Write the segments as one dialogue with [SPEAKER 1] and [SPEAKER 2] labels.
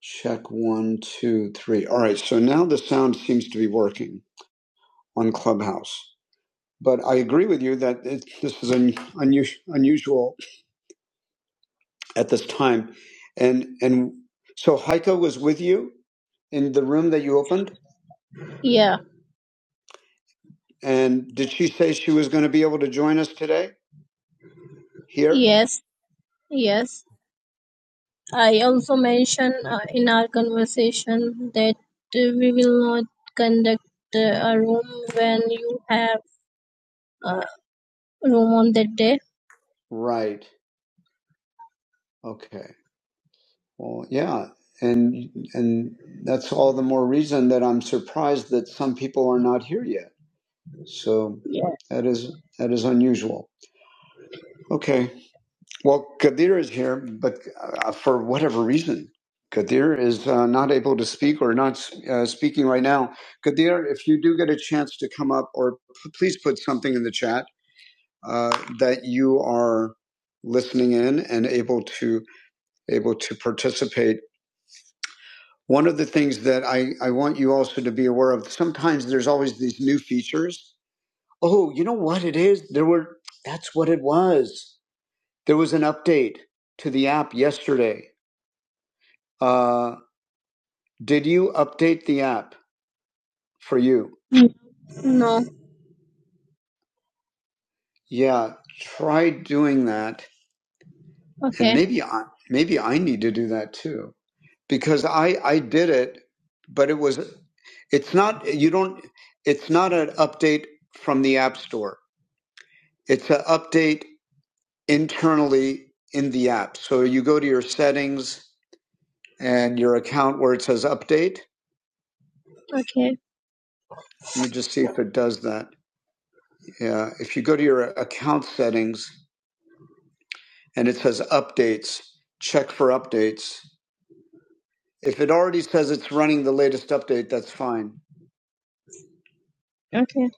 [SPEAKER 1] Check one, two, three. All right. So now the sound seems to be working on Clubhouse. But I agree with you that it, this is un, unusual, unusual at this time. And and so Heiko was with you in the room that you opened. Yeah. And did she say she was going to be able to join us today here? Yes. Yes. I also mentioned uh, in our conversation that uh, we will not conduct uh, a room when you have. uh, room on that day. Right. Okay. Well, yeah. And and that's all the more reason that I'm surprised that some people are not here yet. So Yeah. that is that is unusual. Okay. Well, Kadir is here, but uh, for whatever reason, Kadir is uh, not able to speak or not uh, speaking right now. Kadir, if you do get a chance to come up, or p- please put something in the chat uh, that you are listening in and able to. able to participate. One of the things that I, I want you also to be aware of, sometimes there's always these new features. Oh, you know what it is? There were, that's what it was. There was an update to the app yesterday. Uh, did you update the app for you? No. Yeah, try doing that. And Okay. And maybe I, maybe I need to do that too. because I I did it, but it was it's not you don't it's not an update from the app store. It's an update internally in the app. So you go to your settings and your account where it says update. Okay. Let me just see if it does that. Yeah, if you go to your account settings and it says updates, check for updates. If it already says it's running the latest update, that's fine. Okay.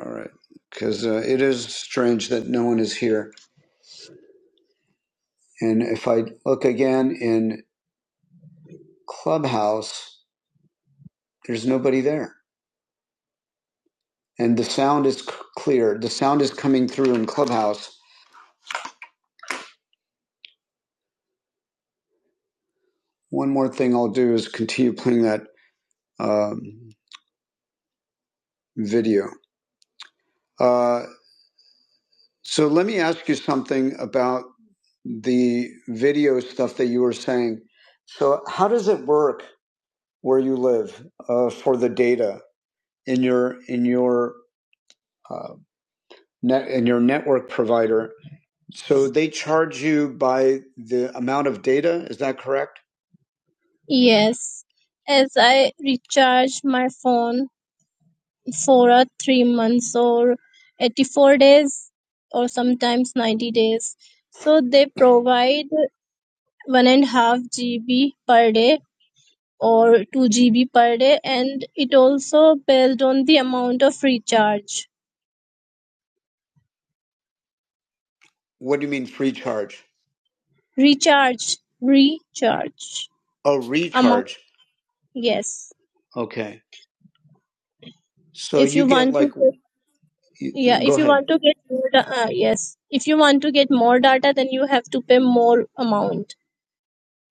[SPEAKER 1] All right. Because uh, it is strange that no one is here. And if I look again in Clubhouse, there's nobody there. And the sound is c- clear. The sound is coming through in Clubhouse. One more thing I'll do is continue playing that um, video. Uh, so let me ask you something about the video stuff that you were saying. So how does it work where you live uh, for the data in your in your uh, net, and your network provider. So they charge you by the amount of data. Is that correct? Yes, as I recharge my phone for a three months or 84 days or sometimes 90 days. So they provide one and a half GB per day or 2 GB per day, and it also based on the amount of recharge. What do you mean free charge? Recharge. Recharge. Oh, Amount. recharge. Among, Yes. Okay. So If you you get want to, like, get- you, yeah. go If you ahead. want to get more, da- uh, yes. If you want to get more data, then you have to pay more amount.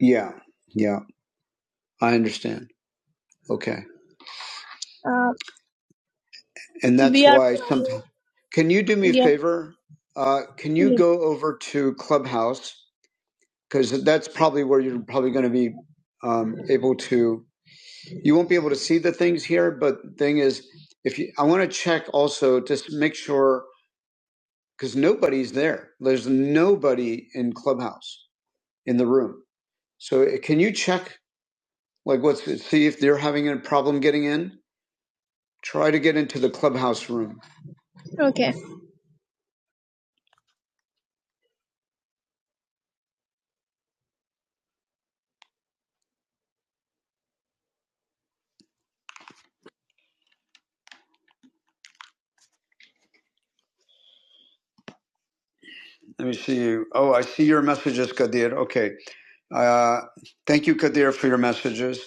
[SPEAKER 1] Yeah. Yeah. I understand. Okay. Uh, And that's we are. why sometimes, can you do me a Yeah. favor? Uh, can you yeah. go over to Clubhouse? Because that's probably where you're probably going to be um, able to. you won't be able to see the things here but the thing is if you i want to check also just to make sure because nobody's there there's nobody in clubhouse in the room so eh, can you check like what's see if they're having a problem getting in try to get into the clubhouse room okay let me see you oh i see your messages kadir okay uh, thank you kadir for your messages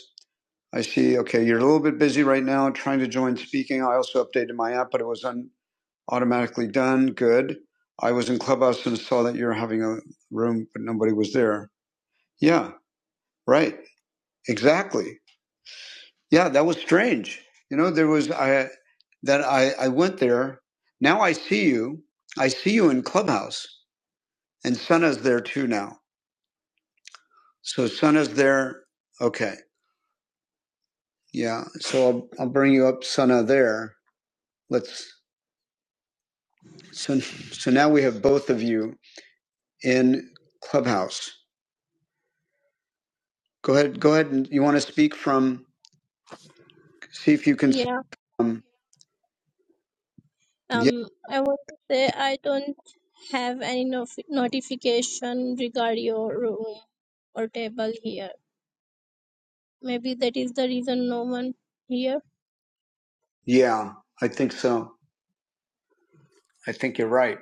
[SPEAKER 1] i see okay you're a little bit busy right now trying to join speaking i also updated my app but it was on automatically done. Good. I was in Clubhouse and saw that you're having a room, but nobody was there. Yeah, right. Exactly. Yeah, that was strange. You know, there was I that I, I went there. Now I see you. I see you in Clubhouse. And Sana's there too now. So Sana's there. Okay. Yeah. So I'll I'll bring you up Sana there. Let's so so now we have both of you in Clubhouse. Go ahead. Go ahead. And you want to speak from? See if you can.
[SPEAKER 2] Yeah,
[SPEAKER 1] Um, yeah,
[SPEAKER 2] um, I want to say I don't have any nof- notification regarding your room or table here. Maybe that is the reason no one here.
[SPEAKER 1] yeah, I think so. I think you're right.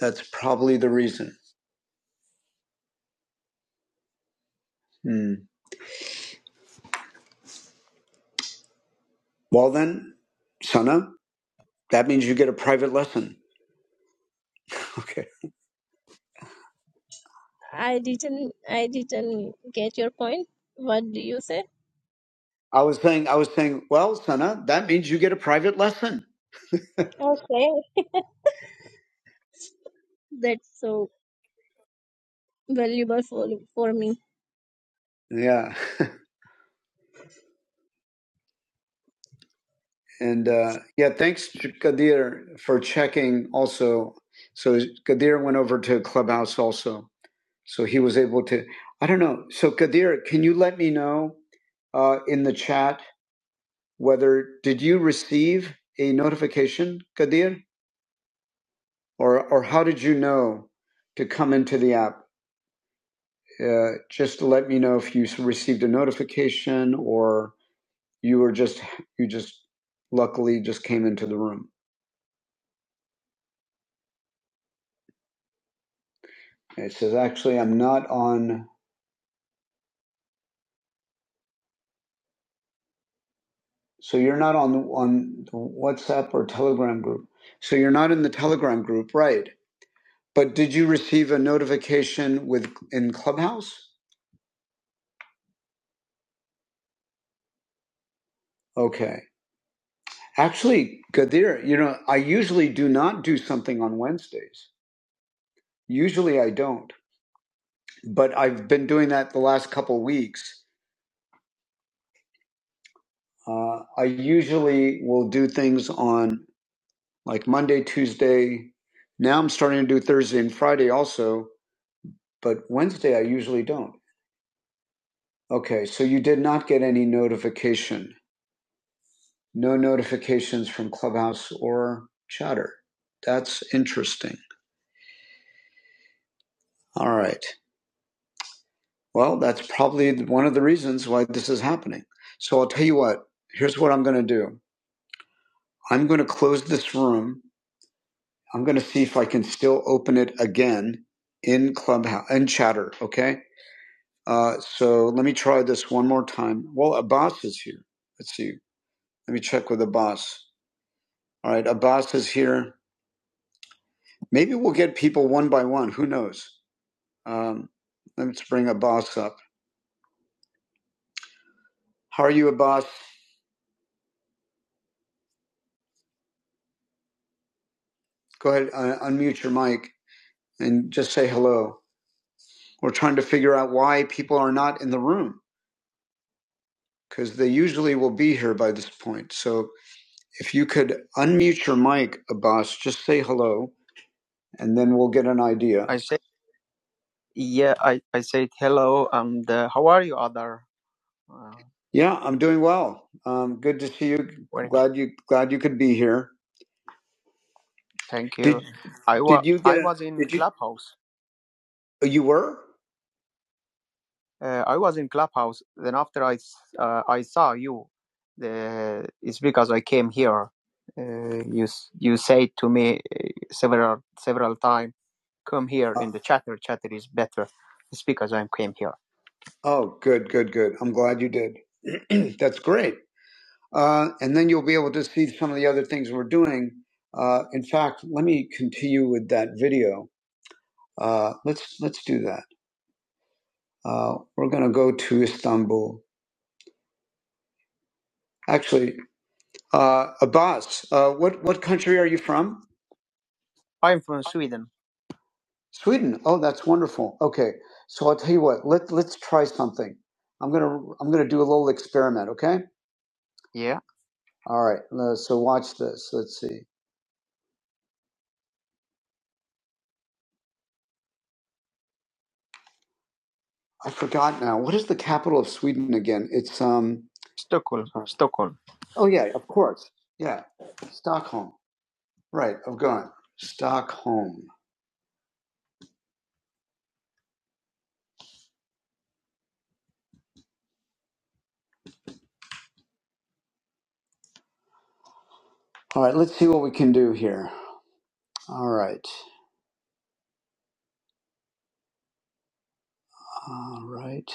[SPEAKER 1] That's probably the reason. Hmm. Well, then, Sana, that means you get a private lesson. Okay.
[SPEAKER 2] I didn't, I didn't get your point. What do you say?
[SPEAKER 1] I was saying, I was saying, well, Sana, that means you get a private lesson.
[SPEAKER 2] Okay, that's so valuable for for me.
[SPEAKER 1] Yeah. and uh, yeah, thanks, Kadir, for checking also. So Kadir went over to Clubhouse also. So he was able to, I don't know. So Kadir, can you let me know uh, in the chat whether did you receive a notification, Kadir, or or how did you know to come into the app? Uh, just let me know if you received a notification or you were just you just luckily just came into the room. It says actually I'm not on. So you're not on on WhatsApp or Telegram group. So you're not in the Telegram group, right? But did you receive a notification with in Clubhouse? Okay. Actually, Kadir, you know, I usually do not do something on Wednesdays. Usually I don't, but I've been doing that the last couple weeks. Uh, I usually will do things on like Monday, Tuesday. Now I'm starting to do Thursday and Friday also, but Wednesday I usually don't. Okay, so you did not get any notification. No notifications from Clubhouse or Chatter. That's interesting. All right. Well, that's probably one of the reasons why this is happening. So I'll tell you what, here's what I'm going to do. I'm going to close this room. I'm going to see if I can still open it again in Clubhouse and Chatter. Okay. Uh, so let me try this one more time. Well, Abbas is here. Let's see. Let me check with Abbas. All right. Abbas is here. Maybe we'll get people one by one. Who knows? Um, let's bring Abbas up. How are you, Abbas? Go ahead, uh, unmute your mic and just say hello. We're trying to figure out why people are not in the room because they usually will be here by this point. So if you could unmute your mic, Abbas, just say hello and then we'll get an idea. Yeah, I'm doing well. Um, good to see you. Glad you glad you could be here. Oh, You were? Oh, good, good, good. I'm glad you did. That's great. Uh, and then you'll be able to see some of the other things we're doing. Uh, in fact, let me continue with that video. Uh, let's let's do that. Uh, we're going to go to Istanbul. Actually, uh, Abbas, uh, what, what country are you from? Sweden. Oh, that's wonderful. Okay. So I'll tell you what, let, let's try something. I'm going to, I'm going to do a little experiment. Okay. All right. Uh, so watch this. Let's see. I forgot now. What is the capital of Sweden again? It's, um, oh yeah, of course. Yeah. Stockholm. Right. I've gone. Stockholm. All right. Let's see what we can do here. All right. All right.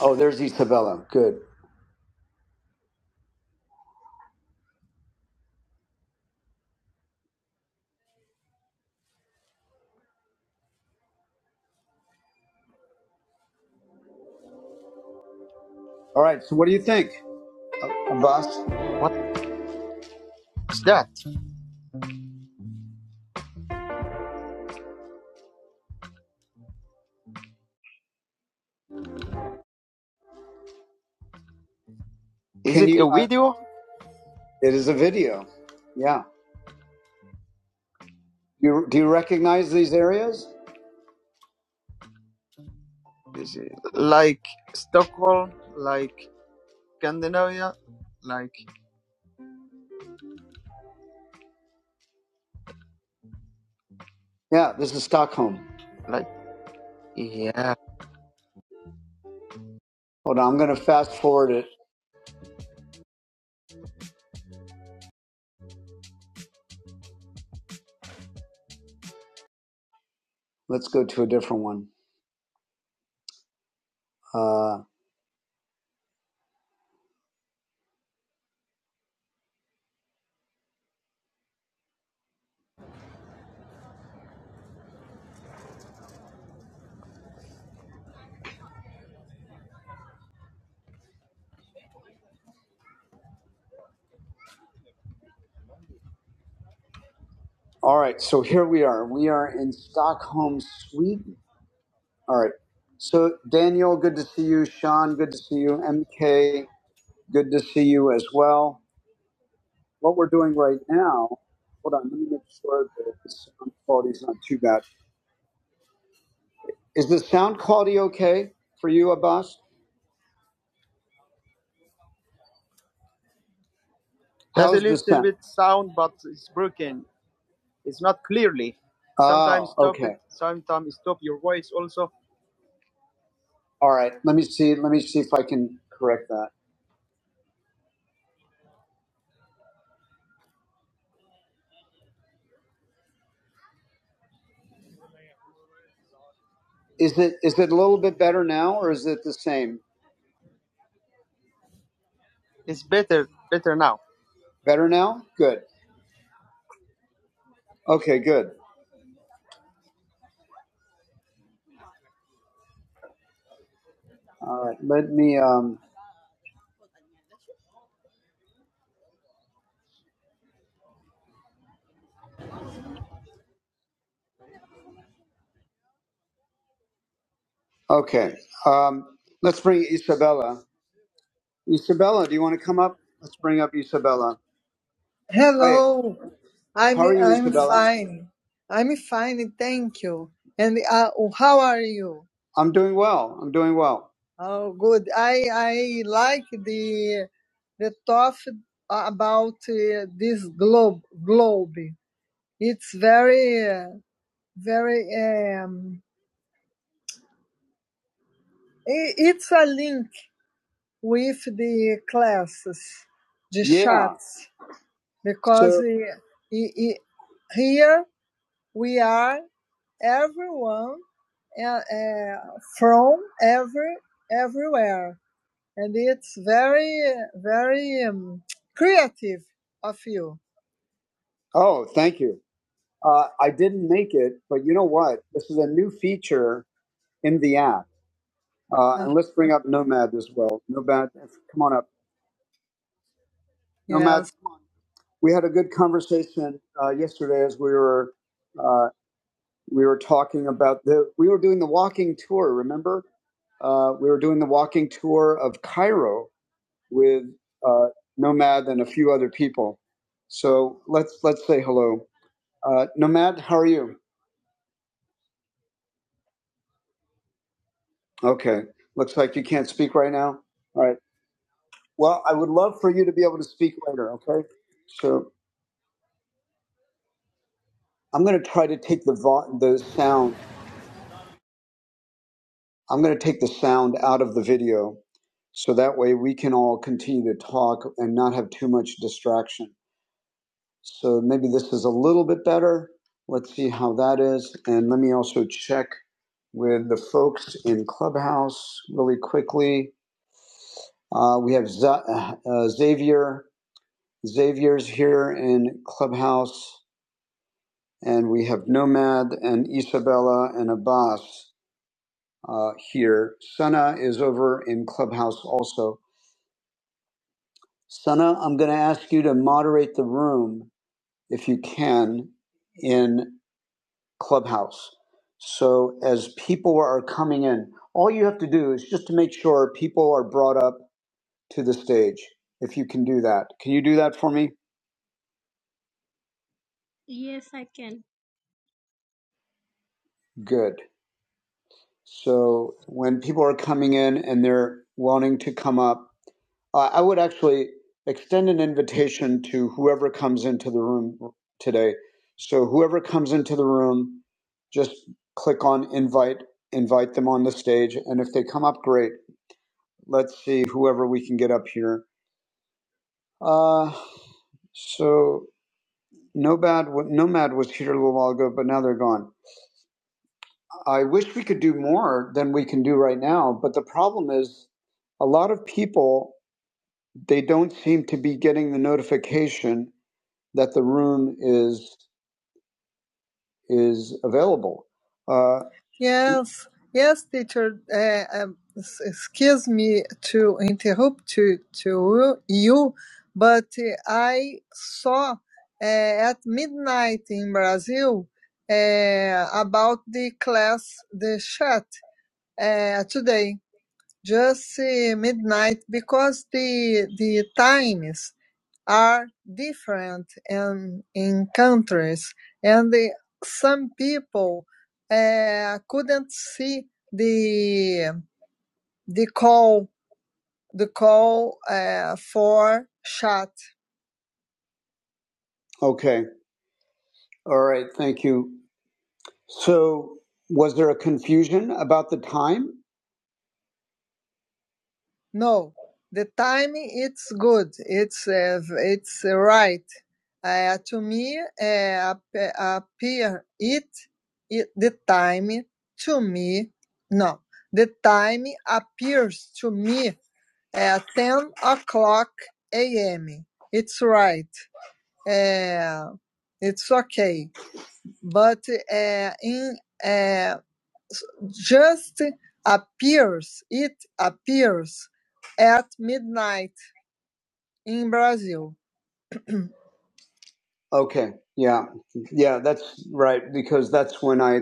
[SPEAKER 1] Oh, there's Isabella. Good. All right. So, what do you think, Abbas? It is a video. Yeah. You, do you recognize these areas? Yeah. This is Stockholm. Hold on. I'm going to fast forward it. Let's go to a different one. Uh, all right. So here we are. We are in Stockholm, Sweden. All right. So Daniel, good to see you. Sean, good to see you. MK, good to see you as well. What we're doing right now. Hold on. Let me make sure that the sound quality is not too bad. Is the sound quality okay for you, Abbas? All right. Let me see. Let me see if I can correct that. Is it is it a little bit better now, or is it the same? Better now? Good. Okay. Good. All right. Let me. Um, okay. Um, let's bring Isabella. Isabella, do you want to come up? Let's bring up Isabella. Hi, Hello, I'm how are you, I'm Isabella? fine. I'm fine, thank you. And uh, how are you? I'm doing well. I'm doing well. Oh, good. I I like the the talk about uh, this globe globe. It's very uh, very um. i- It's a link with the classes, the Yeah. chats, because So uh, i- i- here we are. everyone uh, uh, from every everywhere, and it's very very um, creative of you. Oh, thank you. Uh, I didn't make it, but you know what? This is a new feature in the app. Uh, Uh, and let's bring up Nomad as well. Nomad, come on up. Nomad, yes. we had a good conversation uh, yesterday as we were. uh, we were talking about the we were doing the walking tour remember uh, we were doing the walking tour of cairo with uh, nomad and a few other people so let's let's say hello uh, nomad how are you okay looks like you can't speak right now all right well i would love for you to be able to speak later okay so i'm going to try to take the vo- the sound I'm going to take the sound out of the video so that way we can all continue to talk and not have too much distraction. So maybe this is a little bit better. Let's see how that is. And let me also check with the folks in Clubhouse really quickly. Uh, we have Z- uh, uh, Xavier. Xavier's here in Clubhouse. And we have Nomad and Isabella and Abbas uh, here. Sana is over in Clubhouse also. Sana, I'm going to ask you to moderate the room if you can in Clubhouse. So as people are coming in, all you have to do is just to make sure people are brought up to the stage. If you can do that, can you do that for me?
[SPEAKER 2] Yes, I can.
[SPEAKER 1] Good. So when people are coming in and they're wanting to come up, Uh, I would actually extend an invitation to whoever comes into the room today. So whoever comes into the room, just click on invite, invite them on the stage, and if they come up, great. Let's see whoever we can get up here. Uh, so Nomad, Nomad was here a little while ago, but now they're gone. I wish we could do more than we can do right now, but the problem is a lot of people they don't seem to be getting the notification that the room is is available. Uh, yes, yes, teacher. Uh, um, excuse me to interrupt to to you, but uh, I saw uh, at midnight in Brazil uh, about the class the chat uh, today just uh, midnight because the the times are different in in countries and the, some people uh, couldn't see the the call the call uh, for shot. Okay. All right. Thank you. So, was there a confusion about the time? No, the timing it's good. It's uh, it's uh, right. Uh, to me, uh, appe- appear it, it the time to me. No, the time appears to me at ten o'clock a.m. It's right. Uh, it's okay. But uh, in uh, just appears, it appears at midnight in Brazil. Okay. Yeah. Yeah, that's right because that's when I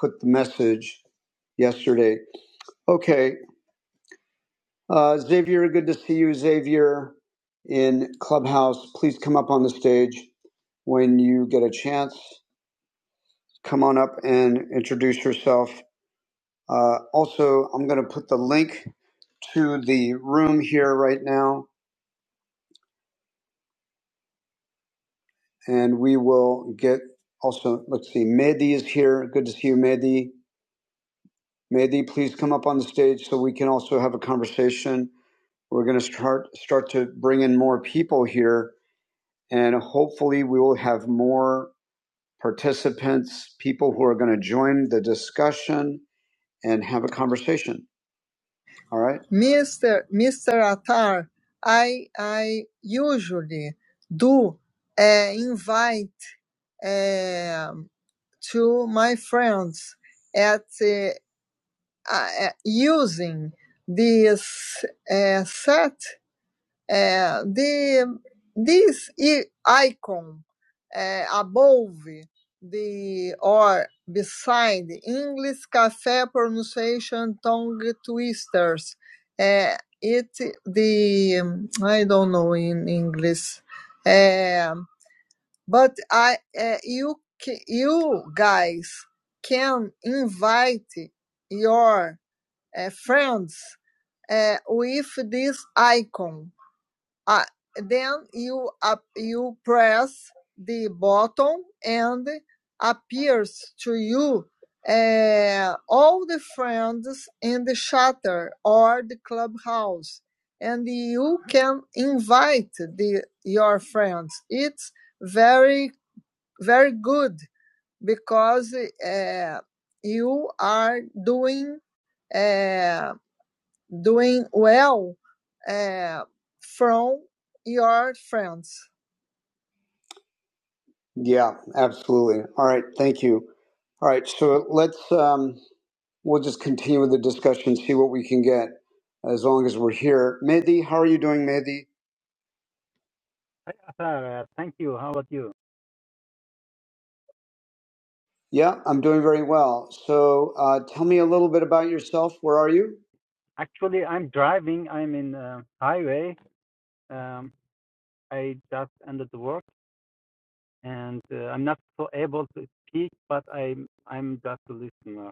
[SPEAKER 1] put the message yesterday. Okay. Uh, Xavier, good to see you, Xavier, in Clubhouse. Please come up on the stage when you get a chance. Come on up and introduce yourself. Uh, also, I'm going to put the link to the room here right now. and we will get also, let's see, Mehdi is here. Good to see you, Mehdi. Mehdi, please come up on the stage so we can also have a conversation. We're going to start, start to bring in more people here, and hopefully we will have more participants, people who are going to join the discussion and have a conversation. All right? Mr. Mr. Attar, I, I usually do uh, invite um, to my friends at uh, uh, using this uh, set, uh, the this i- icon uh, above the or beside English cafe pronunciation tongue twisters. Uh, it the um, I don't know in English. Um but I, uh, you, you guys can invite your uh, friends uh, with this icon. Uh, then you up, you press the button and appears to you uh, all the friends in the shutter or the clubhouse, and you can invite the your friends. It's very very good because uh, you are doing uh, doing well uh, from your friends. Yeah, absolutely. All right, thank you. All right, so let's um, we'll just continue with the discussion, see what we can get as long as we're here. Mehdi, how are you doing, Mehdi?
[SPEAKER 3] Hi, Athar. uh, Thank you. How about you?
[SPEAKER 1] Yeah, I'm doing very well. So uh, tell me a little bit about yourself. Where are you?
[SPEAKER 3] Actually, I'm driving. I'm in uh, highway. Um, I just ended the work, and uh, I'm not so able to speak, but I'm I'm just a listener.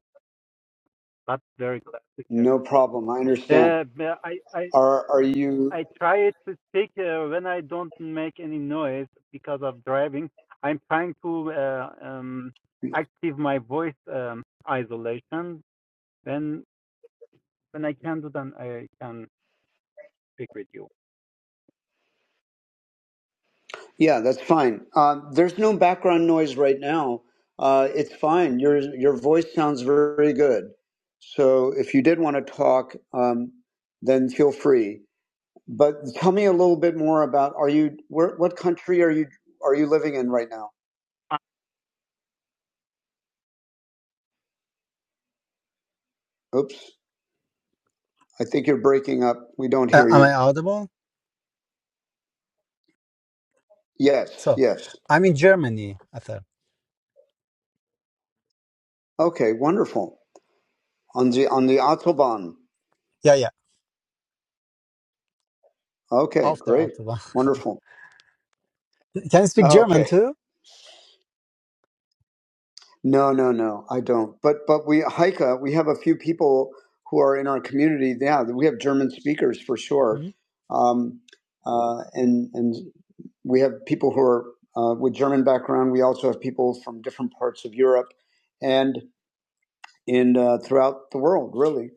[SPEAKER 3] But very glad to
[SPEAKER 1] No problem. I understand.
[SPEAKER 3] hear. Uh, but I I
[SPEAKER 1] Are are you
[SPEAKER 3] I try to speak uh, when I don't make any noise because of driving. I'm trying to uh, um, active my voice um, isolation. When when I can do that, I can speak with you.
[SPEAKER 1] Yeah, that's fine. Uh, there's no background noise right now. Uh, it's fine. Your your voice sounds very good. So if you did want to talk, um, then feel free. But tell me a little bit more about are you where, what country are you are you living in right now? Oops, I think you're breaking up. We don't
[SPEAKER 3] Uh,
[SPEAKER 1] hear
[SPEAKER 3] am
[SPEAKER 1] you.
[SPEAKER 3] I audible?
[SPEAKER 1] Yes,
[SPEAKER 3] So,
[SPEAKER 1] yes.
[SPEAKER 3] I'm in Germany. After,
[SPEAKER 1] Okay, wonderful. On the on the autobahn.
[SPEAKER 3] yeah, yeah.
[SPEAKER 1] Okay,
[SPEAKER 3] After
[SPEAKER 1] great,
[SPEAKER 3] Autobahn.
[SPEAKER 1] wonderful.
[SPEAKER 3] Can you speak German
[SPEAKER 1] Okay,
[SPEAKER 3] too?
[SPEAKER 1] no, no, no, I don't. But but we Heike, we have a few people who are in our community. Yeah, we have German speakers for sure,
[SPEAKER 3] hmm
[SPEAKER 1] um, uh, and and we have people who are uh, with German background. We also have people from different parts of Europe, and in uh, throughout the world, really.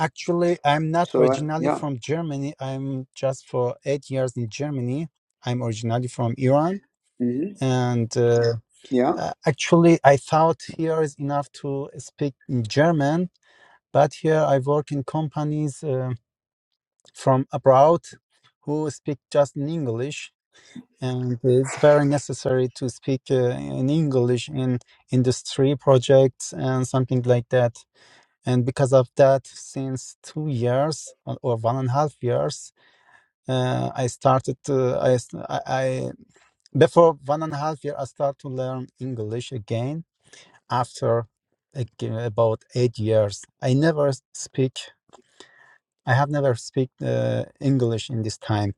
[SPEAKER 3] Actually, I'm not
[SPEAKER 1] So uh,
[SPEAKER 3] originally
[SPEAKER 1] yeah,
[SPEAKER 3] from Germany. I'm just for eight years in Germany. I'm originally from Iran,
[SPEAKER 1] hmm
[SPEAKER 3] and uh,
[SPEAKER 1] yeah.
[SPEAKER 3] uh, actually, I thought here is enough to speak in German. But here, I work in companies. Um from abroad who speak just in English, and it's very necessary to speak uh, in English in industry projects and something like that. And because of that, since two years or or one and a half years, uh, I started. Uh, I, s- I I- before one and a half year, I start to learn English again. After like, uh, about eight years, I never speak. I have never speak uh, English in this time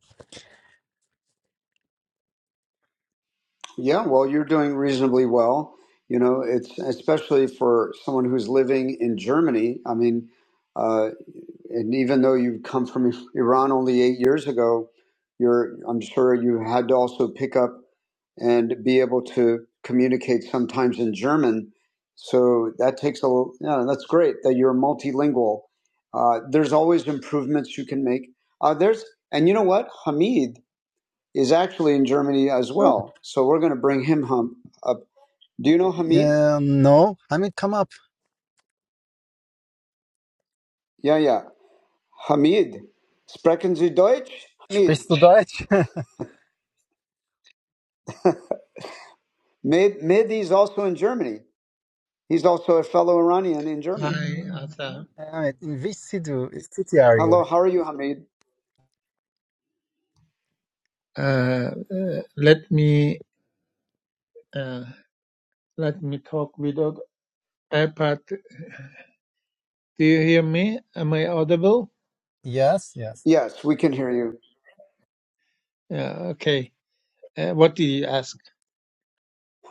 [SPEAKER 1] Yeah, well, you're doing reasonably well. You know, it's especially for someone who's living in Germany. I mean, uh, and even though you come from Iran only eight years ago, you're I'm sure you had to also pick up and be able to communicate sometimes in German. So that takes a little, yeah, that's great that you're multilingual. Uh, there's always improvements you can make. Uh, there's, and you know what? Hamid is actually in Germany as
[SPEAKER 3] Oh,
[SPEAKER 1] well. So we're going to bring him hum, up. Do you know Hamid?
[SPEAKER 3] ähm, no, Hamid, come up.
[SPEAKER 1] Yeah, yeah. Hamid. Sprechen Sie Deutsch? Hamid.
[SPEAKER 3] Sprichst du Deutsch?
[SPEAKER 1] Mehdi Mehdi is also in Germany. He's also a fellow Iranian in Germany.
[SPEAKER 4] Hi, Arthur.
[SPEAKER 3] Hamid, in which city, city are you?
[SPEAKER 1] Hello, how are you, Hamid?
[SPEAKER 4] Uh, uh, let me uh, let me talk without iPad. Do you hear me? Am I audible?
[SPEAKER 3] Yes, yes.
[SPEAKER 1] Yes, we can hear you.
[SPEAKER 4] Yeah. Okay. Uh, what did you ask?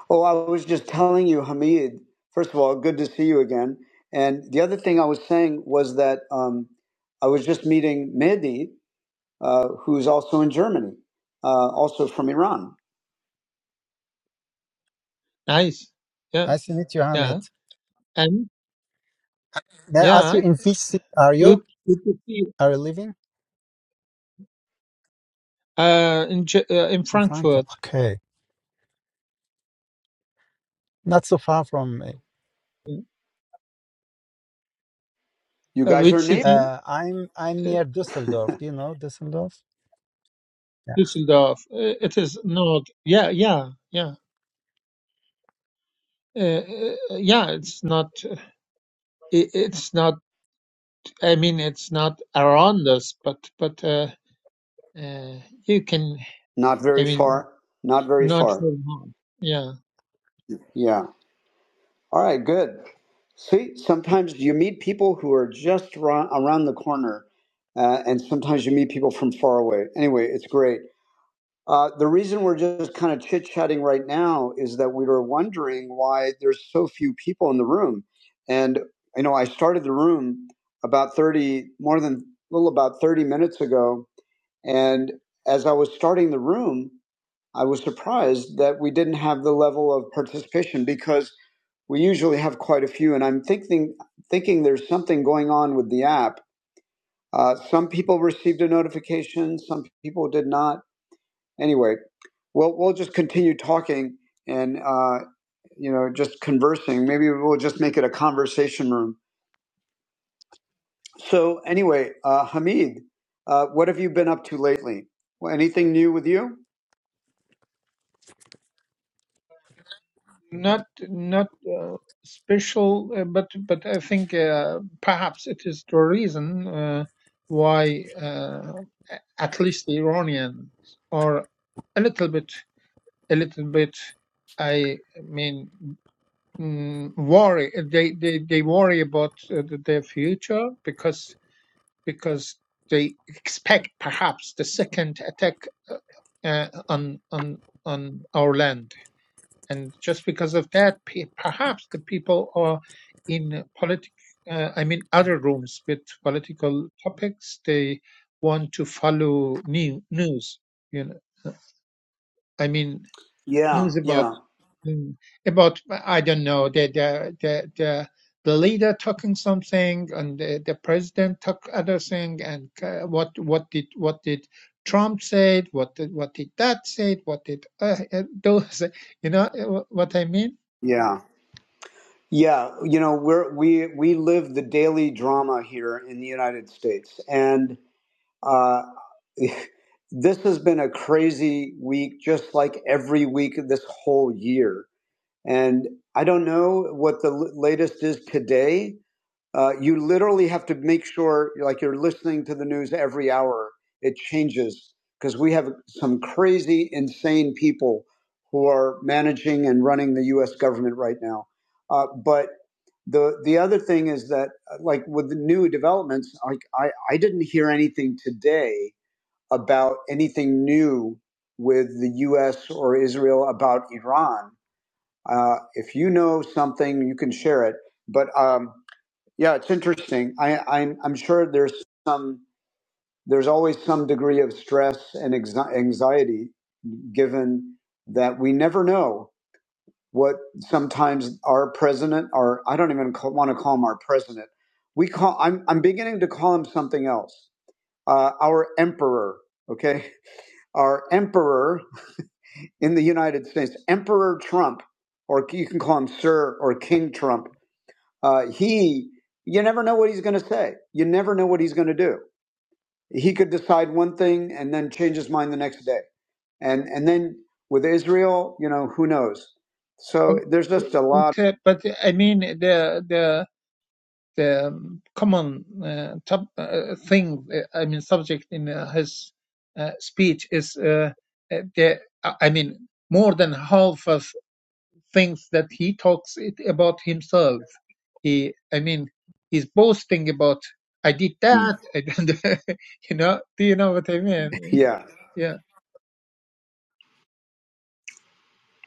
[SPEAKER 1] Oh, I was just telling you, Hamid, first of all, good to see you again. And the other thing I was saying was that um, I was just meeting Mehdi, uh, who's also in Germany, uh, also from Iran.
[SPEAKER 4] Nice. Yeah.
[SPEAKER 3] Nice to meet you, Hamid.
[SPEAKER 4] Yeah. And
[SPEAKER 3] May I ask
[SPEAKER 4] yeah,
[SPEAKER 3] you, in which city are you?
[SPEAKER 4] good. Good to see. You.
[SPEAKER 3] Are you living?
[SPEAKER 4] Uh, in Ge- uh, in
[SPEAKER 3] In Frankfurt.
[SPEAKER 4] Frankfurt,
[SPEAKER 3] Okay. Not so far from me.
[SPEAKER 1] You
[SPEAKER 4] uh,
[SPEAKER 1] guys
[SPEAKER 4] which
[SPEAKER 1] are neighbors,
[SPEAKER 4] city?
[SPEAKER 3] Uh, I'm I'm
[SPEAKER 4] Uh,
[SPEAKER 3] near Düsseldorf. Do you know Düsseldorf? Yeah.
[SPEAKER 4] Düsseldorf. Uh, it is not. Yeah. Yeah. Yeah. Uh, uh, yeah, it's not. It, it's not. I mean, it's not around us, but but. Uh, Uh, you can,
[SPEAKER 1] not
[SPEAKER 4] I
[SPEAKER 1] very
[SPEAKER 4] mean,
[SPEAKER 1] far, not very
[SPEAKER 4] not
[SPEAKER 1] far.
[SPEAKER 4] for long. Yeah,
[SPEAKER 1] Yeah. All right, good. See, sometimes you meet people who are just ra- around the corner, uh, and sometimes you meet people from far away. Anyway, it's great. Uh, the reason we're just kind of chit chatting right now is that we were wondering why there's so few people in the room. And, you know, I started the room about 30, more than a little about 30 minutes ago. And as I was starting the room, I was surprised that we didn't have the level of participation because we usually have quite a few. And I'm thinking, thinking there's something going on with the app. Uh, some people received a notification, some people did not anyway, we'll we'll just continue talking and uh, you know just conversing. Maybe we'll just make it a conversation room. So anyway, uh, Hamid, uh, what have you been up to lately? Well, anything new with you?
[SPEAKER 4] not not uh, special, uh, but but I think uh, perhaps it is the reason uh, why uh, a- at least the Iranians are a little bit, a little bit. I mean, mm, worry. They they they worry about uh, th- their future because because they expect perhaps the second attack uh, uh, on on on our land, and just because of that, perhaps the people are in politic. Uh, I mean, other rooms with political topics. They want to follow new news. You know, I mean,
[SPEAKER 1] Yeah,
[SPEAKER 4] news about
[SPEAKER 1] yeah,
[SPEAKER 4] Mm. About I don't know the the the the, the leader talking something and the, the president talk other thing and uh, what what did what did Trump said what did what did that said what did uh, uh, those you know uh, what I mean
[SPEAKER 1] yeah, yeah. You know, we're we we live the daily drama here in the United States, and uh, this has been a crazy week, just like every week of this whole year And I don't know what the latest is today. Uh, you literally have to make sure, like you're listening to the news every hour. It changes because we have some crazy, insane people who are managing and running the U.S. government right now. Uh, but the the other thing is that, uh, like with the new developments, like I, I didn't hear anything today about anything new with the U.S. or Israel about Iran uh, if you know something, you can share it. But um, yeah, it's interesting. I, I'm, I'm sure there's some there's always some degree of stress and anxi- anxiety, given that we never know what sometimes our president, or I don't even call, want to call him our president. We call I'm I'm beginning to call him something else. Uh, our emperor, okay, our emperor in the United States, Emperor Trump, or you can call him Sir or King Trump Uh, he, you never know what he's going to say. You never know what he's going to do. He could decide one thing and then change his mind the next day. And and then with Israel, you know, who knows? So
[SPEAKER 4] it,
[SPEAKER 1] there's just a lot.
[SPEAKER 4] it, uh, but I mean the the the um, common uh, top, uh, thing uh, I mean subject in uh, his uh, speech is uh, uh, the I I mean more than half of thinks that he talks it about himself. He, I mean, he's boasting about I did that. I did you know, do you know what I mean?
[SPEAKER 1] Yeah,
[SPEAKER 4] Yeah.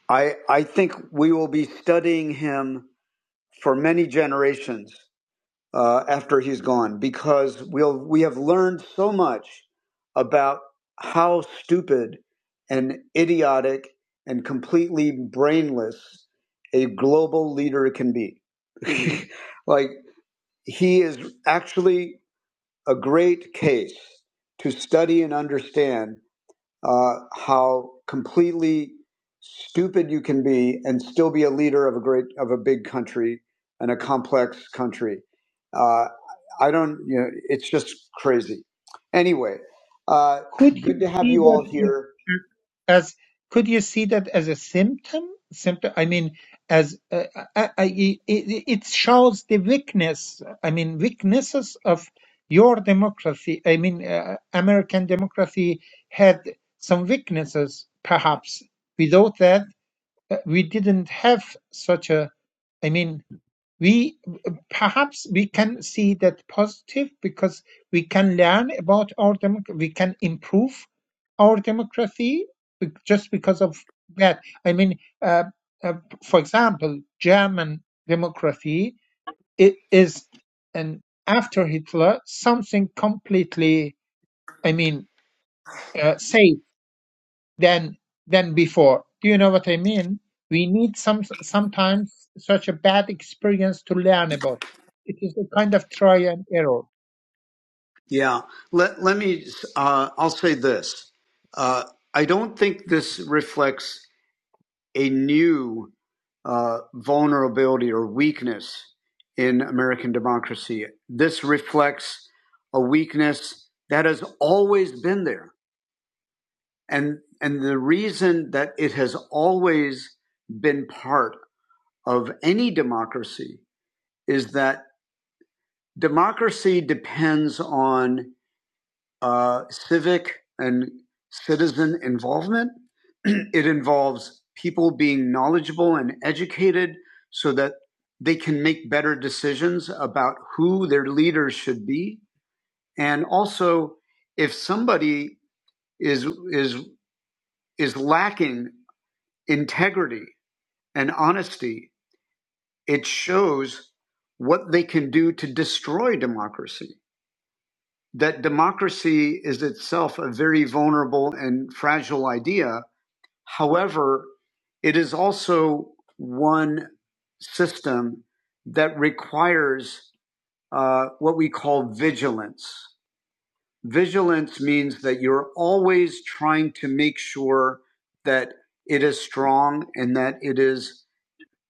[SPEAKER 1] I I think we will be studying him for many generations uh, after he's gone because we'll we have learned so much about how stupid and idiotic and completely brainless a global leader can be. like he is actually a great case to study and understand uh, how completely stupid you can be and still be a leader of a great of a big country and a complex country. Uh, I don't, you know, it's just crazy. Anyway, uh,
[SPEAKER 4] Could
[SPEAKER 1] good
[SPEAKER 4] you
[SPEAKER 1] to have
[SPEAKER 4] see
[SPEAKER 1] you
[SPEAKER 4] that
[SPEAKER 1] all here.
[SPEAKER 4] as could you see that as a symptom? Symptom. I mean, as uh, I, I, it, it shows the weakness. I mean, weaknesses of your democracy. I mean, uh, American democracy had some weaknesses, perhaps. Without that, uh, we didn't have such a i mean we perhaps we can see that positive because we can learn about our democ- we can improve our democracy just because of that i mean uh, uh, for example german democracy it is and after hitler something completely i mean uh, saved than than before. Do you know what I mean? We need some sometimes such a bad experience to learn about. It is a kind of try and error.
[SPEAKER 1] Yeah. Let let me. Uh, I'll say this. Uh, I don't think this reflects. a new uh, vulnerability or weakness in American democracy. This reflects a weakness that has always been there. And, and the reason that it has always been part of any democracy is that democracy depends on uh, civic and citizen involvement. it involves people being knowledgeable and educated so that they can make better decisions about who their leaders should be. And also, if somebody is, is, is lacking integrity and honesty, it shows what they can do to destroy democracy that democracy is itself a very vulnerable and fragile idea However, it is also one system that requires uh, what we call vigilance. Vigilance means that you're always trying to make sure that it is strong and that it is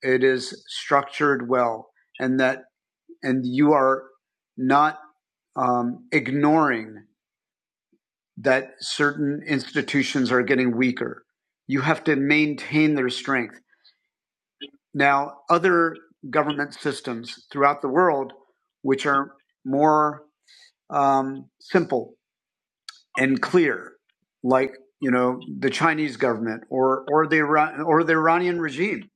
[SPEAKER 1] it is structured well, and that and you are not um, ignoring that certain institutions are getting weaker. You have to maintain their strength Now, other government systems throughout the world, which are more um, simple and clear, like you know the Chinese government or or the Iran- or the Iranian regime,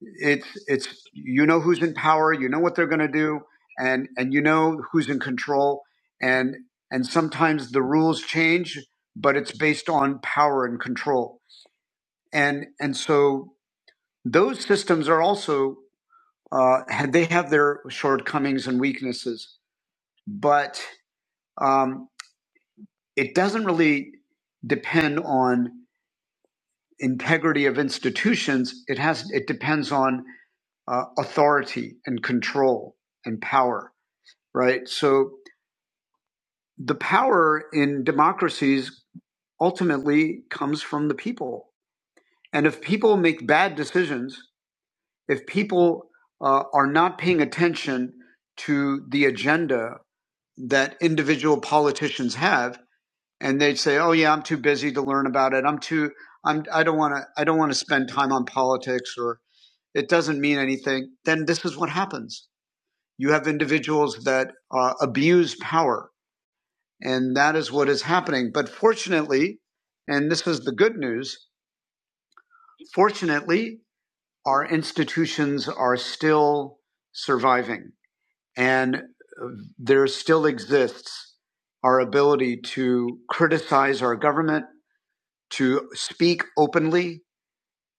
[SPEAKER 1] it's it's you know who's in power, you know what they're going to do, and and you know who's in control, and and sometimes the rules change, but it's based on power and control, and and so those systems are also uh, they have their shortcomings and weaknesses, but um, it doesn't really depend on integrity of institutions. It has it depends on uh, authority and control and power, right? So the power in democracies ultimately comes from the people, and if people make bad decisions, if people uh, are not paying attention to the agenda that individual politicians have and they'd say oh yeah i'm too busy to learn about it i'm too i'm i don't want to i don't want to spend time on politics or it doesn't mean anything then this is what happens you have individuals that uh, abuse power and that is what is happening but fortunately and this is the good news fortunately our institutions are still surviving and uh, there still exists our ability to criticize our government, to speak openly,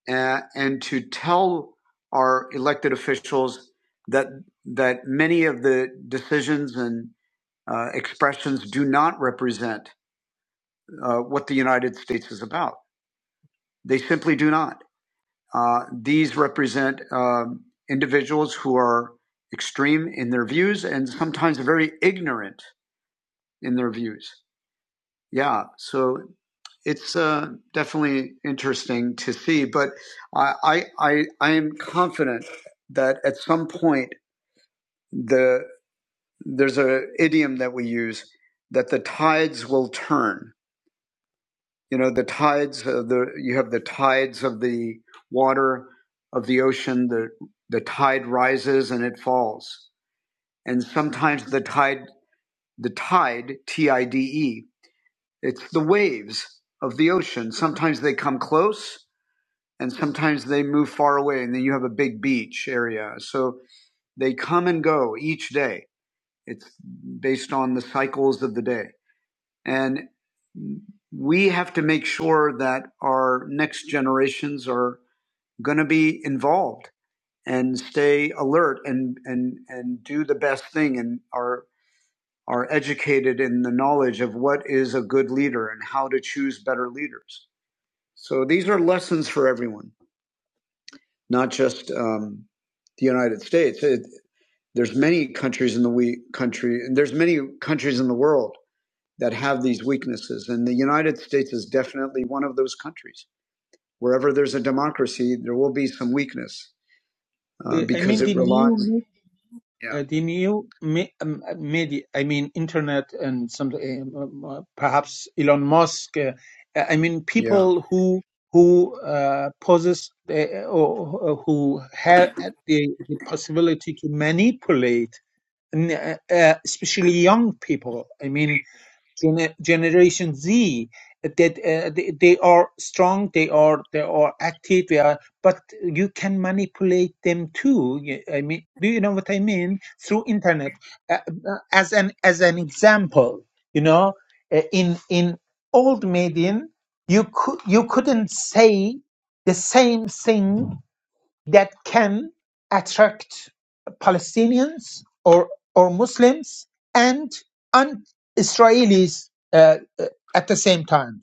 [SPEAKER 1] uh, and to tell our elected officials that that many of the decisions and uh, expressions do not represent uh, what the United States is about. They simply do not. Uh, these represent um, individuals who are extreme in their views and sometimes very ignorant in their views. Yeah, so it's uh, definitely interesting to see, but I, I I I am confident that at some point the there's a idiom that we use that the tides will turn. You know, the tides of the you have the tides of the water of the ocean. The the tide rises and it falls, and sometimes the tide the tide T I D E. It's the waves of the ocean. Sometimes they come close and sometimes they move far away and then you have a big beach area so they come and go each day it's based on the cycles of the day and we have to make sure that our next generations are going to be involved and stay alert and and and do the best thing and are are educated in the knowledge of what is a good leader and how to choose better leaders so these are lessons for everyone not just um, the United States. It, there's many countries in the we, country, and there's many countries in the world that have these weaknesses, and the United States is definitely one of those countries. Wherever there's a democracy, there will be some weakness uh,
[SPEAKER 4] Uh, I
[SPEAKER 1] because
[SPEAKER 4] mean
[SPEAKER 1] it
[SPEAKER 4] the new
[SPEAKER 1] relies.
[SPEAKER 4] me-
[SPEAKER 1] Yeah,
[SPEAKER 4] uh, the new me- um, uh, media. I mean internet and some um, uh, perhaps Elon Musk. Uh, I mean
[SPEAKER 1] yeah,
[SPEAKER 4] people who who uh, possess uh, or who have the, the possibility to manipulate, n- uh, uh, especially young people. I mean Gen- Generation Z uh, that uh, they, they are strong, they are they are active, they are, but you can manipulate them too. Y- I mean, do you know what I mean? Through internet, uh, uh, as an as an example, you know, uh, in in old Median, you could you couldn't say the same thing that can attract Palestinians or or Muslims and and Israelis uh, uh, at the same time.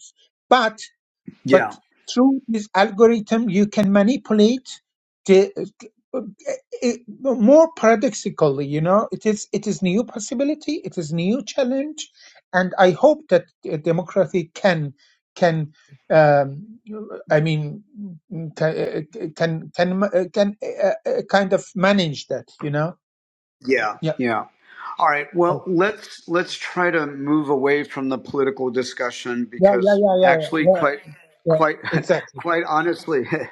[SPEAKER 4] But but
[SPEAKER 1] yeah,
[SPEAKER 4] through this algorithm, you can manipulate the it, more paradoxically, you know, it is it is new possibility, it is new challenge, and I hope that uh, democracy can can um, I mean can eh, can can uh, can uh, uh, kind of manage that, you know?
[SPEAKER 1] yeah,
[SPEAKER 4] Yeah,
[SPEAKER 1] yeah. All right.
[SPEAKER 4] yeah,
[SPEAKER 1] Well, let's let's try to move away from the political discussion
[SPEAKER 4] yeah,
[SPEAKER 1] because
[SPEAKER 4] yeah, yeah,
[SPEAKER 1] actually,
[SPEAKER 4] yeah,
[SPEAKER 1] quite,
[SPEAKER 4] yeah.
[SPEAKER 1] quite,
[SPEAKER 4] Exactly.
[SPEAKER 1] quite honestly.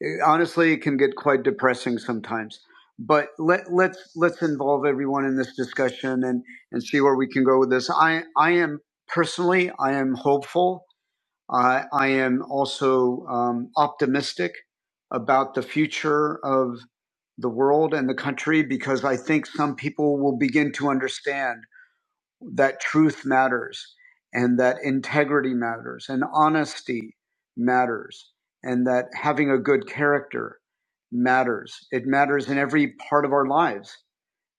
[SPEAKER 1] It- honestly, it can get quite depressing sometimes. But let let's let's involve everyone in this discussion and and see where we can go with this. I I am personally I am hopeful. I I am also um, optimistic about the future of the world and the country because I think some people will begin to understand that truth matters and that integrity matters and honesty matters and that having a good character matters. It matters in every part of our lives,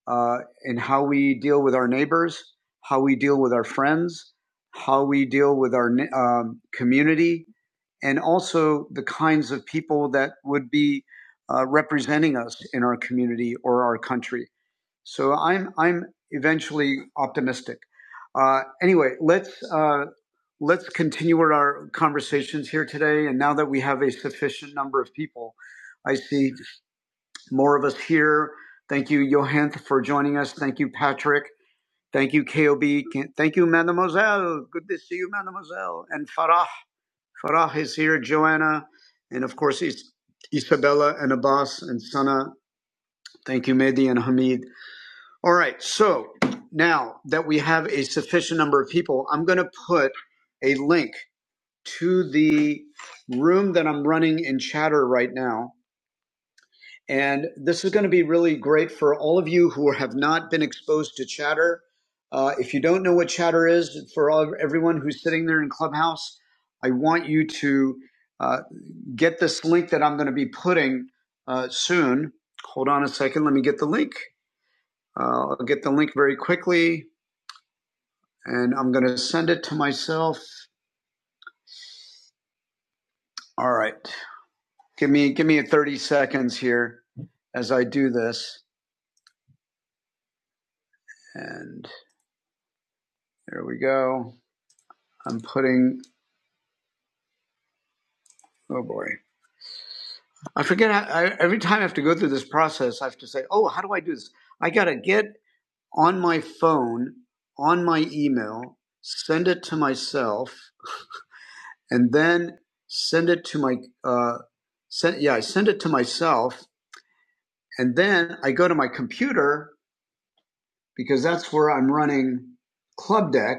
[SPEAKER 1] uh, in how we deal with our neighbors, how we deal with our friends, how we deal with our um, community, and also the kinds of people that would be uh, representing us in our community or our country so I'm I'm eventually optimistic. Uh, anyway, let's uh, let's continue our conversations here today. And now that we have a sufficient number of people, I see more of us here. Thank you, Johanth, for joining us. Thank you, Patrick. Thank you, KOB. Can- Thank you, Mademoiselle. Good to see you, Mademoiselle. And Farah. Farah is here, Joanna, and of course, Is- Isabella and Abbas and Sana. Thank you, Mehdi and Hamid. All right. So now that we have a sufficient number of people, I'm going to put a link to the room that I'm running in chatter right now. And this is going to be really great for all of you who have not been exposed to chatter. Uh, if you don't know what chatter is, for all, everyone who's sitting there in Clubhouse, I want you to uh, get this link that I'm going to be putting uh, soon. Hold on a second. Let me get the link. Uh, I'll get the link very quickly. and I'm going to send it to myself. All right. Give me give me 30 seconds here as I do this. And there we go. I'm putting oh boy. I forget I, every time I have to go through this process I have to say, "Oh, how do I do this?" I got to get on my phone, on my email, send it to myself, and then send it to my uh send yeah, I send it to myself and then I go to my computer because that's where I'm running Club Deck.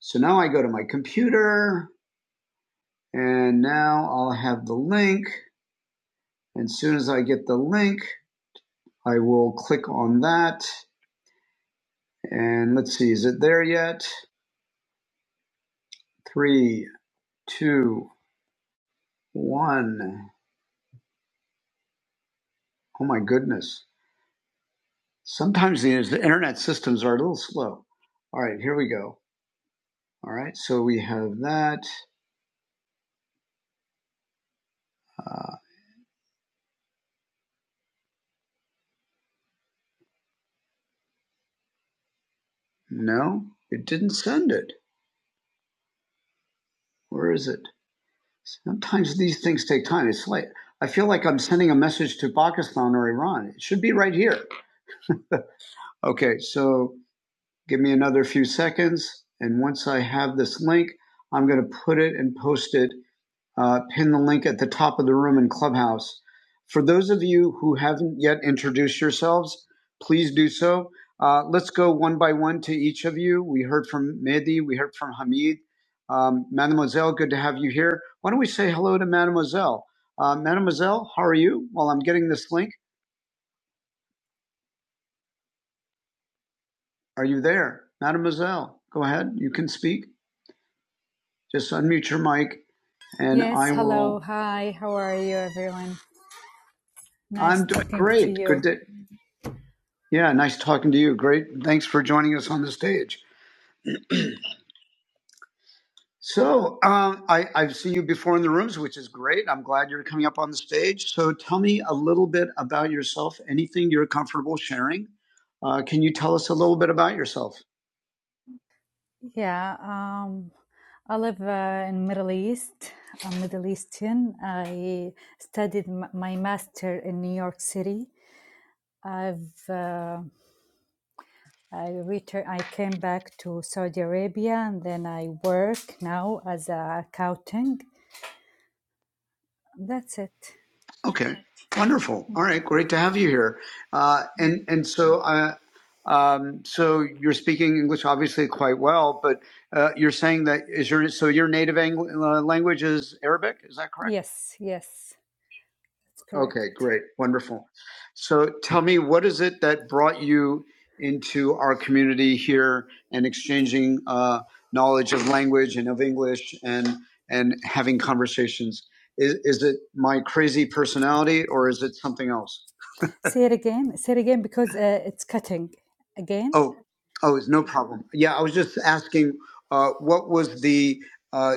[SPEAKER 1] So now I go to my computer and now I'll have the link. And as soon as I get the link, I will click on that. And let's see, is it there yet? Three, two, one. Oh my goodness. Sometimes the, internet systems are a little slow. All right, here we go. All right, so we have that. Uh, no, it didn't send it. Where is it? Sometimes these things take time. It's like I feel like I'm sending a message to Pakistan or Iran. It should be right here. Okay, so give me another few seconds, and once I have this link, I'm going to put it and post it uh, pin the link at the top of the room in Clubhouse. For those of you who haven't yet introduced yourselves, please do so. Uh, let's go one by one to each of you. We heard from Mehdi, we heard from Hamid. Um, Mademoiselle, good to have you here. Why don't we say hello to Mademoiselle? Uh, Mademoiselle, how are you? While I'm getting this link, are you there? Mademoiselle, go ahead. You can speak. Just unmute your mic and
[SPEAKER 5] Yes,
[SPEAKER 1] I
[SPEAKER 5] hello.
[SPEAKER 1] will.
[SPEAKER 5] Hi. How are you everyone?
[SPEAKER 1] I'm
[SPEAKER 5] Nice
[SPEAKER 1] doing
[SPEAKER 5] talking to
[SPEAKER 1] great. Good
[SPEAKER 5] you.
[SPEAKER 1] day. Yeah, nice talking to you. Great. Thanks for joining us on the stage. So, um, I, I've seen you before in the rooms, which is great. I'm glad you're coming up on the stage. So, tell me a little bit about yourself, anything you're comfortable sharing. Uh, can you tell us a little bit about yourself?
[SPEAKER 5] Yeah, um I live uh, in Middle East. I'm Middle Eastern. I studied m- my master in New York City. I've uh, I return I came back to Saudi Arabia and then I work now as a accounting. That's it.
[SPEAKER 1] Okay, wonderful. All right, great to have you here. Uh, and and so, uh, um, so you're speaking English obviously quite well, but uh, you're saying that is your so your native ang- uh, language is Arabic? Is that correct?
[SPEAKER 5] Yes, yes. That's
[SPEAKER 1] Okay,
[SPEAKER 5] correct.
[SPEAKER 1] great. Wonderful. So tell me, what is it that brought you into our community here and exchanging uh, knowledge of language and of English and and having conversations? Is, is it my crazy personality or is it something else?
[SPEAKER 5] Say it again. Say it again because uh, it's cutting again.
[SPEAKER 1] Oh, oh, it's no problem. Yeah, I was just asking, uh, what was the uh,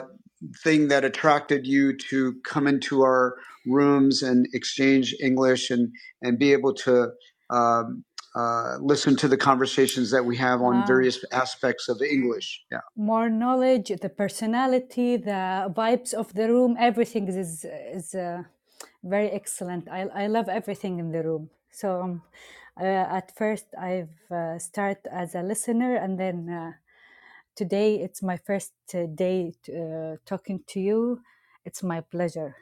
[SPEAKER 1] thing that attracted you to come into our rooms and exchange English and and be able to um, uh, listen to the conversations that we have on
[SPEAKER 5] Ah.
[SPEAKER 1] various aspects of English. Yeah.
[SPEAKER 5] more knowledge the personality the vibes of the room everything is is uh, very excellent I, I love everything in the room so um, uh, at first i've uh, started as a listener and then uh, today it's my first uh, day uh, talking to you it's my pleasure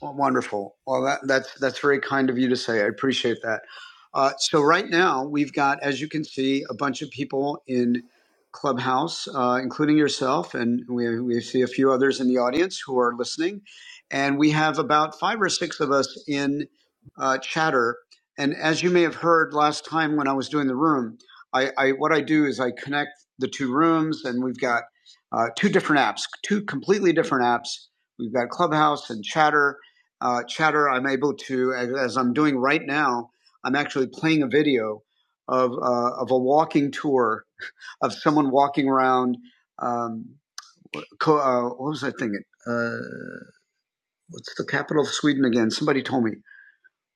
[SPEAKER 1] Well, wonderful. Well, that, that's that's very kind of you to say. I appreciate that. Uh, so right now we've got, as you can see, a bunch of people in Clubhouse, uh, including yourself, and we we see a few others in the audience who are listening, and we have about five or six of us in uh, Chatter. And as you may have heard last time when I was doing the room, I, I what I do is I connect the two rooms, and we've got uh, two different apps, two completely different apps. We've got Clubhouse and Chatter uh, chatter i'm able to as, i'm doing right now i'm actually playing a video of, uh, of a walking tour of someone walking around um, co- uh, what was i thinking uh, what's the capital of sweden again somebody told me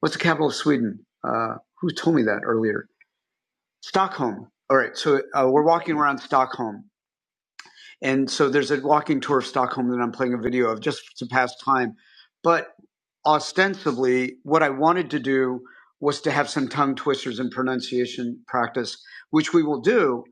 [SPEAKER 1] what's the capital of sweden uh, who told me that earlier stockholm all right so uh, we're walking around stockholm And so there's a walking tour of Stockholm that I'm playing a video of just to pass time. But ostensibly, what I wanted to do was to have some tongue twisters and pronunciation practice, which we will do.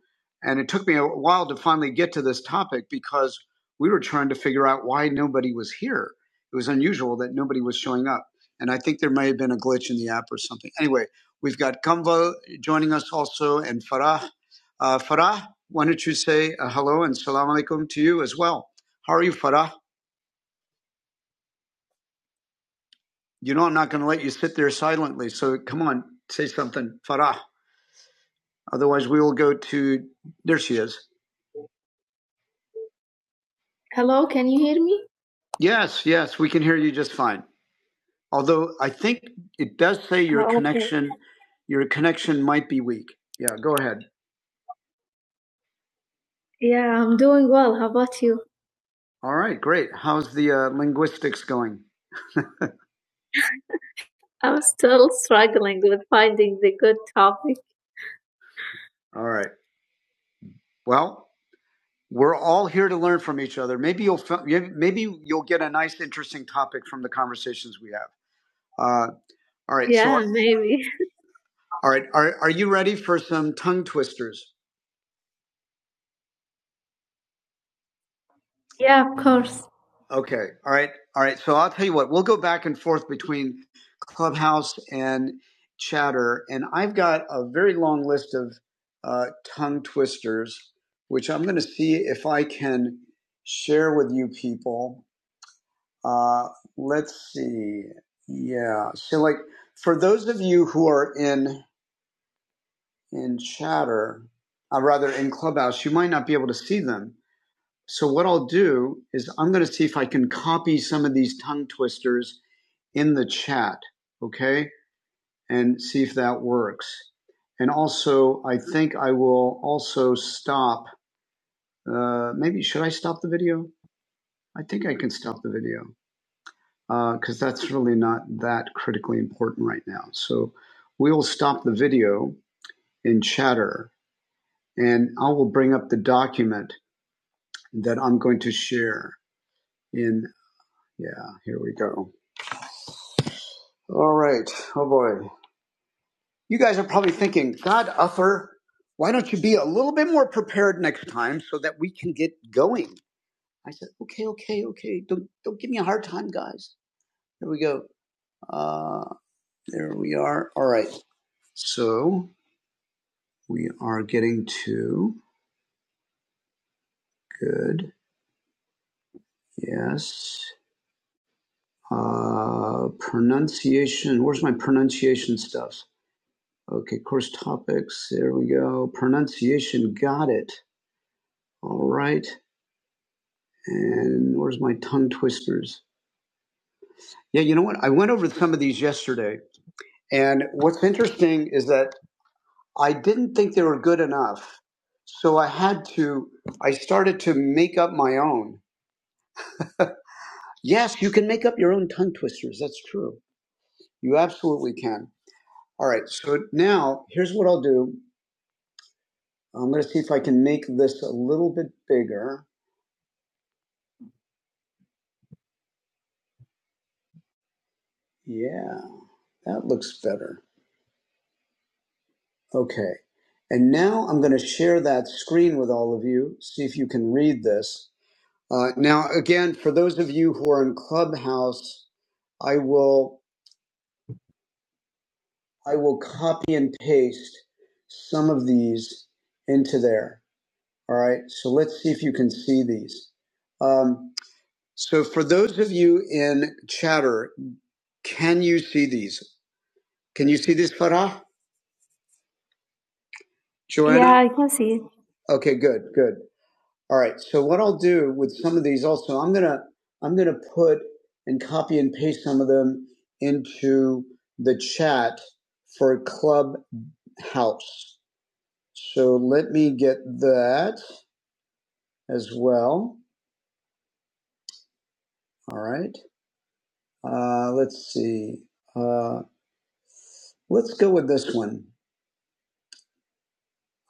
[SPEAKER 1] And it took me a while to finally get to this topic because we were trying to figure out why nobody was here. It was unusual that nobody was showing up. And I think there may have been a glitch in the app or something. Anyway, we've got Kamval joining us also and Farah. Uh, Farah, why don't you say uh, hello and salam alaikum to you as well? How are you, Farah? You know I'm not going to let you sit there silently, so come on, say something, Farah. Otherwise, we will go to. There she is. Hello, can you hear me? Yes, yes, we can hear you just fine. Although I think it does say your Oh, okay. connection, your connection might be weak. Yeah, go ahead. Yeah, I'm doing well. How about you? All right, great. How's the uh, linguistics going? I'm still struggling with finding the good topic. All right. Well, we're all here to learn from each other. Maybe you'll fi- maybe you'll get a nice, interesting topic from the conversations we have. Uh, all right. So, Yeah, are- maybe. all right. Are are you ready for some tongue twisters? Yeah, of course. Okay. All right. All right. So I'll tell you what. We'll go back and forth between Clubhouse and Chatter, and I've got a very long list of uh, tongue twisters, which I'm going to see if I can share with you people. Uh, let's see. Yeah. So, like, for those of you who are in in chatter, or rather in Clubhouse, you might not be able to see them. So, what I'll do is I'm going to see if I can copy some of these tongue twisters in the chat. Okay, and see if that works. And also, I think I will also stop. Uh, maybe should I stop the video? I think I can stop the video. because uh, that's really not that critically important right now. So we will stop the video in chatter and I will bring up the document that I'm going to share in. Yeah, here we go. All right. Oh boy. You guys are probably thinking, God, Uther, why don't you be a little bit more prepared next time so that we can get going? I said, okay, okay, okay. Don't, don't give me a hard time, guys. Here we go. Uh, there we are. All right. So We are getting to good. Yes. Uh, pronunciation. Where's my pronunciation stuff? Okay, course topics. There we go. Pronunciation. Got it. All right. And where's my tongue twisters? Yeah, you know what? I went over some of these yesterday. And what's interesting is that I didn't think they were good enough. So I had to, I started to make up my own. Yes, you can make up your own tongue twisters. That's true. You absolutely can. All right. So now here's what I'll do. I'm going to see if I can make this a little bit bigger. Yeah, that looks better. Okay. And now I'm going to share that screen with all of you. See if you can read this. Uh, now, again, for those of you who are in Clubhouse, I will I will copy and paste some of these into there. All right. So let's see if you can see these. Um, So for those of you in chatter, can you see these? Can you see these, Farah? Joanna? Yeah. I- Okay, good, good. All right. So what I'll do with some of these also, I'm gonna I'm gonna put and copy and paste some of them into the chat for Clubhouse. So let me get that as well. All right. Uh, let's see. Uh, let's go with this one.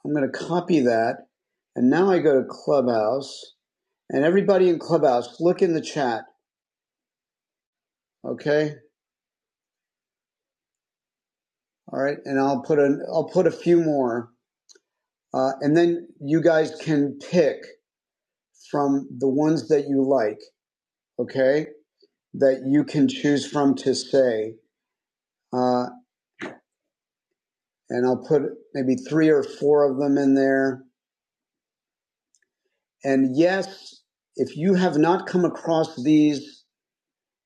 [SPEAKER 1] I'm going to copy that. And now I go to Clubhouse. And everybody in Clubhouse, look in the chat. Okay. All right. And I'll put an, I'll put a few more. Uh, and then you guys can pick from the ones that you like. Okay. That you can choose from to say. Uh, and I'll put maybe three or four of them in there. And yes, if you have not come across these,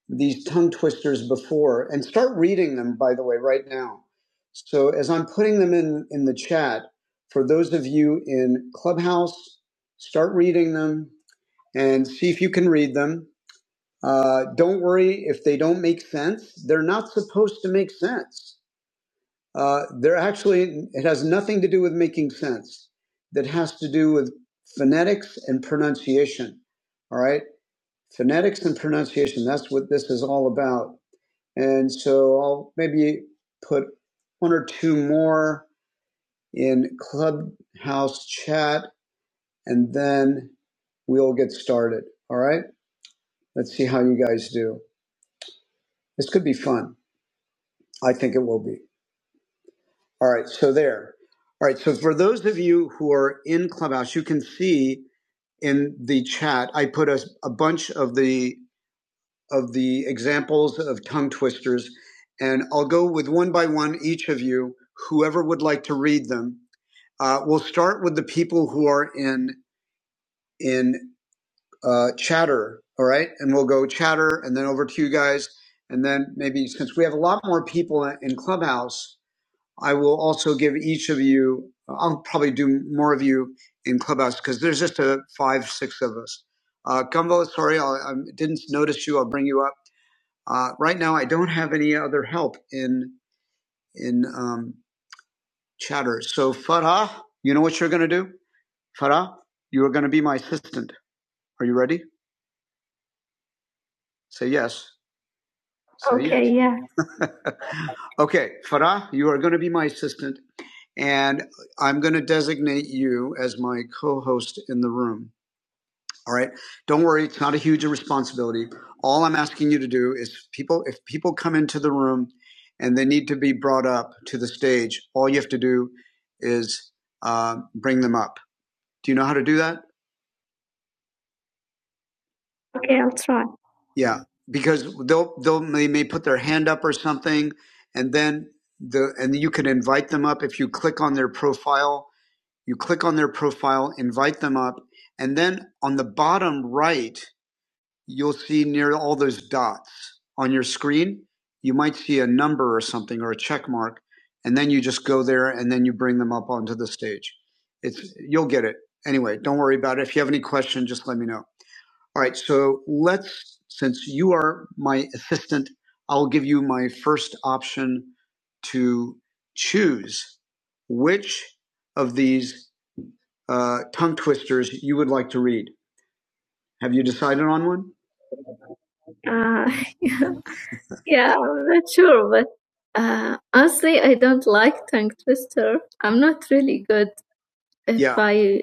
[SPEAKER 1] these tongue twisters before and start reading them by the way right now so as i'm putting them in in the chat for those of you in clubhouse start reading them and see if you can read them uh, don't worry if they don't make sense they're not supposed to make sense uh, they're actually it has nothing to do with making sense that has to do with phonetics and pronunciation all right phonetics and pronunciation that's what this is all about and so I'll maybe put one or two more in Clubhouse chat and then we'll get started. All right. Let's see how you guys do. This could be fun. I think it will be. All right. So there. All right. So for those of you who are in Clubhouse, you can see in the chat, I put a, a bunch of the, of the examples of tongue twisters and I'll go with one by one each of you, whoever would like to read them Uh, we'll start with the people who are in in uh, chatter, all right? And we'll go chatter, and then over to you guys, and then maybe since we have a lot more people in in Clubhouse, I will also give each of you. I'll probably do more of you in Clubhouse because there's just a five, six of us. Uh, Gumbo, sorry, I'll, I didn't notice you. I'll bring you up. Uh, right now, I don't have any other help in in um, chatter. So Farah, you know what you're going to do? Farah, you are going to be my assistant. Are you ready? Say yes. Say okay, yes. yeah. okay, Farah, you are going to be my assistant, and I'm going to designate you as my co host in the room. All right. Don't worry, it's not a huge responsibility. All I'm asking you to do is people, if people come into the room and they need to be brought up to the stage, all you have to do is uh, bring them up. Do you know how to do that? Yeah, because they'll they'll they may put their hand up or something, and then the and you can invite them up if you click on their profile. You click on their profile, invite them up, and then on the bottom right, you'll see near all those dots on your screen. You might see a number or something or a check mark, and then you just go there and then you bring them up onto the stage. It's you'll get it anyway. Don't worry about it. If you have any question, just let me know. All right, so let's, since you are my assistant, I'll give you my first option to choose which of these uh, tongue twisters you would like to read. Have you decided on one? Uh, yeah, yeah, I'm not sure, but uh, honestly, I don't like tongue twister. I'm not really good if Yeah. I,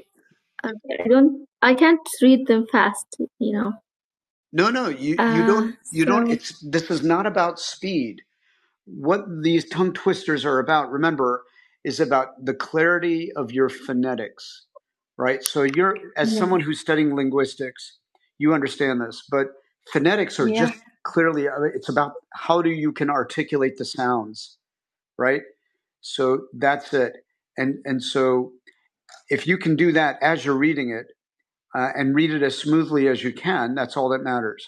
[SPEAKER 1] I don't, I can't read them fast, you know. No, no, you, uh, you Uh, don't, you so, don't, so it's, this is not about speed. What these tongue twisters are about, remember, is about the clarity of your phonetics, right? So you're, as yeah, someone who's studying linguistics, you understand this, but phonetics are yeah, just clearly, uh, it's about how do you can articulate the sounds, right? So that's it. And, and so if you can do that as you're reading it, uh, and read it as smoothly as you can. That's all that matters.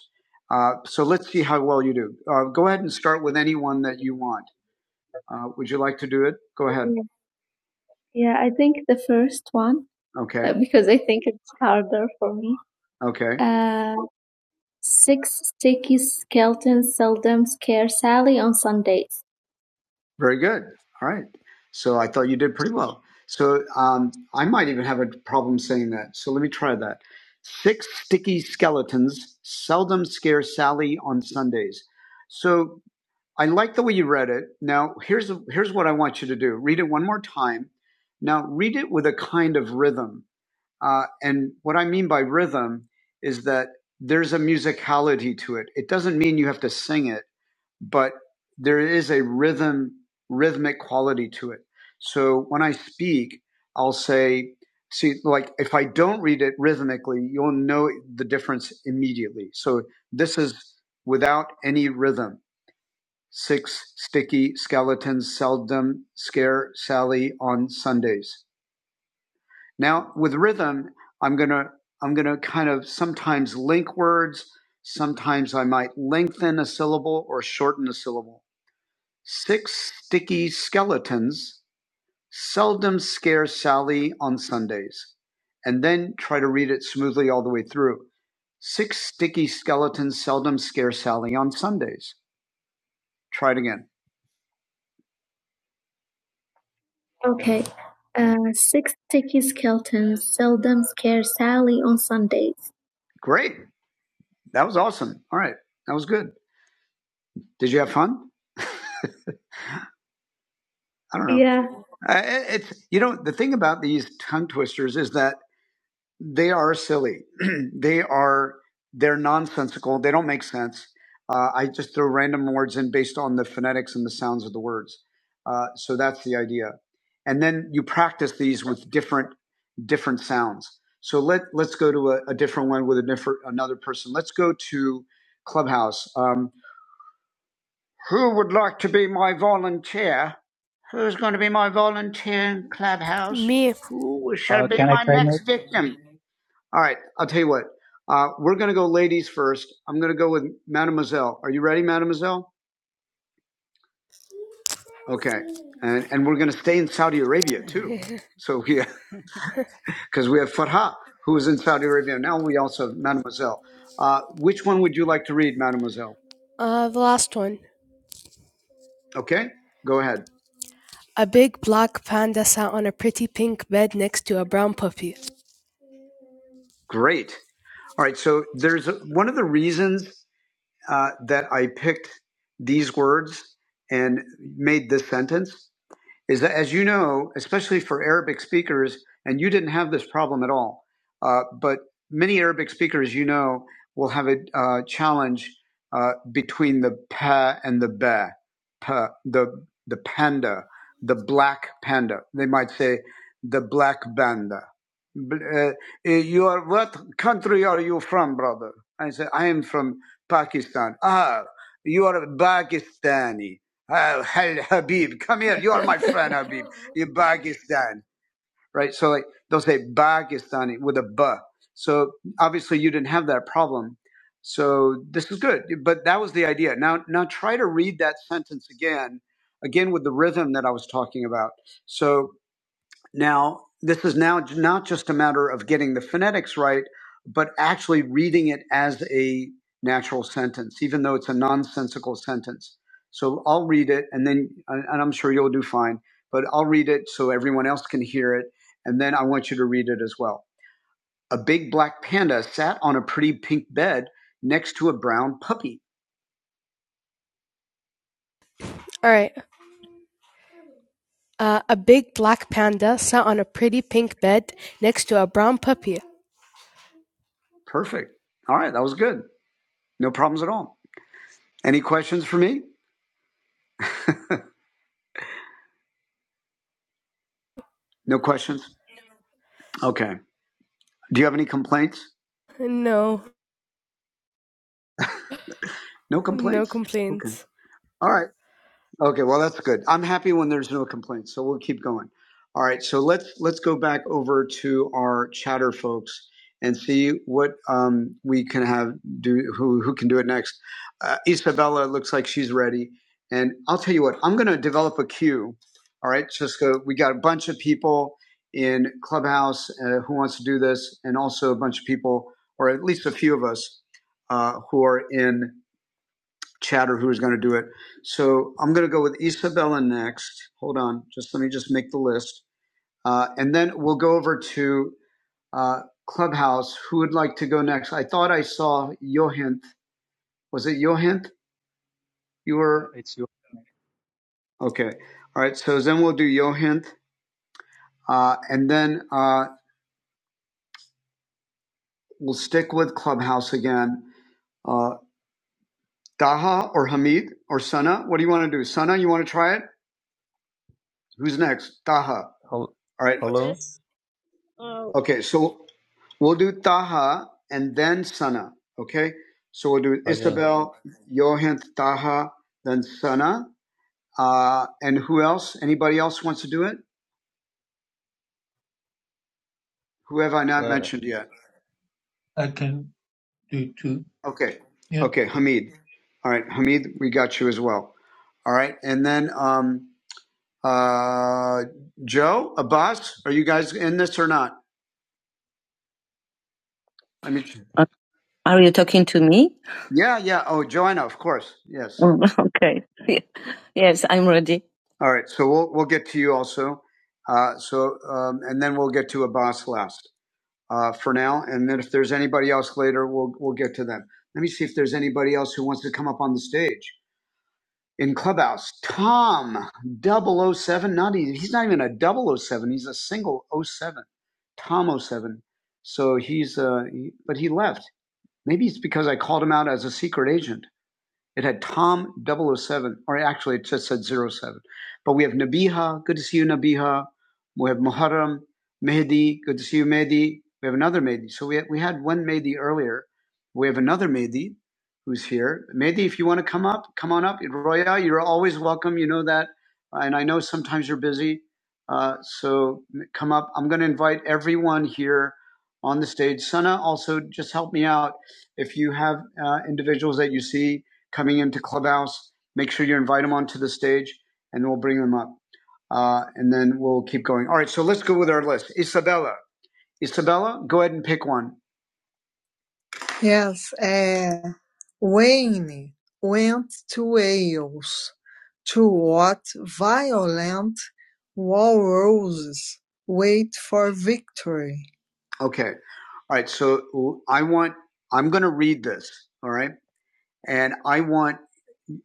[SPEAKER 1] Uh, so let's see how well you do. Uh, go ahead and start with any one that you want. Uh, would you like to do it? Go ahead. Yeah, yeah, I think the first one Okay. uh, because I think it's harder for me. Okay. Uh, six sticky skeletons seldom scare Sally on Sundays. Very good. All right. So I thought you did pretty well. So um, I might even have a problem saying that. So let me try that. Six sticky skeletons seldom scare Sally on Sundays. So I like the way you read it. Now here's here's what I want you to do. Read it one more time. Now read it with a kind of rhythm. Uh, and what I mean by rhythm is that there's a musicality to it. It doesn't mean you have to sing it but there is a rhythm, rhythmic quality to it. So when I speak, I'll say, see, like if I don't read it rhythmically, you'll know the difference immediately. So this is without any rhythm. Six sticky skeletons seldom scare Sally on Sundays. Now with rhythm, I'm gonna I'm gonna kind of sometimes link words. Sometimes I might lengthen a syllable or shorten a syllable Six sticky skeletons seldom scare Sally on Sundays. And then try to read it smoothly all the way through. Six sticky skeletons seldom scare Sally on Sundays. Try it again. Okay. Uh, six sticky skeletons seldom scare Sally on Sundays. Great. That was awesome. All right. That was good. Did you have fun? I don't know. Yeah. Uh, it's, you know, the thing about these tongue twisters is that they are silly. they are they're nonsensical. They don't make sense. Uh, I just throw random words in based on the phonetics and the sounds of the words. Uh, so that's the idea. And then you practice these with different different sounds. So let let's go to a, a different one with a different another person. Let's go to Clubhouse. Um, Who would like to be my volunteer? Who's going to be my volunteer in Clubhouse?
[SPEAKER 5] Me,
[SPEAKER 1] Who shall
[SPEAKER 6] Uh,
[SPEAKER 1] be
[SPEAKER 6] can I
[SPEAKER 1] my
[SPEAKER 6] try
[SPEAKER 1] next
[SPEAKER 6] mate?
[SPEAKER 1] victim? All right, I'll tell you what. Uh, we're going to go ladies first. I'm going to go with Mademoiselle. Are you ready, Mademoiselle? Okay, and and we're going to stay in Saudi Arabia too. So yeah, because we have Farha who is in Saudi Arabia now. We also have Mademoiselle. Uh, which one would you like to read, Mademoiselle?
[SPEAKER 5] uh, the last one.
[SPEAKER 1] Okay, go ahead.
[SPEAKER 5] A big black panda sat on a pretty pink bed next to a brown puppy.
[SPEAKER 1] Great. All right. So there's a, one of the reasons uh, that I picked these words and made this sentence is that, as you know, especially for Arabic speakers, and you didn't have this problem at all, uh, but many Arabic speakers, you know, will have a uh, challenge uh, between the pa and the ba, pa, the the panda, the black panda. They might say the black panda. Uh, you are what country are you from, brother? I say I am from Pakistan. Ah, you are Pakistani. Uh, Hal Habib, come here. You are my friend, Habib. You are Pakistan, right? So like they'll say Pakistani with a B. So obviously you didn't have that problem. So this is good. But that was the idea. Now, now try to read that sentence again, again with the rhythm that I was talking about. So. Now, this is now not just a matter of getting the phonetics right, but actually reading it as a natural sentence, even though it's a nonsensical sentence. So I'll read it, and then, and I'm sure you'll do fine, but I'll read it so everyone else can hear it, and then I want you to read it as well. A big black panda sat on a pretty pink bed next to a brown puppy.
[SPEAKER 5] All right. Uh, A big black panda sat on a pretty pink bed next to a brown puppy.
[SPEAKER 1] Perfect. All right, that was good. No problems at all. Any questions for me? No questions? Okay. Do you have any complaints?
[SPEAKER 5] No
[SPEAKER 1] No
[SPEAKER 5] no
[SPEAKER 1] complaints? Okay.
[SPEAKER 5] complaints.
[SPEAKER 1] All right. Okay, well that's good. I'm happy when there's no complaints, so we'll keep going. All right, so let's let's go back over to our chatter folks and see what um, we can have do who who can do it next. Uh, Isabella looks like she's ready, and I'll tell you what I'm going to develop a queue. All right, just go. We got a bunch of people in Clubhouse uh, who wants to do this, and also a bunch of people, or at least a few of us, uh, who are in chatter who is going to do it. So I'm going to go with Isabella next. Hold on, just let me just make the list, uh, and then we'll go over to uh, Clubhouse. Who would like to go next? I thought I saw Johint. Was it Johint? You
[SPEAKER 6] Yeah,
[SPEAKER 1] were
[SPEAKER 6] it's your
[SPEAKER 1] okay. All right. So then we'll do Johint, uh, and then uh, we'll stick with Clubhouse again. Uh, Daha or Hamid or Sana? What do you want to do? Sana, you want to try it? Who's next? Daha. All
[SPEAKER 7] Hel-
[SPEAKER 1] right.
[SPEAKER 7] Hello
[SPEAKER 2] Yes. Uh,
[SPEAKER 1] Okay, so we'll do Taha and then Sana. Okay, so we'll do
[SPEAKER 7] again.
[SPEAKER 1] Isabel, Johan, Taha, then Sana, uh, and who else? Anybody else wants to do it? Who have I
[SPEAKER 7] So,
[SPEAKER 1] not
[SPEAKER 7] uh,
[SPEAKER 1] mentioned yet?
[SPEAKER 4] I can do too.
[SPEAKER 1] Okay,
[SPEAKER 4] Yeah.
[SPEAKER 1] okay, Hamid. All right, Hamid, we got you as well. All right, and then um, uh, Joe, Abbas, are you guys in this or not? I mean, Uh, Are you talking to me? yeah, yeah. Oh, Joanna, of course. Yes. All right, so we'll we'll get to you also. Uh, so um, and then we'll get to Abbas last uh, for now, and then if there's anybody else later, we'll we'll get to them. Let me see if there's anybody else who wants to come up on the stage in Clubhouse. Tom Double O Seven. not even, he's not even a Double O Seven. he's a single O Seven. Tom O Seven. So he's uh, he, but he left. Maybe it's because I called him out as a secret agent. It had Tom double o seven, or actually it just said zero seven. But we have Nabiha. Good to see you, Nabiha. We have Muharram, Mehdi. Good to see you, Mehdi. We have another Mehdi. So we had, we had one Mehdi earlier. We have another Mehdi who's here. Mehdi, if you want to come up, come on up. Roya, you're always welcome. You know that. And I know sometimes you're busy. Uh, so come up. I'm going to invite everyone here on the stage. Sana, also just help me out. If you have uh, individuals that you see, coming into Clubhouse. Make sure you invite them onto the stage, and we'll bring them up. Uh, and then we'll keep going. All right, so let's go with our list. Isabella, Isabella, go ahead and pick one. Yes, uh, Wayne went to Wales to watch violent walruses wait for victory. Okay, all right. So I want I'm going to read this. All right, and I want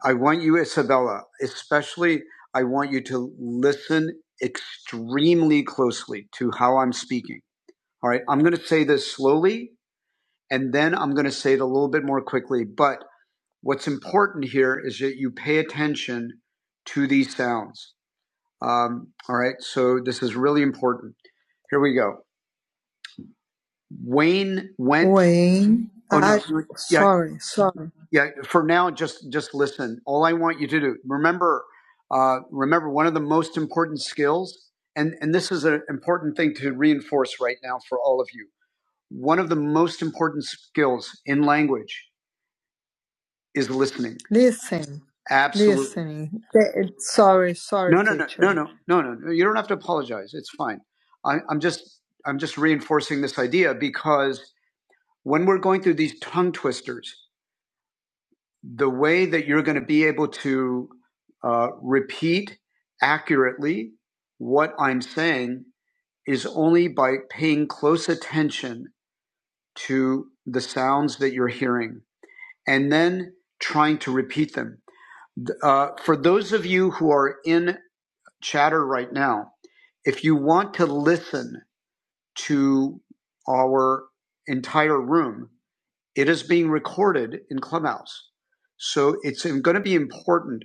[SPEAKER 1] I want you, Isabella, especially, I want you to listen extremely closely to how I'm speaking. All right. I'm going to say this slowly and then I'm going to say it a little bit more quickly. But what's important here is that you pay attention to these sounds. Um, all right. So this is really important. Here we go. Wayne went. Wayne, Oh no, I, you- yeah, sorry, sorry. yeah. For now, just just listen. All I want you to do remember, uh, remember one of the most important skills, and and this is an important thing to reinforce right now for all of you. One of the most important skills in language is listening. Listen, Absolutely. listening. Th- Sorry, sorry, No, no, no, no, teacher. no, no, no. no. You don't have to apologize. It's fine. I, I'm just I'm just reinforcing this idea because when we're going through these tongue twisters, the way that you're going to be able to uh, repeat accurately what I'm saying is only by paying close attention to the sounds that you're hearing and then trying to repeat them. Uh, for those of you who are in chatter right now, if you want to listen to our entire room, It is being recorded in Clubhouse. So it's going to be important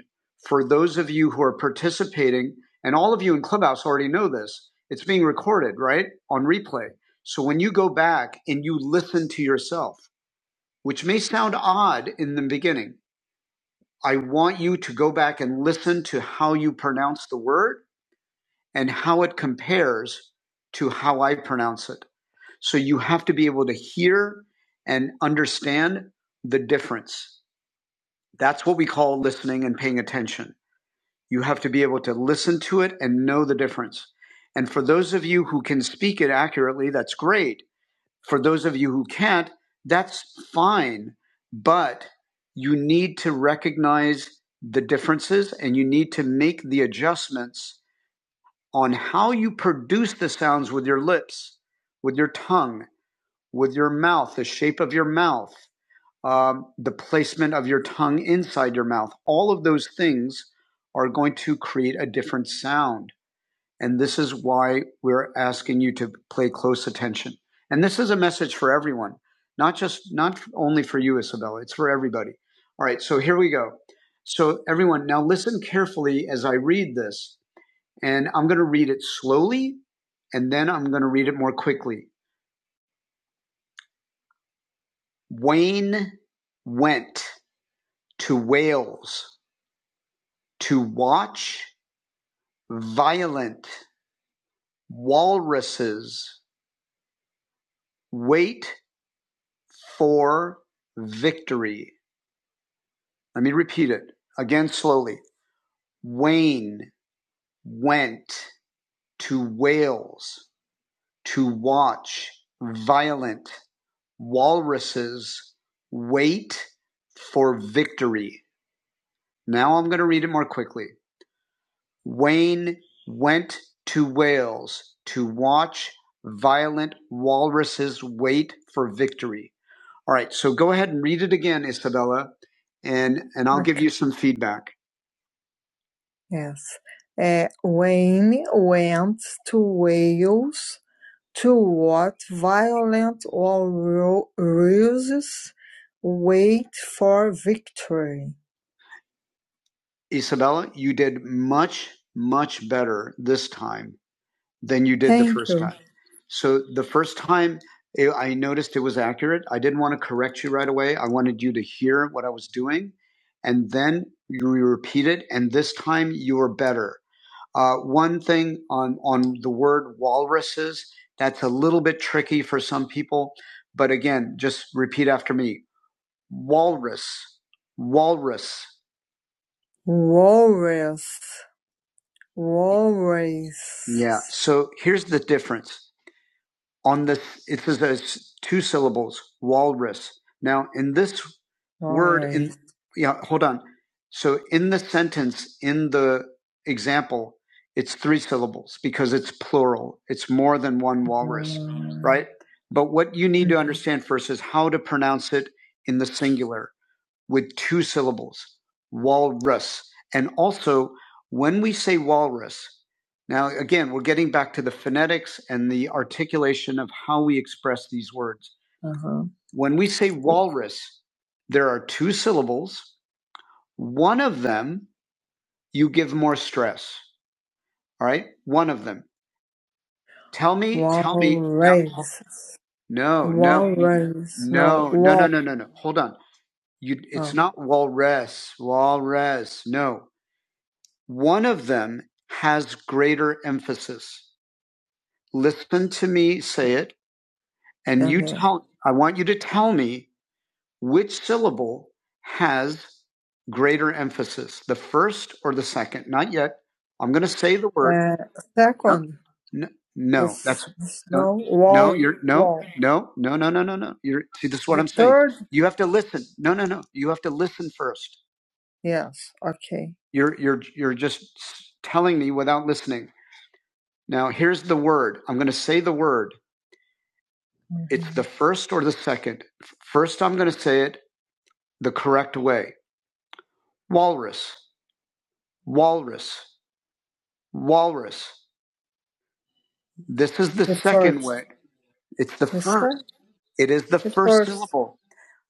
[SPEAKER 1] for those of you who are participating, and all of you in Clubhouse already know this. It's being recorded, right? On replay. So when you go back and you listen to yourself, which may sound odd in the beginning, I want you to go back and listen to how you pronounce the word and how it compares to how I pronounce it. So you have to be able to hear and understand the difference. That's what we call listening and paying attention. You have to be able to listen to it and know the difference. And for those of you who can speak it accurately, that's great. For those of you who can't, that's fine. But you need to recognize the differences and you need to make the adjustments on how you produce the sounds with your lips, with your tongue, with your mouth, the shape of your mouth um, the placement of your tongue inside your mouth. All of those things are going to create a different sound. And this is why we're asking you to pay close attention. And this is a message for everyone, not just, not only for you, Isabella, it's for everybody. All right, so here we go. So, everyone, now listen carefully as I read this. And I'm going to read it slowly, and then I'm going to read it more quickly. Wayne went to Wales To watch violent walruses wait for victory. Let me repeat it again slowly. Wayne went to Wales to watch violent walruses wait for victory. Now I'm going to read it more quickly. Wayne went to Wales to watch Violent Walruses wait for victory. All right, so go ahead and read it again, Isabella, and, and I'll okay. give Okay. you some feedback. Yes. Uh, Wayne went to Wales to watch violent walruses wait for victory. Isabella, you did much, much better this time. than you did Thank the first you. time. So the first time eh, I noticed it was accurate, I didn't want to correct you right away. I wanted you to hear what I was doing. And then you repeat it. And this time you were better. Uh, one thing on, on the word walruses, that's a little bit tricky for some people. But again, just repeat after me. Walrus, walrus. Walrus. Walrus. Yeah. So here's the difference on this it says it's two syllables walrus now in this walrus. word in yeah hold on so in the sentence in the example it's three syllables because it's plural it's more than one walrus mm. right but what you need to understand first is how to pronounce it in the singular with two syllables, walrus. And also, when we say walrus, now again, we're getting back to the phonetics and the articulation of how we express these words. Uh-huh. When we say walrus, there are two syllables. One of them you give more stress. All right, one of them. Tell me, walrus. tell me. No, no, no, Walrus. No, no, no, no, no, no, no. Hold on. You, it's Oh. not walrus, walrus. No. One of them has greater emphasis. Listen to me say it, and mm-hmm. you hmm tell, I want you to tell me which syllable has greater emphasis, the first or the second. Not yet. I'm going to say the word. Uh, No, second, no, no, s- that's no, no, wall, no, you're no, wall. no, no, no, no, no, no. You're see, this is what The I'm saying. third, saying. You have to listen. No, no, no. You have to listen first. yes, okay. You're you're you're just telling me without listening. Now, here's the word. I'm going to say the word. It's the first or the second. First, I'm going to say it the correct way walrus, walrus, walrus. This is the, The second first. way. It's the The first. first. It is the The first first. syllable.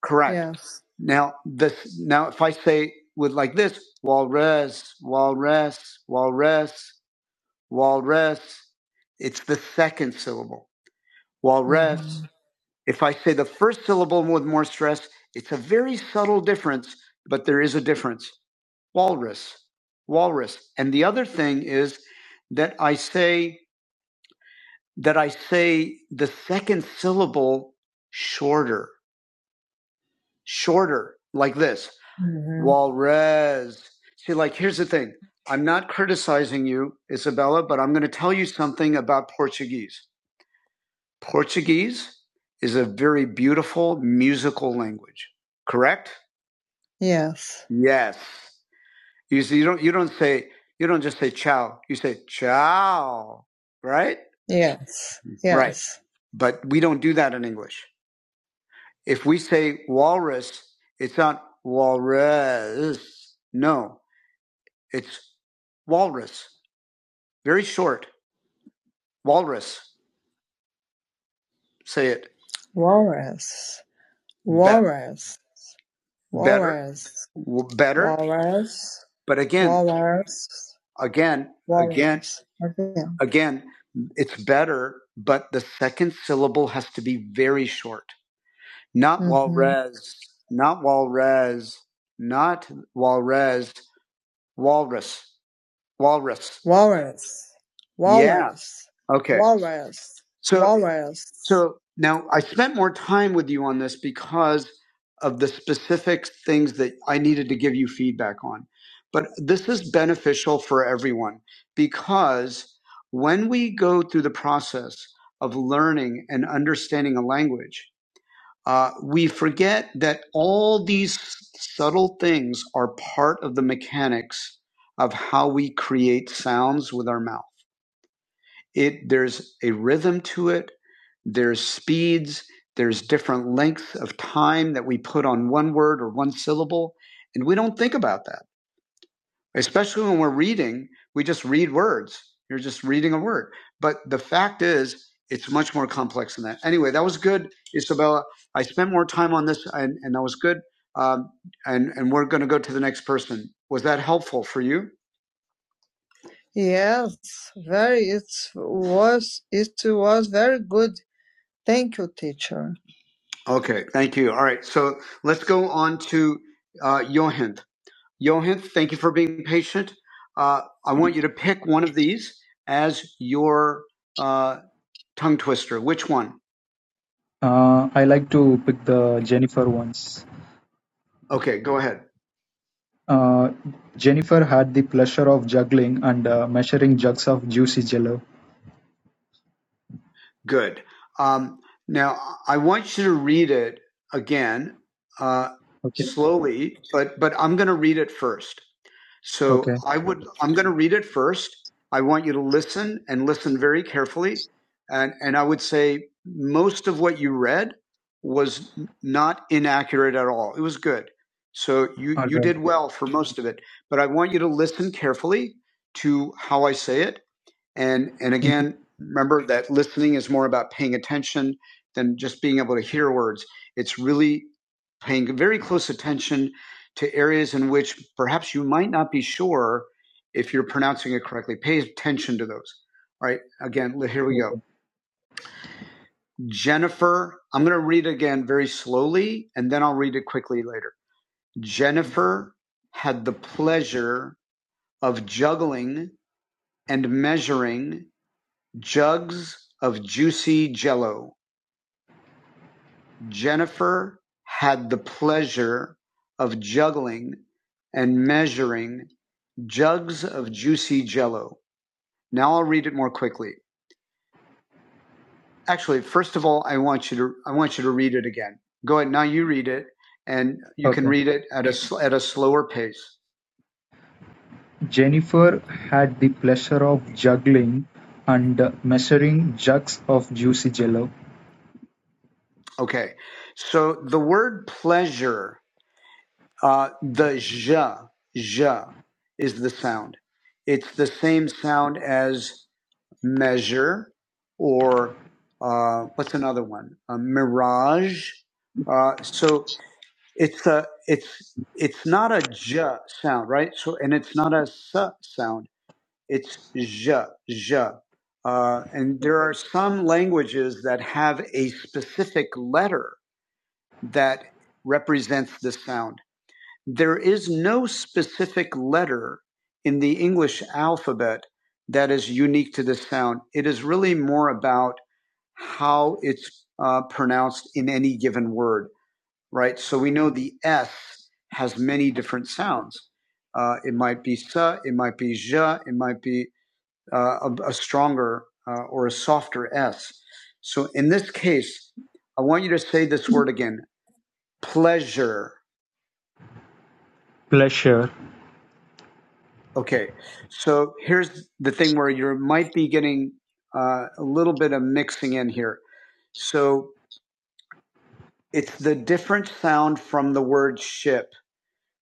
[SPEAKER 1] Correct. Yes. Now this now if I say with like this walrus, walrus, walrus, walrus, it's the second syllable. Walrus, If I say the first syllable with more stress, it's a very subtle difference, but there is a difference. Walrus, walrus. And the other thing is that I say that I say the second syllable shorter, shorter, like this. Mhm. Walrus. See, like here's the thing. I'm not criticizing you, Isabella, but I'm going to tell you something about Portuguese. Portuguese is a very beautiful musical language, correct? Yes. Yes. You see, you don't you don't say you don't just say ciao. You say ciao, right? Yes. Yes. Right. Yes. But we don't do that in English. If we say walrus, it's not walrus. No, it's walrus. Very short. Walrus. Say it. Walrus. That Walrus. That, better, walrus, w- better. walrus, But again, walrus, again, again, walrus. Okay. again, it's better, but the second syllable has to be very short. Not Mm-hmm. walrez, not walrez, not walrez, walrus. Walrus. Walrus. Walrus. Yeah. Okay. Walrus. So Walrus. so so now I spent more time with you on this because of the specific things that I needed to give you feedback on. But this is beneficial for everyone because when we go through the process of learning and understanding a language, uh, we forget that all these subtle things are part of the mechanics of how we create sounds with our mouth. It there's a rhythm to it. There's speeds. There's different lengths of time that we put on one word or one syllable, and we don't think about that especially when we're reading, we just read words. You're just reading a word. But the fact is, it's much more complex than that. Anyway, that was good, Isabella. I spent more time on this, and, and that was good. Um, and and we're going to go to the next person. Was that helpful for you? Yes, very. It was. It was very good. Thank you, teacher. Okay, thank you. All right, so let's go on to uh, Johan. Johan, thank you for being patient. Uh, I
[SPEAKER 6] night.
[SPEAKER 1] want you to pick one of these as your uh, tongue twister. Which one?
[SPEAKER 6] Uh, I like to pick the Jennifer ones.
[SPEAKER 1] Okay, go ahead.
[SPEAKER 6] Uh, Jennifer had the pleasure of juggling and uh, measuring jugs of juicy jello.
[SPEAKER 1] Good. Um, now, I want you to read it again uh,
[SPEAKER 6] Okay.
[SPEAKER 1] slowly, but, but I'm going to read it first. So
[SPEAKER 6] Okay.
[SPEAKER 1] I would, I'm going to read it first. I want you to listen and listen very carefully. And, and I would say most of what you read was not inaccurate at all. It was good. So you,
[SPEAKER 6] All
[SPEAKER 1] you
[SPEAKER 6] right.
[SPEAKER 1] did well for most of it, but I want you to listen carefully to how I say it and and
[SPEAKER 6] Mhm.
[SPEAKER 1] again, remember that listening is more about paying attention than just being able to hear words. It's really paying very close attention to areas in which perhaps you might not be sure if you're pronouncing it correctly. Pay attention to those. All right. Again, here we go.
[SPEAKER 6] Okay.
[SPEAKER 1] Jennifer, I'm going to read again very slowly and then I'll read it quickly later. Jennifer had the pleasure of juggling and measuring jugs of juicy jello, Jennifer had the pleasure of juggling and measuring jugs of juicy jello. Now I'll read it more quickly. Actually, first of all, I want you to I want you to read it again. Go ahead. Now you read it and you can
[SPEAKER 6] Okay.
[SPEAKER 1] read it at a at a slower pace.
[SPEAKER 6] Jennifer had the pleasure of juggling and uh, measuring jugs of juicy jello.
[SPEAKER 1] Okay. So the word pleasure, uh the zh, zh is the sound. It's the same sound as measure, or uh, what's another one? A mirage. Uh, so it's a it's it's not a j sound, right? So and it's not a s sound. It's j j. Uh, and there are some languages that have a specific letter that represents the sound. There is no specific letter in the English alphabet that is unique to this sound. It is really more about how it's uh, pronounced in any given word, right? So we know the S has many different sounds. Uh, it might be sa, it might be ja, it might be uh, a, a stronger uh, or a softer S. So in this case, I want you to say this word again, pleasure
[SPEAKER 6] Pleasure.
[SPEAKER 1] Okay, so here's the thing where you might be getting uh, a little bit of mixing in here. So it's the different sound from the word ship.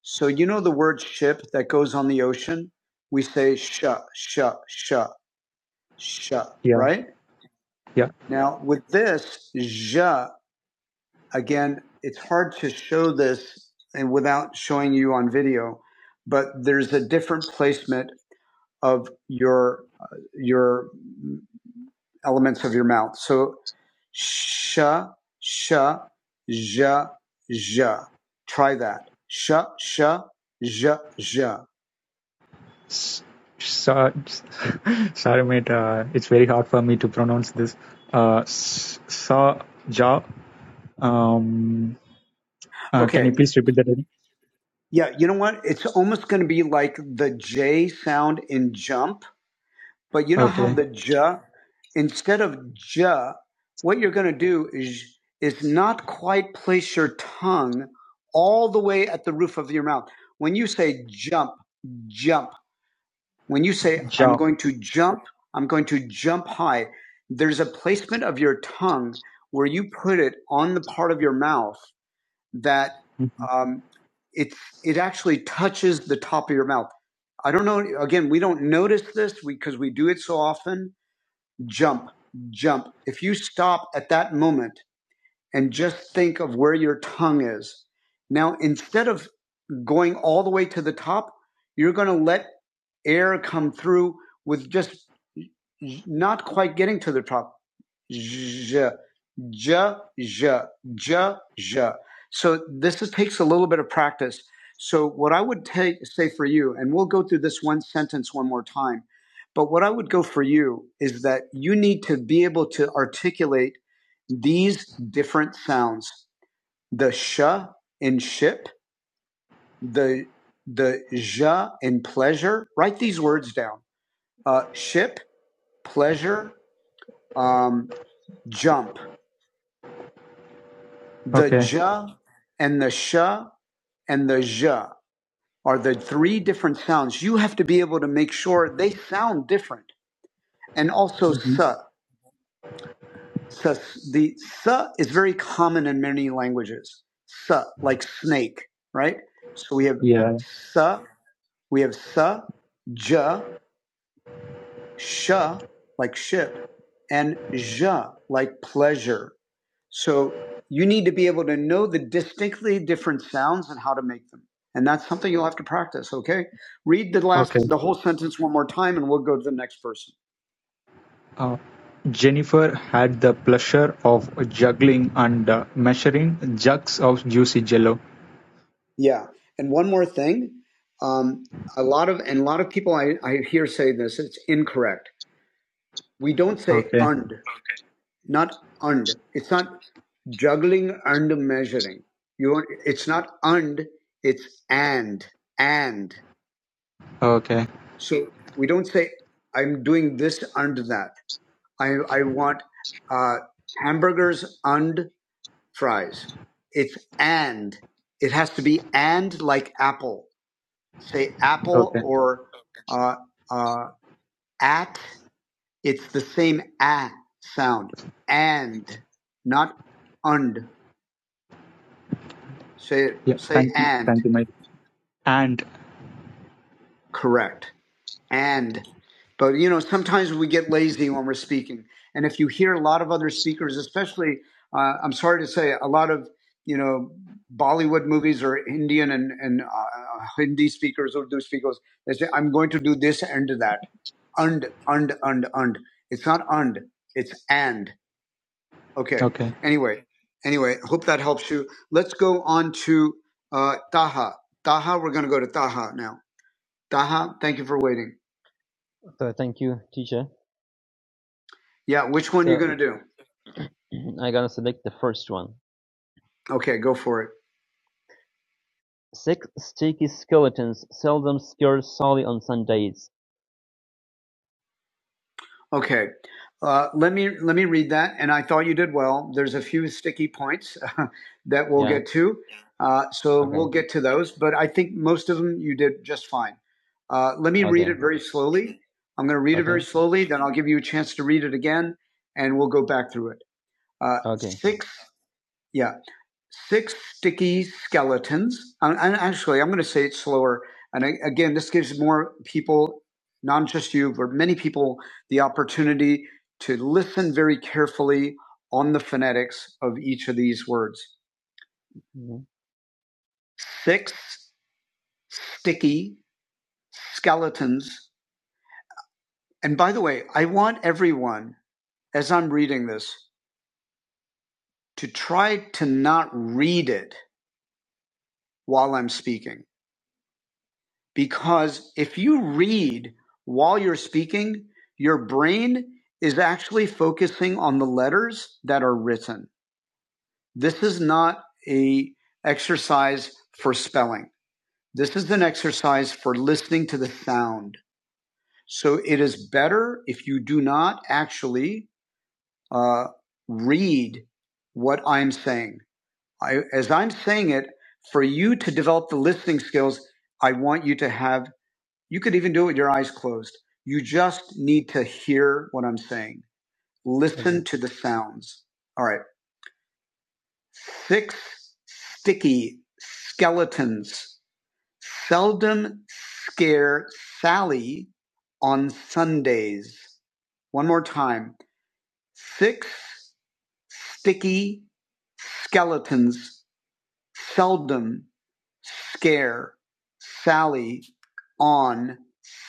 [SPEAKER 1] So you know the word ship that goes on the ocean? We say sh, sh, sh, sh,
[SPEAKER 6] Yeah.
[SPEAKER 1] right?
[SPEAKER 6] Yeah.
[SPEAKER 1] Now with this, zh, again, it's hard to show this and without showing you on video, but there's a different placement of your uh, your elements of your mouth. So sh, sh, zh, zh. Try that. Sh, sh, zh, zh.
[SPEAKER 6] S- Sorry, mate. Uh, it's very hard for me to pronounce this. Uh, s- sa ja. Um, uh, can
[SPEAKER 1] Okay.
[SPEAKER 6] you please repeat that? again?
[SPEAKER 1] Yeah, you know what? It's almost going to be like the J sound in jump, but you know how
[SPEAKER 6] Okay,
[SPEAKER 1] the J, instead of J, what you're going to do is, is not quite place your tongue all the way at the roof of your mouth. When you say jump, jump. When you say,
[SPEAKER 6] ja.
[SPEAKER 1] I'm going to jump, I'm going to jump high, there's a placement of your tongue where you put it on the part of your mouth that
[SPEAKER 6] Mhm.
[SPEAKER 1] um, it, it actually touches the top of your mouth. I don't know. Again, we don't notice this because we do it so often. Jump, jump. If you stop at that moment and just think of where your tongue is, now instead of going all the way to the top, you're going to let air come through with just not quite getting to the top. Zh, zh, zh, zh, zh. So this is, takes a little bit of practice. So what I would take, say for you, and we'll go through this one sentence one more time, but what I would go for you is that you need to be able to articulate these different sounds. The sh in ship, the the ja and pleasure. Write these words down: uh, ship, pleasure, um, jump. The
[SPEAKER 6] Okay.
[SPEAKER 1] ja and the sha and the ja are the three different sounds. You have to be able to make sure they sound different. And also
[SPEAKER 6] Mhm.
[SPEAKER 1] sa. sa the sa is very common in many languages. Sa, like snake, right? So we have
[SPEAKER 6] Yeah.
[SPEAKER 1] sa, we have sa, ja. sh like ship and ja like pleasure. So you need to be able to know the distinctly different sounds and how to make them. And that's something you'll have to practice, okay? Read the last
[SPEAKER 6] Okay.
[SPEAKER 1] the whole sentence one more time and we'll go to the next person.
[SPEAKER 6] Uh, Jennifer had the pleasure of juggling and uh, measuring jugs of juicy jello.
[SPEAKER 1] Yeah. And one more thing, um, a lot of and a lot of people I, I hear say this, it's incorrect. We don't say
[SPEAKER 6] Okay.
[SPEAKER 1] und, not und. It's not juggling and measuring. You it's not and, it's and and.
[SPEAKER 6] Okay.
[SPEAKER 1] So we don't say I'm doing this and that. I I want uh, hamburgers and fries. It's and. It has to be and like apple. Say apple
[SPEAKER 6] Okay.
[SPEAKER 1] or uh, uh, at. It's the same a sound. And not und. Say
[SPEAKER 6] Yeah.
[SPEAKER 1] say
[SPEAKER 6] Thank you.
[SPEAKER 1] and.
[SPEAKER 6] Thank you, mate. And
[SPEAKER 1] Correct. and but you know sometimes we get lazy when we're speaking and if you hear a lot of other speakers especially uh, i'm sorry to say a lot of you know bollywood movies or indian and, and uh, hindi speakers or do speakers they say i'm going to do this and that and and and and it's not and it's and okay
[SPEAKER 6] okay.
[SPEAKER 1] anyway anyway hope that helps you let's go on to uh, taha taha we're going to go to taha now taha thank you for waiting
[SPEAKER 7] so thank you, teacher.
[SPEAKER 1] Yeah, which one are you
[SPEAKER 7] So
[SPEAKER 1] going to do?
[SPEAKER 7] I'm gonna select the first one.
[SPEAKER 1] Okay, go for it.
[SPEAKER 7] Six sticky skeletons seldom scared solely on Sundays.
[SPEAKER 1] Okay. Uh, let me let me read that, and I thought you did well. There's a few sticky points that we'll
[SPEAKER 7] Yeah.
[SPEAKER 1] get to, uh, so
[SPEAKER 7] Okay.
[SPEAKER 1] we'll get to those. But I think most of them you did just fine. Uh, let me read
[SPEAKER 7] Okay.
[SPEAKER 1] it very slowly. I'm going to read it
[SPEAKER 7] Okay.
[SPEAKER 1] very slowly, then I'll give you a chance to read it again, and we'll go back through it. Uh,
[SPEAKER 7] Okay.
[SPEAKER 1] six. Yeah. six sticky skeletons. And actually, I'm going to say it slower. And I, again, this gives more people, not just you, but many people, the opportunity to listen very carefully on the phonetics of each of these words.
[SPEAKER 7] Mhm.
[SPEAKER 1] Six sticky skeletons. And by the way, I want everyone, as I'm reading this, to try to not read it while I'm speaking because if you read while you're speaking, your brain is actually focusing on the letters that are written. This is not a exercise for spelling. This is an exercise for listening to the sound. So it is better if you do not actually uh, read what I'm saying. I, as I'm saying it, for you to develop the listening skills, I want you to have You could even do it with your eyes closed. You just need to hear what I'm saying.
[SPEAKER 7] Okay.
[SPEAKER 1] Listen to the sounds. All right. Six sticky skeletons seldom scare Sally on Sundays. One more time. Six sticky skeletons seldom scare Sally on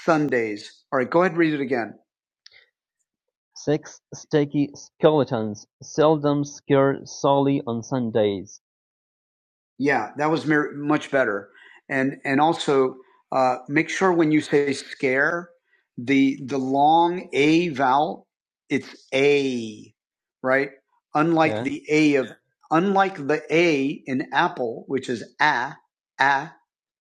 [SPEAKER 1] Sundays. All right, go ahead and read it again.
[SPEAKER 7] Six sticky skeletons seldom scared solely on Sundays.
[SPEAKER 1] Yeah, that was mer- much better. And and also uh, make sure when you say scare, the the long a vowel, it's a, right? Unlike
[SPEAKER 7] Yeah.
[SPEAKER 1] the a of unlike the a in apple, which is a a.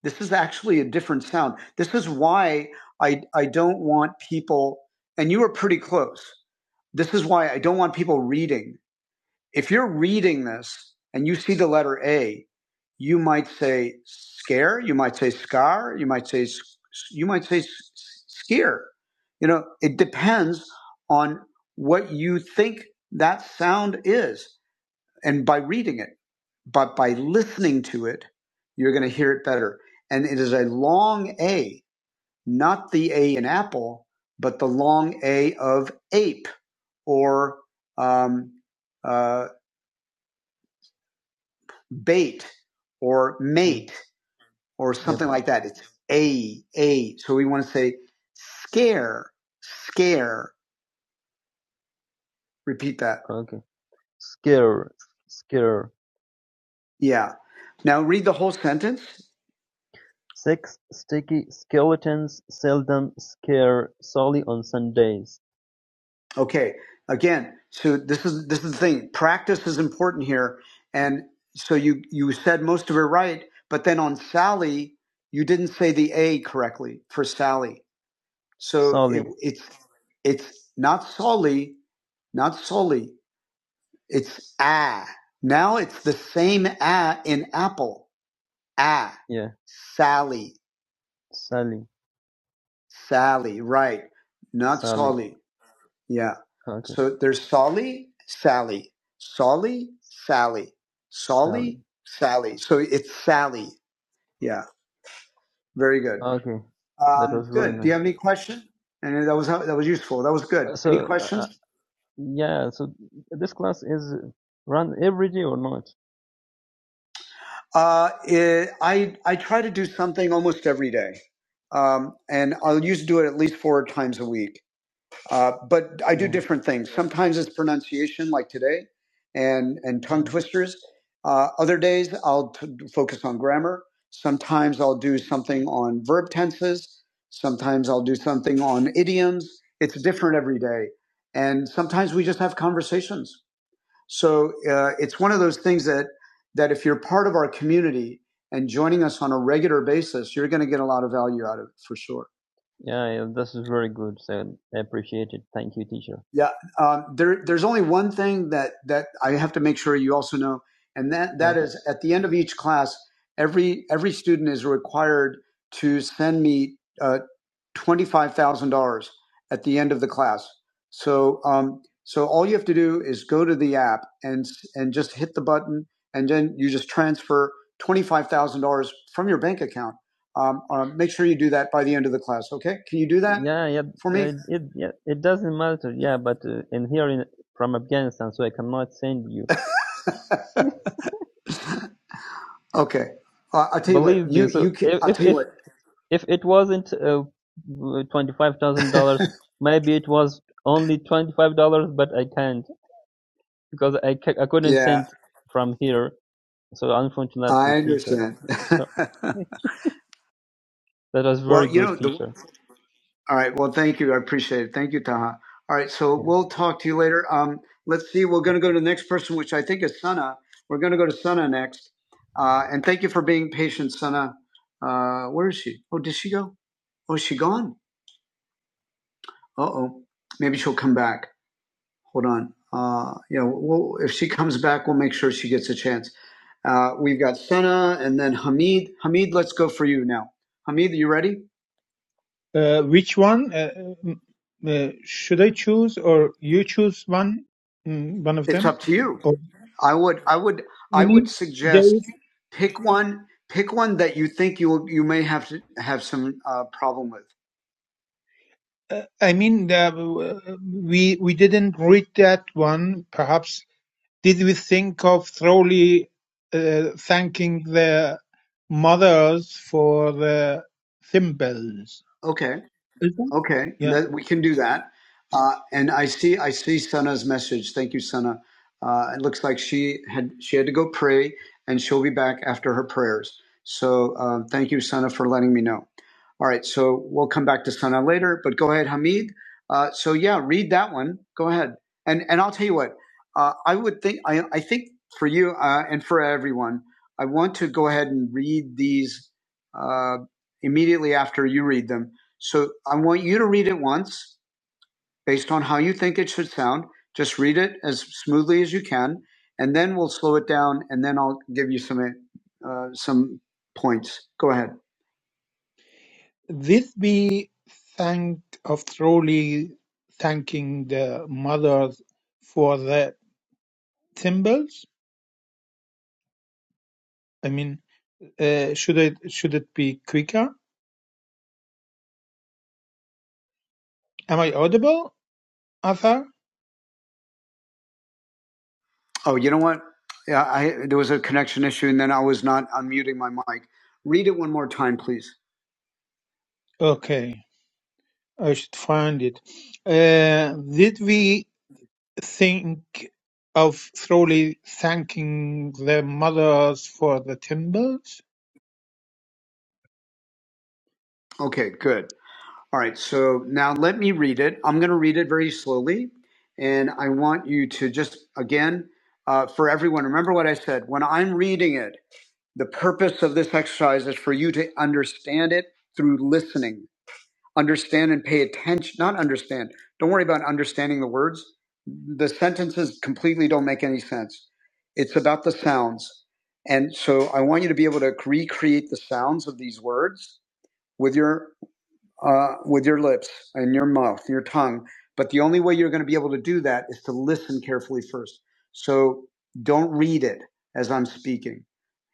[SPEAKER 1] This is actually a different sound. This is why I I don't want people. And you were pretty close. This is why I don't want people reading if you're reading this and you see the letter A, you might say scare, you might say scar, you might say s- you might say s- s- skier. You know, it depends on what you think that sound is, and by reading it, but by listening to it, you're going to hear it better. And it is a long A, not the A in apple, but the long A of ape or um, uh. bait or
[SPEAKER 7] Mm.
[SPEAKER 1] mate or
[SPEAKER 7] Yep.
[SPEAKER 1] something like that. It's a, a. So we want to say scare, scare. Repeat that.
[SPEAKER 7] Okay. Scare. Scare.
[SPEAKER 1] Yeah. Now read the whole sentence.
[SPEAKER 7] Six sticky skeletons seldom scare solely on Sundays.
[SPEAKER 1] Okay. Again, so this is this is the thing. Practice is important here. And so you you said most of it right, but then on Sally, you didn't say the A correctly for Sally. So it,
[SPEAKER 7] Sally,
[SPEAKER 1] it's it's not Solly, not Solly. It's ah. Now it's the same ah in apple. Ah.
[SPEAKER 7] yeah,
[SPEAKER 1] Sally.
[SPEAKER 7] Sally,
[SPEAKER 1] Sally. Right. Not
[SPEAKER 7] Sally,
[SPEAKER 1] Solly. Yeah.
[SPEAKER 7] okay,
[SPEAKER 1] So there's Solly, Sally. Solly, Sally.
[SPEAKER 7] Sally,
[SPEAKER 1] Solly, Sally. So it's Sally. Yeah. Very good.
[SPEAKER 7] okay, that
[SPEAKER 1] Um,
[SPEAKER 7] was very
[SPEAKER 1] good. Do
[SPEAKER 7] nice.
[SPEAKER 1] you have any question? And that was that was useful. That was good.
[SPEAKER 7] Uh, So,
[SPEAKER 1] Any
[SPEAKER 7] uh, uh,
[SPEAKER 1] questions?
[SPEAKER 7] yeah, so this class is run every day or not?
[SPEAKER 1] Uh, it, I I try to do something almost every day, um, and I'll usually do it at least four times a week. Uh, but I do
[SPEAKER 7] Yeah,
[SPEAKER 1] different things. Sometimes it's pronunciation, like today, and and tongue
[SPEAKER 7] yeah,
[SPEAKER 1] twisters. Uh, other days I'll t- focus on grammar. Sometimes I'll do something on verb tenses. Sometimes I'll do something on idioms. It's different every day, and sometimes we just have conversations so uh, it's one of those things that that if you're part of our community and joining us on a regular basis, you're going to get a lot of value out of it for sure.
[SPEAKER 7] yeah, yeah, this is very good. So I appreciate it. Thank you, teacher.
[SPEAKER 1] Yeah, um, there, there's only one thing that that I have to make sure you also know, and that
[SPEAKER 7] Yeah,
[SPEAKER 1] that is at the end of each class, every every student is required to send me. uh, $25,000 at the end of the class. So, um, so all you have to do is go to the app and, and just hit the button and then you just transfer $25,000 from your bank account. Um, uh, make sure you do that by the end of the class. Okay. Can you do that
[SPEAKER 7] yeah, yeah,
[SPEAKER 1] for
[SPEAKER 7] yeah
[SPEAKER 1] me?
[SPEAKER 7] it, it, yeah, it doesn't matter. Yeah, but uh, in here in, from Afghanistan, so I cannot send you.
[SPEAKER 1] Okay. Uh, I'll tell you what,
[SPEAKER 7] Believe me.
[SPEAKER 1] you,
[SPEAKER 7] So
[SPEAKER 1] you can,
[SPEAKER 7] if
[SPEAKER 1] I'll
[SPEAKER 7] if
[SPEAKER 1] tell you
[SPEAKER 7] if
[SPEAKER 1] what.
[SPEAKER 7] If it wasn't uh, twenty-five thousand dollars, maybe it was only twenty-five dollars. But I can't because I ca- I couldn't
[SPEAKER 1] Yeah,
[SPEAKER 7] send from here. So
[SPEAKER 1] I
[SPEAKER 7] unfortunately, teacher.
[SPEAKER 1] understand.
[SPEAKER 7] So that was very
[SPEAKER 1] well, you know,
[SPEAKER 7] good
[SPEAKER 1] the
[SPEAKER 7] teacher.
[SPEAKER 1] All right. Well, thank you. I appreciate it. Thank you, Taha. All right. So
[SPEAKER 7] Yeah.
[SPEAKER 1] we'll talk to you later. Um, let's see. We're going to go to the next person, which I think is Sana. We're going to go to Sana next. Uh, and thank you for being patient, Sana. Uh, where is she? Oh, did she go? Oh, is she gone? Uh oh. Maybe she'll come back. Hold on. Uh, you know, We'll, if she comes back, we'll make sure she gets a chance. Uh, we've got Sana and then Hamid. Hamid, let's go for you now. Hamid, you ready?
[SPEAKER 4] Uh, which one uh, uh, should I choose, or you choose one, mm, one of
[SPEAKER 1] It's
[SPEAKER 4] them?
[SPEAKER 1] up to you.
[SPEAKER 4] Or
[SPEAKER 1] I would I would I
[SPEAKER 4] any?
[SPEAKER 1] would
[SPEAKER 4] there
[SPEAKER 1] suggest
[SPEAKER 4] is.
[SPEAKER 1] pick one pick one that you think you you may have to have some uh, problem with.
[SPEAKER 4] Uh, I mean, the, uh, we we didn't read that one. Perhaps did we think of thoroughly uh, thanking the mothers for the thimbles?
[SPEAKER 1] Okay.
[SPEAKER 4] Is that?
[SPEAKER 1] Okay,
[SPEAKER 4] Yeah.
[SPEAKER 1] that we can do that. Uh, and I see, I see Sana's message. Thank you, Sana. Uh, it looks like she had she had to go pray, and she'll be back after her prayers. So uh, thank you, Sana, for letting me know. All right, so we'll come back to Sana later. But go ahead, Hamid. Uh, so yeah, read that one. Go ahead, and and I'll tell you what. Uh, I would think I I think for you uh, and for everyone, I want to go ahead and read these uh, immediately after you read them so I want you to read it once based on how you think it should sound. Just read it as smoothly as you can, and then we'll slow it down, and then I'll give you some uh, some points. Go ahead.
[SPEAKER 4] this we thank of thoroughly thanking the mothers? for the. thimbles? I mean, uh, should I should it be quicker? Am I audible, Arthur?
[SPEAKER 1] Oh, you know what? Yeah, I, there was a connection issue, and then I was not unmuting my mic. Read it one more time, please.
[SPEAKER 4] Okay, I should find it. Uh, did we think of thoroughly thanking the mothers for the thimbles?
[SPEAKER 1] Okay, good. All right, so now let me read it. I'm going to read it very slowly, and I want you to just, again, uh, for everyone, remember what I said. When I'm reading it, The purpose of this exercise is for you to understand it through listening. Understand and pay attention, not understand. Don't worry about understanding the words. The sentences completely don't make any sense. It's about the sounds. And so I want you to be able to recreate the sounds of these words with your uh, with your lips and your mouth, your tongue. But the only way you're going to be able to do that is to listen carefully first. So don't read it as I'm speaking.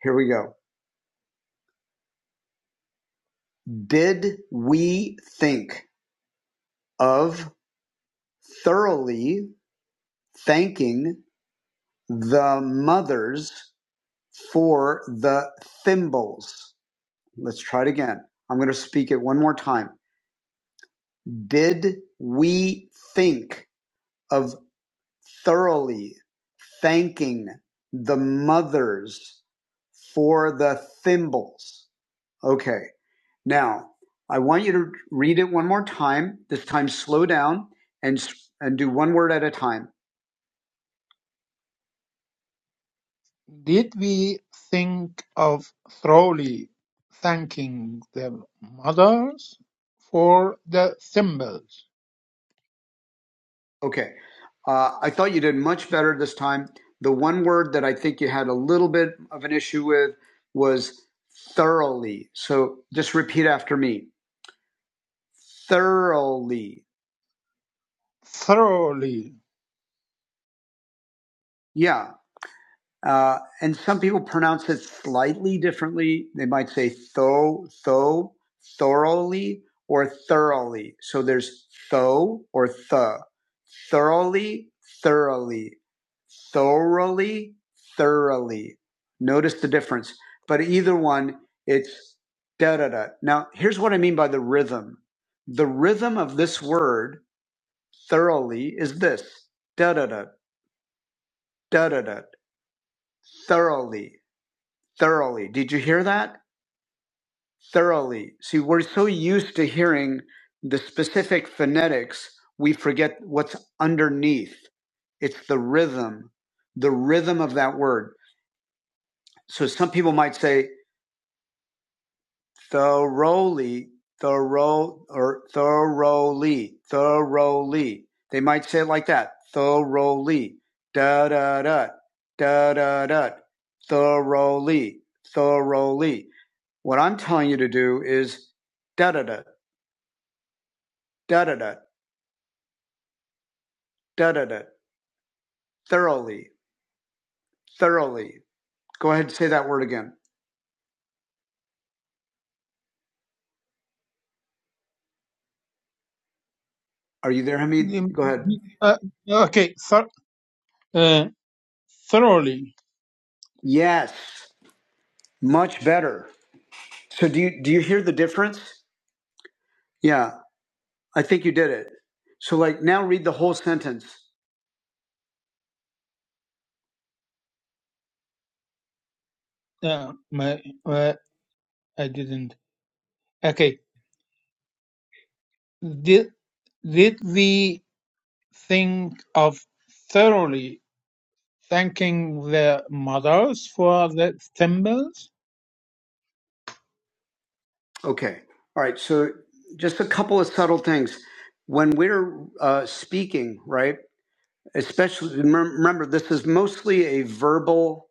[SPEAKER 1] Here we go. Bid we think of thoroughly thanking the mothers for the thimbles. Let's try it again. I'm going to speak it one more time. Bid we think of thoroughly thanking the mothers for the thimbles. Okay. Now, I want you to read it one more time. This time, slow down and and do one word at a time.
[SPEAKER 4] Did we think of thoroughly thanking the mothers for the thimbles?
[SPEAKER 1] Okay. Uh, I thought you did much better this time. The one word that I think you had a little bit of an issue with was thoroughly. So just repeat after me. Thoroughly.
[SPEAKER 4] Thoroughly.
[SPEAKER 1] Yeah. Uh, and some people pronounce it slightly differently. They might say tho, tho, thoroughly, or thoroughly. So there's tho or the, thoroughly, thoroughly, thoroughly, thoroughly. Notice the difference. But either one, it's da da da. Now, here's what I mean by the rhythm. The rhythm of this word, thoroughly, is this da da da, da da da, thoroughly thoroughly. Did you hear that? Thoroughly. See, we're so used to hearing the specific phonetics, we forget what's underneath. It's the rhythm, the rhythm of that word. So some people might say thoroughly, thorough, or thoroughly, thoroughly. They might say it like that, thoroughly, da da da, da da da, thoroughly, thoroughly. What I'm telling you to do is da da da da da da da da da thoroughly thoroughly. Go ahead and say that word again. Are you there, Hamid?
[SPEAKER 4] Mm,
[SPEAKER 1] Go ahead.
[SPEAKER 4] uh, okay, thor- uh, thoroughly.
[SPEAKER 1] Yes, much better. So do you do you hear the difference? Yeah, I think you did it. So like now read the whole sentence.
[SPEAKER 4] Uh, my, uh, I didn't. Okay. Did, did we think of thoroughly thanking the mothers for the symbols?
[SPEAKER 1] Okay. All right. So just a couple of subtle things. When we're uh, speaking, right? Especially remember, this is mostly a verbal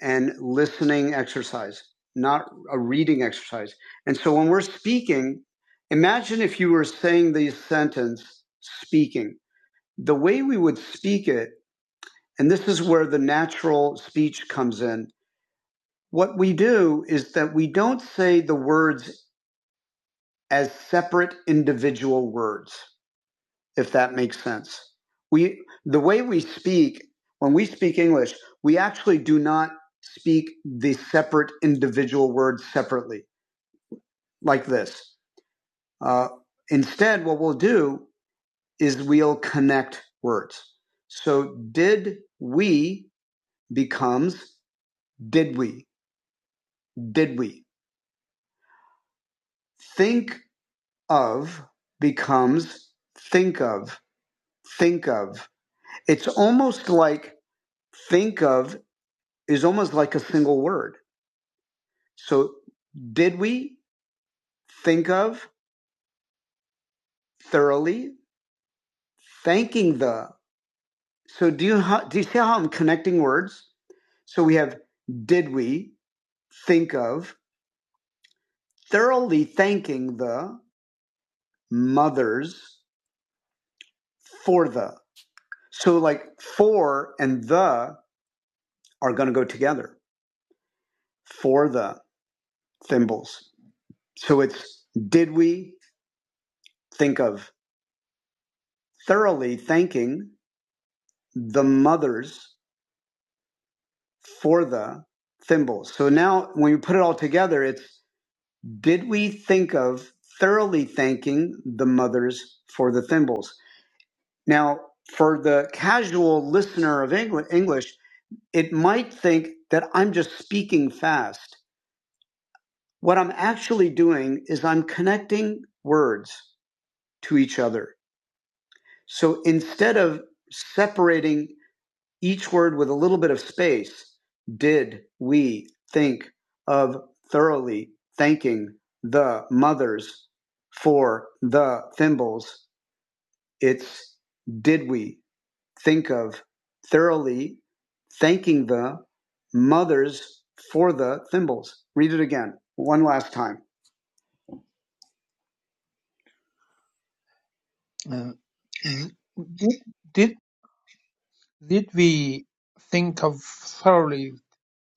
[SPEAKER 1] and listening exercise, not a reading exercise. And so when we're speaking, imagine if you were saying the sentence speaking. The way we would speak it, and this is where the natural speech comes in, what we do is that we don't say the words as separate individual words. if that makes sense. We, the way we speak, when we speak English, we actually do not speak the separate individual words separately, like this. Uh, instead, what we'll do is we'll connect words. So, did we becomes did we, did we. Think of becomes think of, think of. It's almost like think of is almost like a single word. So, did we think of thoroughly thanking the? So, do you do you see how I'm connecting words? So we have did we think of thoroughly thanking the mothers for the. So like for and the are going to go together for the thimbles. So it's did we think of thoroughly thanking the mothers for the thimbles. So now when you put it all together, it's did we think of thoroughly thanking the mothers for the thimbles? Now, for the casual listener of English, it might think that I'm just speaking fast. What I'm actually doing is I'm connecting words to each other. So instead of separating each word with a little bit of space, did we think of thoroughly thanking the mothers for the thimbles? It's did we think of thoroughly thanking the mothers for the thimbles? Read it again, one last time.
[SPEAKER 4] Uh, th- did, did we think of thoroughly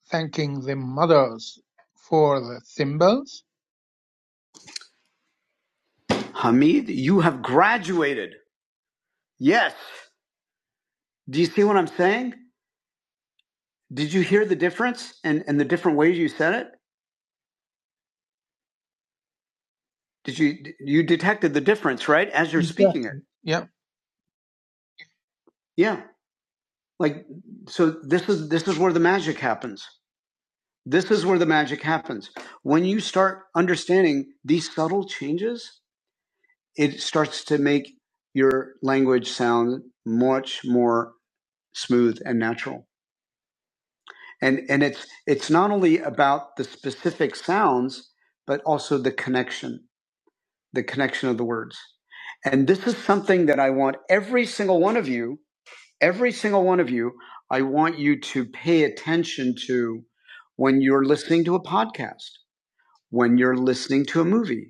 [SPEAKER 4] thanking the mothers for the symbols?
[SPEAKER 1] Hamid, you have graduated. Yes. Do you see what I'm saying? Did you hear the difference and, and the different ways you said it? Did you you detected the difference, right? As you're speaking it.
[SPEAKER 4] Exactly. Yeah.
[SPEAKER 1] Yeah. Like so this is this is where the magic happens. This is where the magic happens. When you start understanding these subtle changes, it starts to make your language sound much more smooth and natural. And and it's it's not only about the specific sounds, but also the connection, the connection of the words. And this is something that I want every single one of you every single one of you, I want you to pay attention to when you're listening to a podcast, when you're listening to a movie,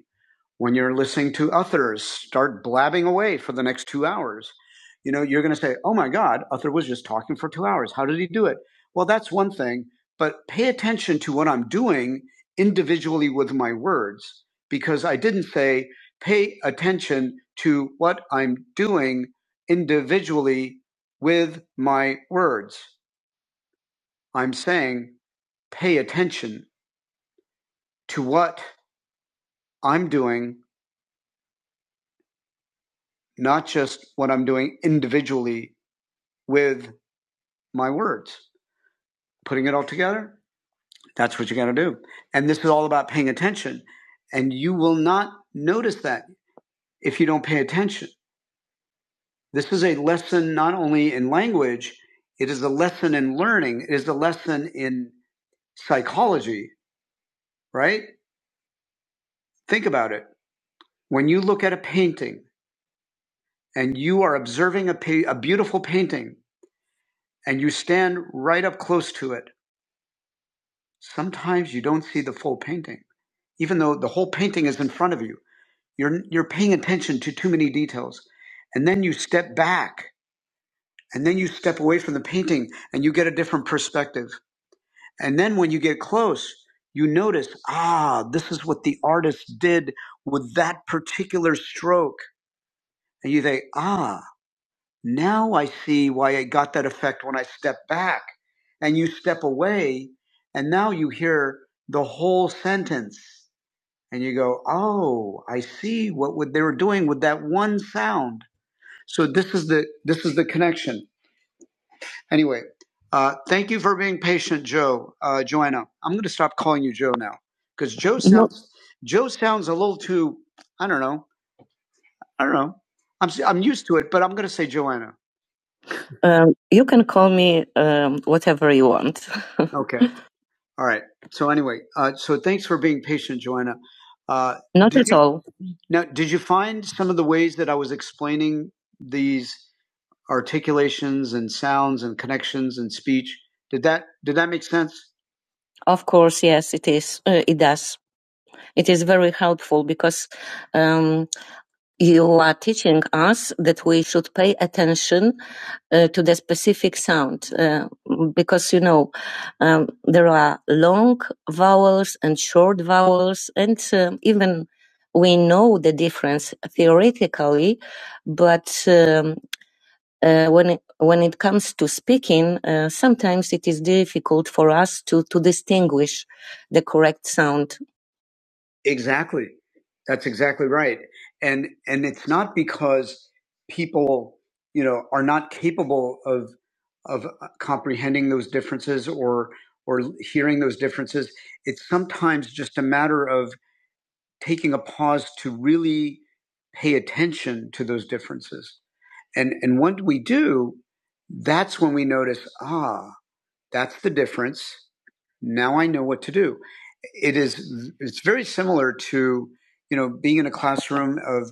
[SPEAKER 1] when you're listening to others start blabbing away for the next two hours, you know, you're going to say, oh my God, Uther was just talking for two hours. How did he do it? Well, that's one thing, but pay attention to what I'm doing individually with my words because I didn't say pay attention to what I'm doing individually with my words. I'm saying pay attention to what I'm doing, not just what I'm doing individually with my words, putting it all together. That's what you got to do. And this is all about paying attention. And you will not notice that if you don't pay attention. This is a lesson not only in language, it is a lesson in learning, it is a lesson in psychology, right? Think about it. When you look at a painting and you are observing a, pa- a beautiful painting and you stand right up close to it, sometimes you don't see the full painting, even though the whole painting is in front of you You're you're paying attention to too many details, and then you step back, and then you step away from the painting, and you get a different perspective. And then when you get close, you notice, ah, this is what the artist did with that particular stroke, and you think, ah, now I see why I got that effect when I step back, and you step away, and now you hear the whole sentence and you go, "Oh, I see what would- they were doing with that one sound." So this is the this is the connection. Anyway, uh, thank you for being patient, Joe. Uh, Joanna, I'm going to stop calling you Joe now because Joe No, sounds Joe sounds a little too. I don't know. I don't know. I'm s- I'm used to it, but I'm going to say Joanna. um, you can call me um, whatever you want. Okay. All right. So anyway, uh, so thanks for being patient, Joanna. Uh, Not did at you all. now? Did you find some of the ways that I was explaining these? articulations and sounds and connections and speech. Did that did that make sense? Of course, yes, it is. Uh, it does. It is very helpful because um, you are teaching us that we should pay attention uh, to the specific sound uh, because you know um, there are long vowels and short vowels, and um even we know the difference theoretically, but. um, uh, when it, when it comes to speaking, uh, sometimes it is difficult for us to to distinguish the correct sound. Exactly. That's exactly right. And and it's not because people, you know, are not capable of of uh, comprehending those differences or or hearing those differences. It's sometimes just a matter of taking a pause to really pay attention to those differences. And, and when we do, that's when we notice, ah. That's the difference. Now I know what to do. It is it's very similar to, you know, being in a classroom of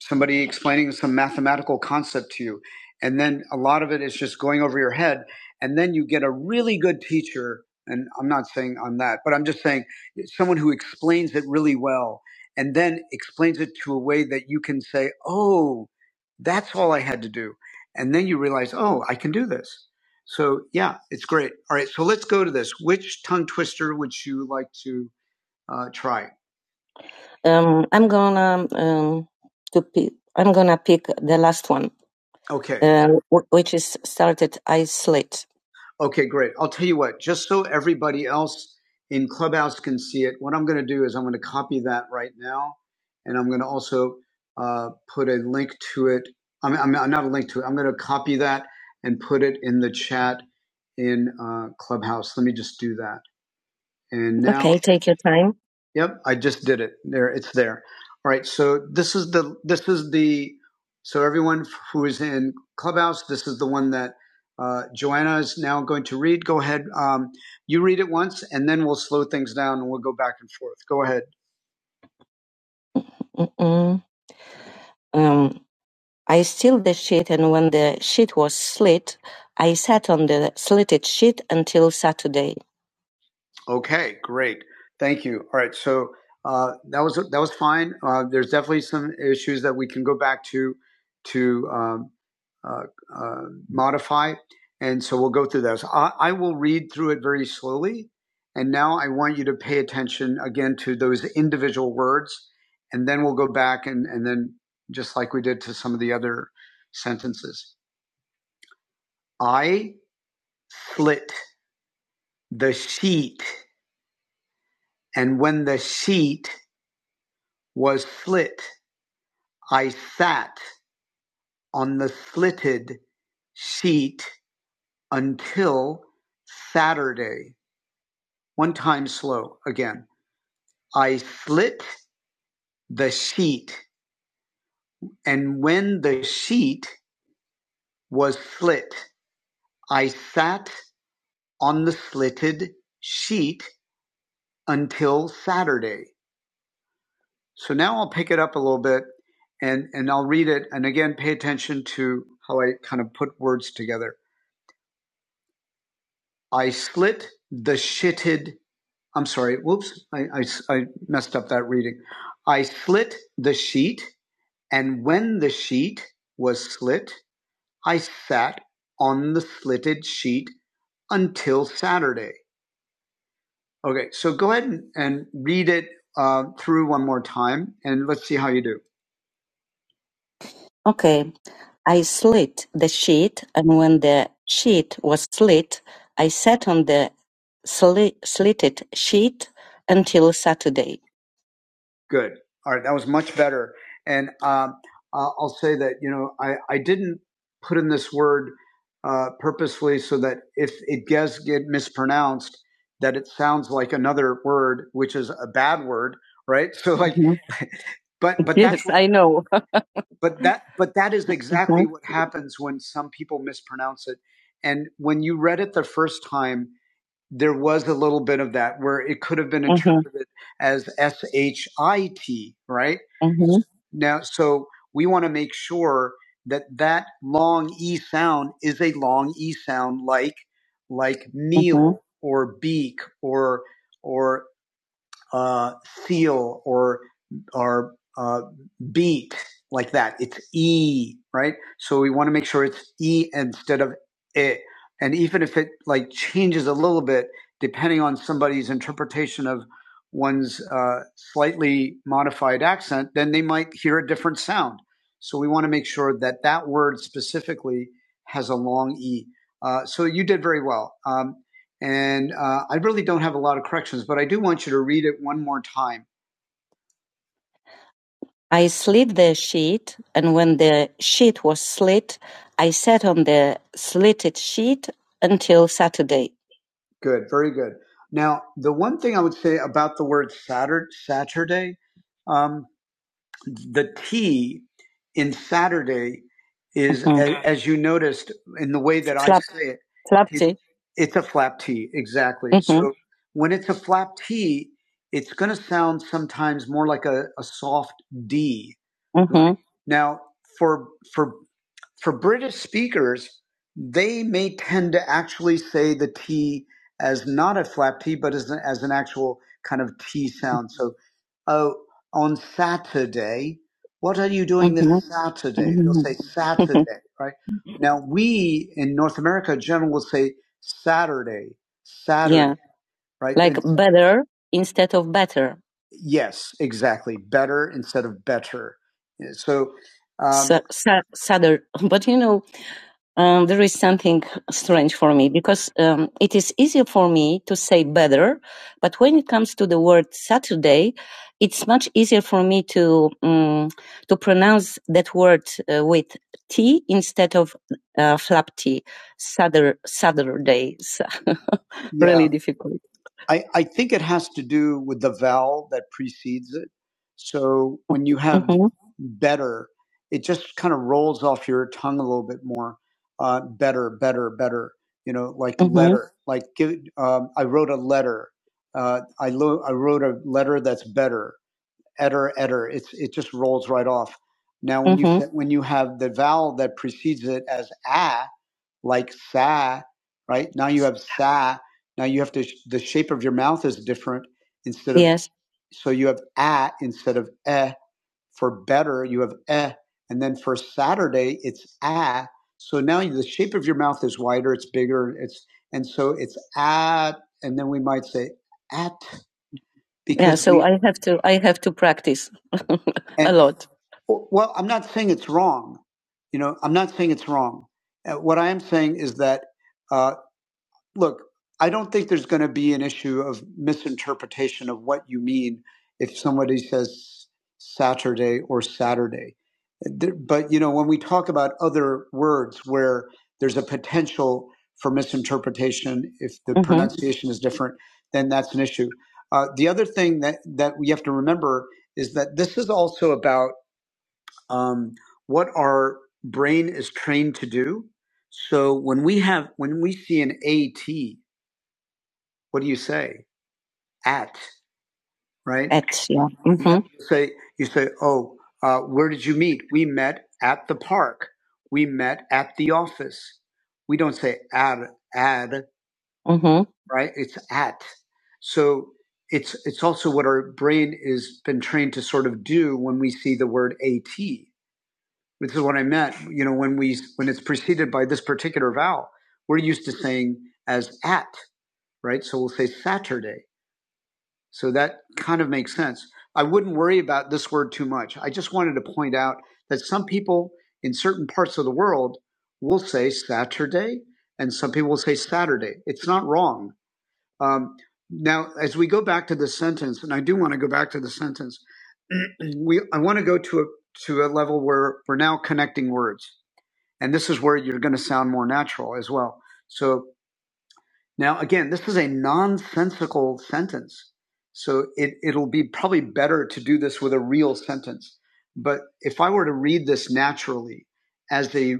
[SPEAKER 1] somebody explaining some mathematical concept to you and then a lot of it is just going over your head and then you get a really good teacher and I'm not saying I'm that, but I'm just saying someone who explains it really well and then explains it to a way that you can say, "Oh, that's all I had to do." And then you realize, "Oh, I can do this." So yeah, it's great. All right, so let's go to this. Which tongue twister would you like to uh, try? Um, I'm gonna um, to pick. I'm gonna pick the last one, Okay. um, which is started. I slit. Okay, great. I'll tell you what, just so everybody else in Clubhouse can see it, what I'm going to do is I'm going to copy that right now. And I'm going to also uh, put a link to it. I'm, I'm, i not a link to it. I'm going to copy that and put it in the chat in uh, Clubhouse. Let me just do that. And now, Okay, take your time. yep, I just did it. There, it's there. All right. So this is the this is the so everyone who is in Clubhouse, this is the one that uh, Joanna is now going to read. Go ahead. Um, you read it once, and then we'll slow things down, and we'll go back and forth. Go ahead. Mm-mm. Um, I steal the sheet, and when the sheet was slit, I sat on the slitted sheet until Saturday. Okay, great. Thank you. All right, so uh, that was that was fine. Uh, there's definitely some issues that we can go back to to um, uh, uh, modify, and so we'll go through those. I, I will read through it very slowly, and now I want you to pay attention again to those individual words, and then we'll go back and and then just like we did to some of the other sentences. I slit the sheet, and when the sheet was slit. I sat on the slitted sheet until Saturday. One time slow again. I slit the sheet, and when the sheet was slit, I sat on the slitted sheet until Saturday. So now I'll pick it up a little bit and, and I'll read it. And again, pay attention to how I kind of put words together. I slit the shitted. I'm sorry. Whoops. I I I messed up that reading. I slit the sheet, and when the sheet was slit, I sat on the slitted sheet until Saturday. Okay, so go ahead and, and read it uh, through one more time, and let's see how you do. Okay. I slit the sheet, and when the sheet was slit, I sat on the sli- slitted sheet until Saturday. Good. All right. That was much better. And um, I'll I'll say that, you know, I, I didn't put in this word uh, purposely so that if it does get mispronounced, that it sounds like another word, which is a bad word, right? So, like, Mhm. but, but that's Yes, I know but that but that is exactly Okay. what happens when some people mispronounce it and when you read it the first time there was a little bit of that where it could have been Mhm. interpreted mm-hmm. as s h i t right Mhm. now so we want to make sure that that long e sound is a long e sound like like Mhm. meal mm-hmm. or beak or or uh, seal or or uh, beat like that. It's e, right? So we want to make sure it's e instead of it. And even if it like changes a little bit depending on somebody's interpretation of one's uh, slightly modified accent, then they might hear a different sound. So we want to make sure that that word specifically has a long e. Uh, so you did very well. Um, and uh, I really don't have a lot of corrections, but I do want you to read it one more time. I slit the sheet, and when the sheet was slit, I sat on the slitted sheet until Saturday. Good, very good. Now, the one thing I would say about the word Saturday, Saturday um, the T in Saturday is, Mm-hmm. as, as you noticed in the way that flap, I say it, flap it, T. it's a flap T, exactly. Mm-hmm. So when it's a flap T, it's going to sound sometimes more like a, a soft D, right? Mm-hmm. Now, for, for, for British speakers, they may tend to actually say the T as not a flap T, but as, an- as an actual kind of T sound. So Oh, on Saturday. What are you doing this Okay. Saturday? They'll say Mhm. Saturday, right? Now, we in North America, generally will say Saturday, Saturday, yeah. right? Like And better instead of better. yes, exactly. Better instead of better. So, um, Sa- sa- Sadder. But you know, um, there is something strange for me because um, it is easier for me to say better, but when it comes to the word Saturday, it's much easier for me to um, to pronounce that word uh, with T instead of uh, flap T. Saturday, Saturday. Yeah. really difficult. I, I think it has to do with the vowel that precedes it. So when you have hmm better, it just kind of rolls off your tongue a little bit more uh, better, better, better. You know, like hmm letter, like give, um, I wrote a letter. Uh, I, lo- I wrote a letter that's better, etter, etter. It's it just rolls right off. Now, when mm-hmm. you hmm when you have the vowel that precedes it as a, like sa, right? Now you have sa. Now you have to the shape of your mouth is different instead of Yes. so you have a instead of e. For better, you have eh. And then for Saturday, it's ah. So now the shape of your mouth is wider, it's bigger, it's and so it's ah. And then we might say at because Yeah, so we I have to I have to practice and, a lot. well, I'm not saying it's wrong. You know, I'm not saying it's wrong. Uh, What I am saying is that. uh, look, I don't think there's going to be an issue of misinterpretation of what you mean if somebody says Saturday or Saturday. But you know, when we talk about other words where there's a potential for misinterpretation if the hmm pronunciation is different, then that's an issue. Uh, the other thing that that we have to remember is that this is also about um, what our brain is trained to do. So when we have when we see an AT what do you say? At, right? At, yeah. hmm You say, you say, oh, uh, where did you meet? We met at the park. We met at the office. We don't say at, at, hmm right? It's at. So it's it's also what our brain is been trained to sort of do when we see the word at. This is what I meant. You know, when we when it's preceded by this particular vowel, we're used to saying as at, right? So we'll say Saturday So that kind of makes sense. I wouldn't worry about this word too much. I just wanted to point out that some people in certain parts of the world will say Saturday, and some people will say Saturday. It's not wrong. Um, now, as we go back to the sentence, and I do want to go back to the sentence, we I want to go to a to a level where we're now connecting words, and this is where you're going to sound more natural as well. So now, again, this is a nonsensical sentence. So it, it'll be probably better to do this with a real sentence. But if I were to read this naturally as a,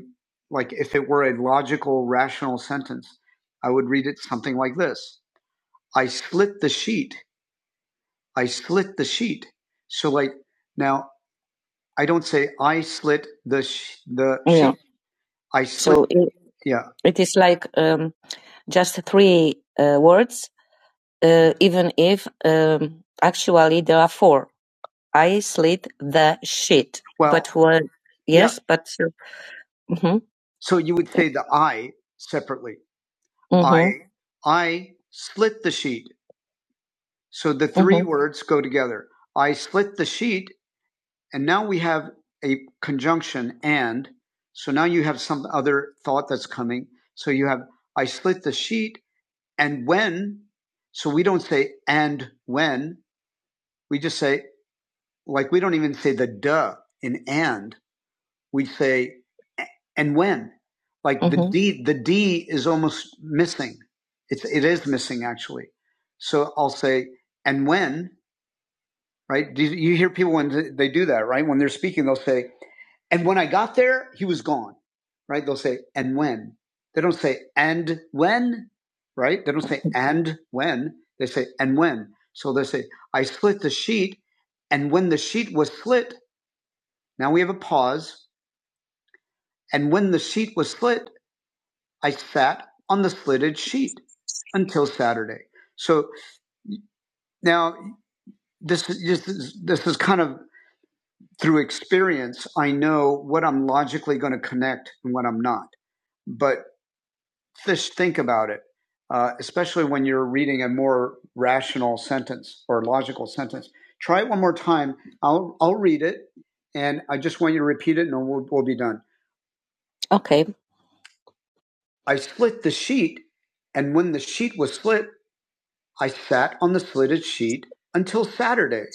[SPEAKER 1] like if it were a logical, rational sentence, I would read it something like this. I slit the sheet. I slit the sheet. So like now I don't say I slit the, sh- the Yeah. sheet. I slit. So it, Yeah. it is like um, just three uh, words uh, even if um, actually there are four. I slid the sheet, Well, but was yeah. yes, yeah. but Uh, mm-hmm, So you would say the I separately. I mm-hmm, I I slit the sheet. So the three mm-hmm, words go together. I slit the sheet, and now we have a conjunction and. So now you have some other thought that's coming. So you have I slit the sheet, and when. So we don't say and when. We just say like we don't even say the duh in and we say and when like the Mm-hmm. the d the d is almost missing it's it is missing actually so i'll say and when right Do you hear people when they do that right when they're speaking they'll say and when i got there he was gone right they'll say and when they don't say and when right they don't say and when they say and when so they say i slit the sheet and when the sheet was slit now we have a pause. And when the sheet was slit, I sat on the slitted sheet until Saturday. So now this is this is, this is kind of through experience. I know what I'm logically going to connect and what I'm not. But just think about it, uh, especially when you're reading a more rational sentence or logical sentence. Try it one more time. I'll I'll read it, and I just want you to repeat it, and we'll, we'll be done. Okay. I slit the sheet, and when the sheet was slit, I sat on the slitted sheet until Saturday.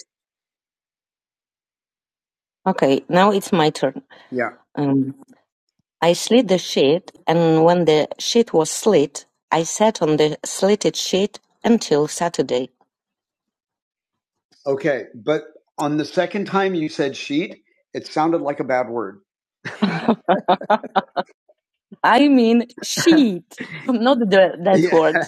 [SPEAKER 1] Okay, now it's my turn. Yeah. Um, I slit the sheet, and when the sheet was slit, I sat on the slitted sheet until Saturday. Okay. But on the second time you said sheet, it sounded like a bad word. I mean, sheet, not the, that Yeah. word.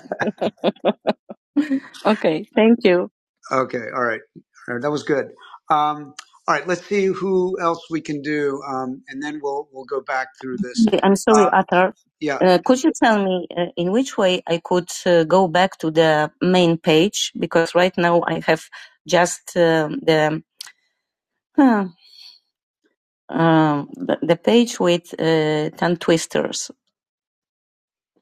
[SPEAKER 1] Okay, thank you. Okay, all right. All right, that was good. Um, all right, let's see who else we can do, um, and then we'll we'll go back through this. Yeah, I'm sorry, Uh, Arthur. yeah, Uh, could you tell me uh, in which way I could uh, go back to the main page? Because right now I have just um, the um, um, the the page with uh, tongue twisters.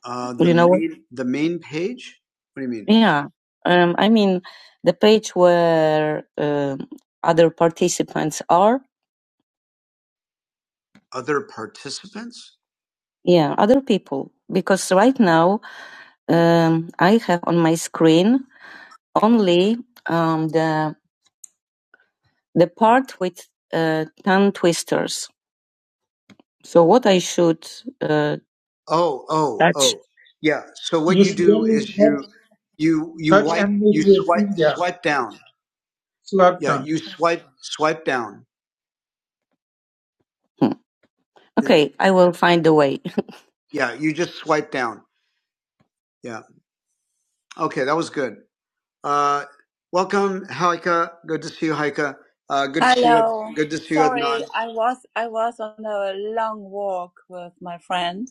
[SPEAKER 1] Uh, the You know main, what? the main page. What do you mean? Yeah. Um, I mean, the page where um, other participants are. Other participants? Yeah, other people. Because right now, um, I have on my screen only um, the the part with uh, tongue twisters. So what I should uh, Oh, oh, touch? oh. Yeah. So what
[SPEAKER 4] You
[SPEAKER 1] you
[SPEAKER 4] should
[SPEAKER 1] do
[SPEAKER 4] only
[SPEAKER 1] is you
[SPEAKER 4] touch,
[SPEAKER 1] you you
[SPEAKER 4] touch
[SPEAKER 1] wipe
[SPEAKER 4] and
[SPEAKER 1] you
[SPEAKER 4] move your
[SPEAKER 1] swipe
[SPEAKER 4] finger.
[SPEAKER 1] swipe down.
[SPEAKER 4] Slap
[SPEAKER 1] Yeah,
[SPEAKER 4] down.
[SPEAKER 1] you swipe swipe down. Hmm. Yeah, Okay, I will find a way. yeah, you just swipe down. Yeah. Okay, that was good. Uh, welcome, Haika. Good to see you, Haika. Uh, good to see you. Hello. Good to see you, Sorry, Adnan. I was I was on a long walk with my friend.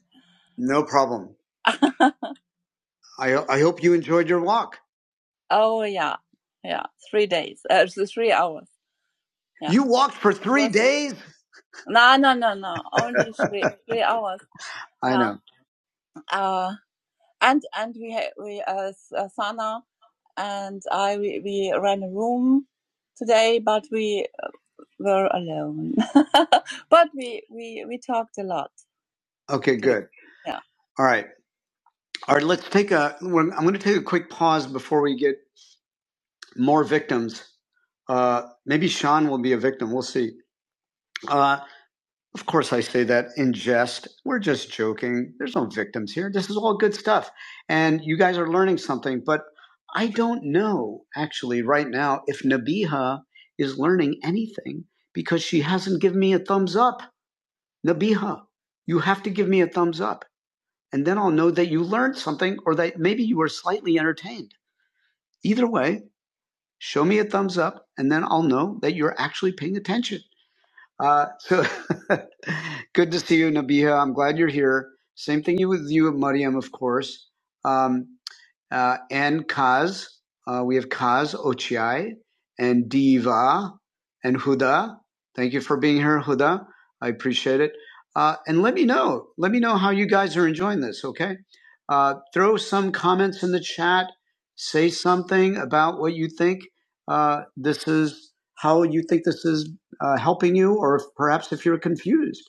[SPEAKER 1] No problem. I I hope you enjoyed your walk. oh yeah, yeah, three days, uh, th- three hours. Yeah, You walked for it three was days. no, no, no, no, only three three hours. I Yeah, know. uh, and and we ha- we uh, uh, Sana and I we, we ran a room today, but we were alone. but we we we talked a lot Okay, good. Yeah. All right. All right, let's take a, when- I'm going to take a quick pause before we get more victims. Uh, maybe Sean will be a victim. We'll see. Uh, Of course, I say that in jest. We're just joking. There's no victims here. This is all good stuff. And you guys are learning something, but I don't know actually right now if Nabiha is learning anything because she hasn't given me a thumbs up. Nabiha, you have to give me a thumbs up. And then I'll know that you learned something or that maybe you were slightly entertained. Either way, show me a thumbs up and then I'll know that you're actually paying attention. Uh, so good to see you, Nabiha. I'm glad you're here. Same thing you with you, Mariam, of course. Um, uh, and Kaz. Uh, we have Kaz Ochiai and Diva and Huda. Thank you for being here, Huda. I appreciate it. Uh, and let me know. Let me know how you guys are enjoying this, okay? Uh, throw some comments in the chat. Say something about what you think uh, this is, how you think this is uh, helping you, or if, perhaps if you're confused.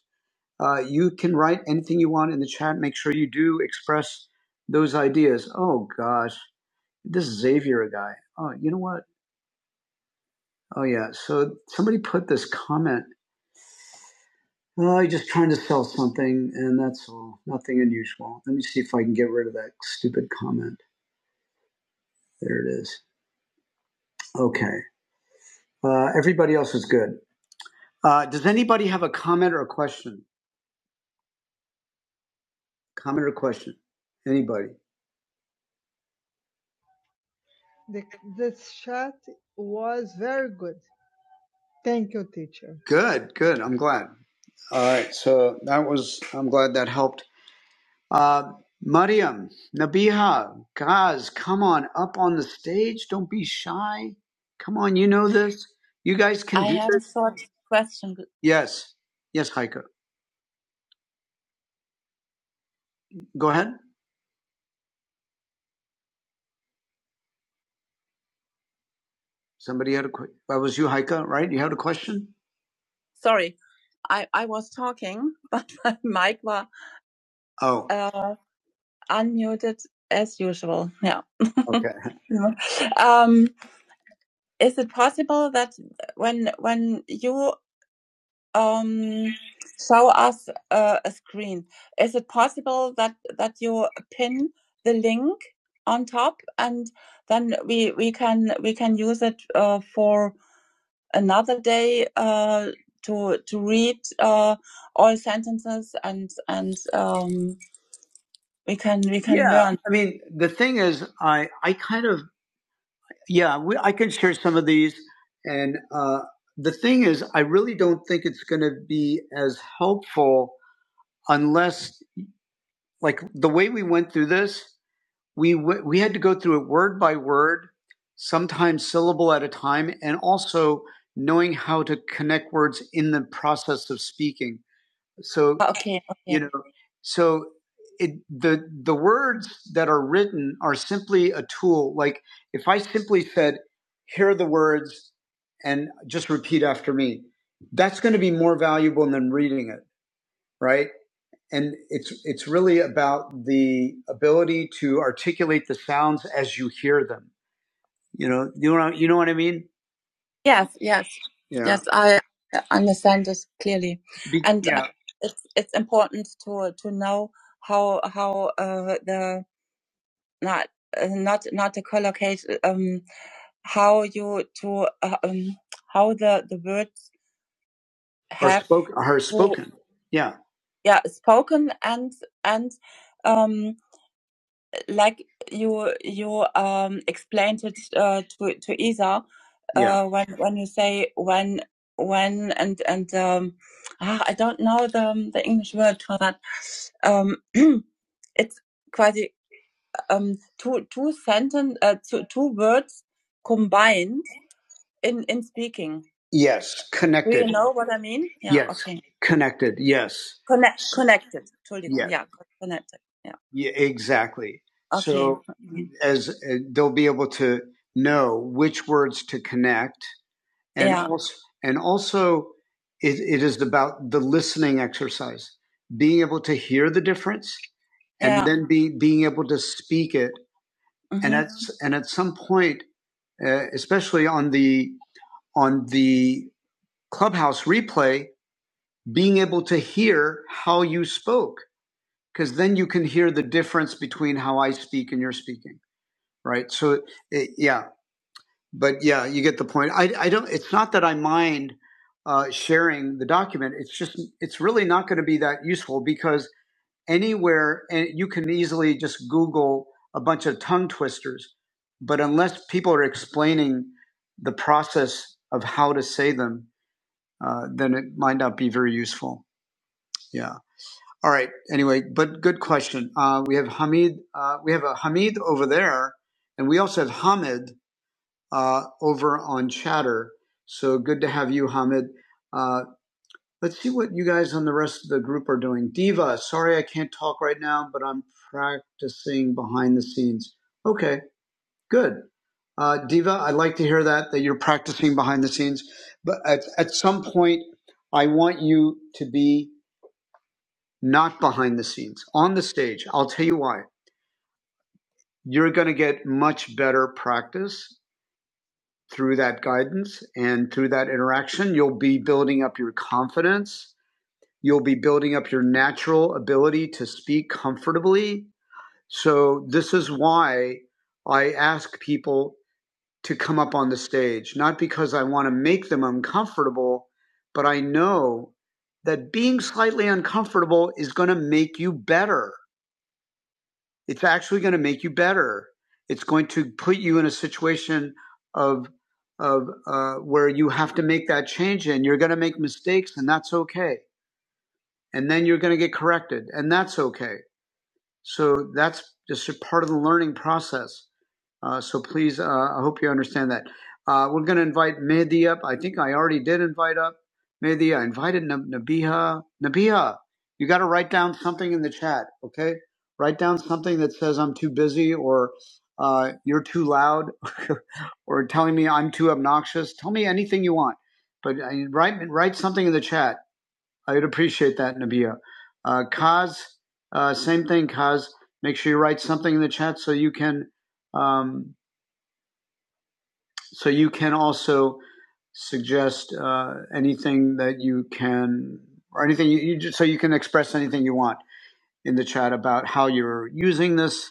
[SPEAKER 1] Uh, you can write anything you want in the chat. Make sure you do express those ideas. Oh gosh, this Xavier guy. Oh, you know what? Oh yeah. So somebody put this comment. Well, you're just trying to sell something, and that's all. Nothing unusual. Let me see if I can get rid of that stupid comment. There it is. Okay. Uh, everybody else is good. Uh, does anybody have a comment or a question? Comment or question? Anybody? The the chat was very good. Thank you, teacher. Good, good. I'm glad. All right. So that was, I'm glad that helped. Uh, Mariam, Nabiha, guys, come on up on the stage. Don't be shy. Come on. You know this. You guys can I do have a this. short question. Yes. Yes, Haika. Go ahead. Somebody had a question. That was you, Haika, right? You had a question? Sorry, I, I was talking, but Mike was Oh. Uh, unmuted as usual. Yeah. Okay. Yeah. Um, is it possible that when when you um, show us uh, a screen, is it possible that that you pin the link on top and then we we can we can use it uh, for another day uh, to to read uh, all sentences and and um, we can we can Yeah, learn I mean, the thing is, I I kind of yeah, we, I can share some of these, and uh, the thing is, I really don't think it's going to be as helpful unless like the way we went through this, we w- we had to go through it word by word, sometimes syllable at a time, and also knowing how to connect words in the process of speaking. So Okay, okay. you okay. know, so it, the the words that are written are simply a tool. Like if I simply said, "Here are the words," and just repeat after me, that's going to be more valuable than reading it, right? And it's it's really about the ability to articulate the sounds as you hear them. You know, you know, you know what I mean? Yes, yes, Yeah. yes. I understand this clearly it's it's important to to know how how uh, the not uh, not not to collocate um how you to uh, um how the the words Are have spoken? Are to spoken? Yeah. yeah spoken and and um like you you um explained it uh, to to Isa uh, Yeah. uh, when when you say when when and and um ah, I don't know the um, the English word for that um it's quasi um two two sentence uh, two two words combined in in speaking. Yes, connected. Do you know what I mean? Yeah. Yes, Okay. connected. Yes. Connect connected. Entschuldigung. Yeah, Yeah. Connected. Yeah. yeah exactly. Okay. So as uh, they'll be able to know which words to connect and Yeah. also and also it, it is about the listening exercise being able to hear the difference and Yeah. then be being able to speak it Mm-hmm. and Mhm. at and at some point uh, especially on the on the clubhouse replay being able to hear how you spoke because then you can hear the difference between how i speak and you're speaking right so it, yeah but yeah you get the point i, I don't it's not that i mind uh, sharing the document it's just it's really not going to be that useful because anywhere and you can easily just google a bunch of tongue twisters but unless people are explaining the process of how to say them uh, then it might not be very useful. Yeah. All right. Anyway, but good question. Uh, we have Hamid. Uh, we have a Hamid over there, and we also have Hamid uh, over on Chatter. So good to have you, Hamid. Uh, let's see what you guys on the rest of the group are doing. Diva, sorry I can't talk right now, but I'm practicing behind the scenes. Okay. Good. Uh, Diva, I'd like to hear that, that you're practicing behind the scenes. But at, at some point, I want you to be not behind the scenes, on the stage. I'll tell you why. You're going to get much better practice through that guidance and through that interaction. You'll be building up your confidence. You'll be building up your natural ability to speak comfortably. So, this is why I ask people to come up on the stage, not because I want to make them uncomfortable, but I know that being slightly uncomfortable is going to make you better. It's actually going to make you better. It's going to put you in a situation of of uh, where you have to make that change, and you're going to make mistakes, and that's okay. And then you're going to get corrected, and that's okay. So that's just a part of the learning process. Uh, so please, uh, I hope you understand that. Uh, we're going to invite Mehdi up. I think I already did invite up Mehdi. I invited N- Nabiha. Nabiha, you got to write down something in the chat, okay? Write down something that says I'm too busy or uh, you're too loud or telling me I'm too obnoxious. Tell me anything you want, but uh, write write something in the chat. I would appreciate that, Nabiha. Uh, Kaz, uh, same thing, Kaz. Make sure you write something in the chat so you can. Um, so you can also suggest uh, anything that you can, or anything you, you just, so you can express anything you want in the chat about how you're using this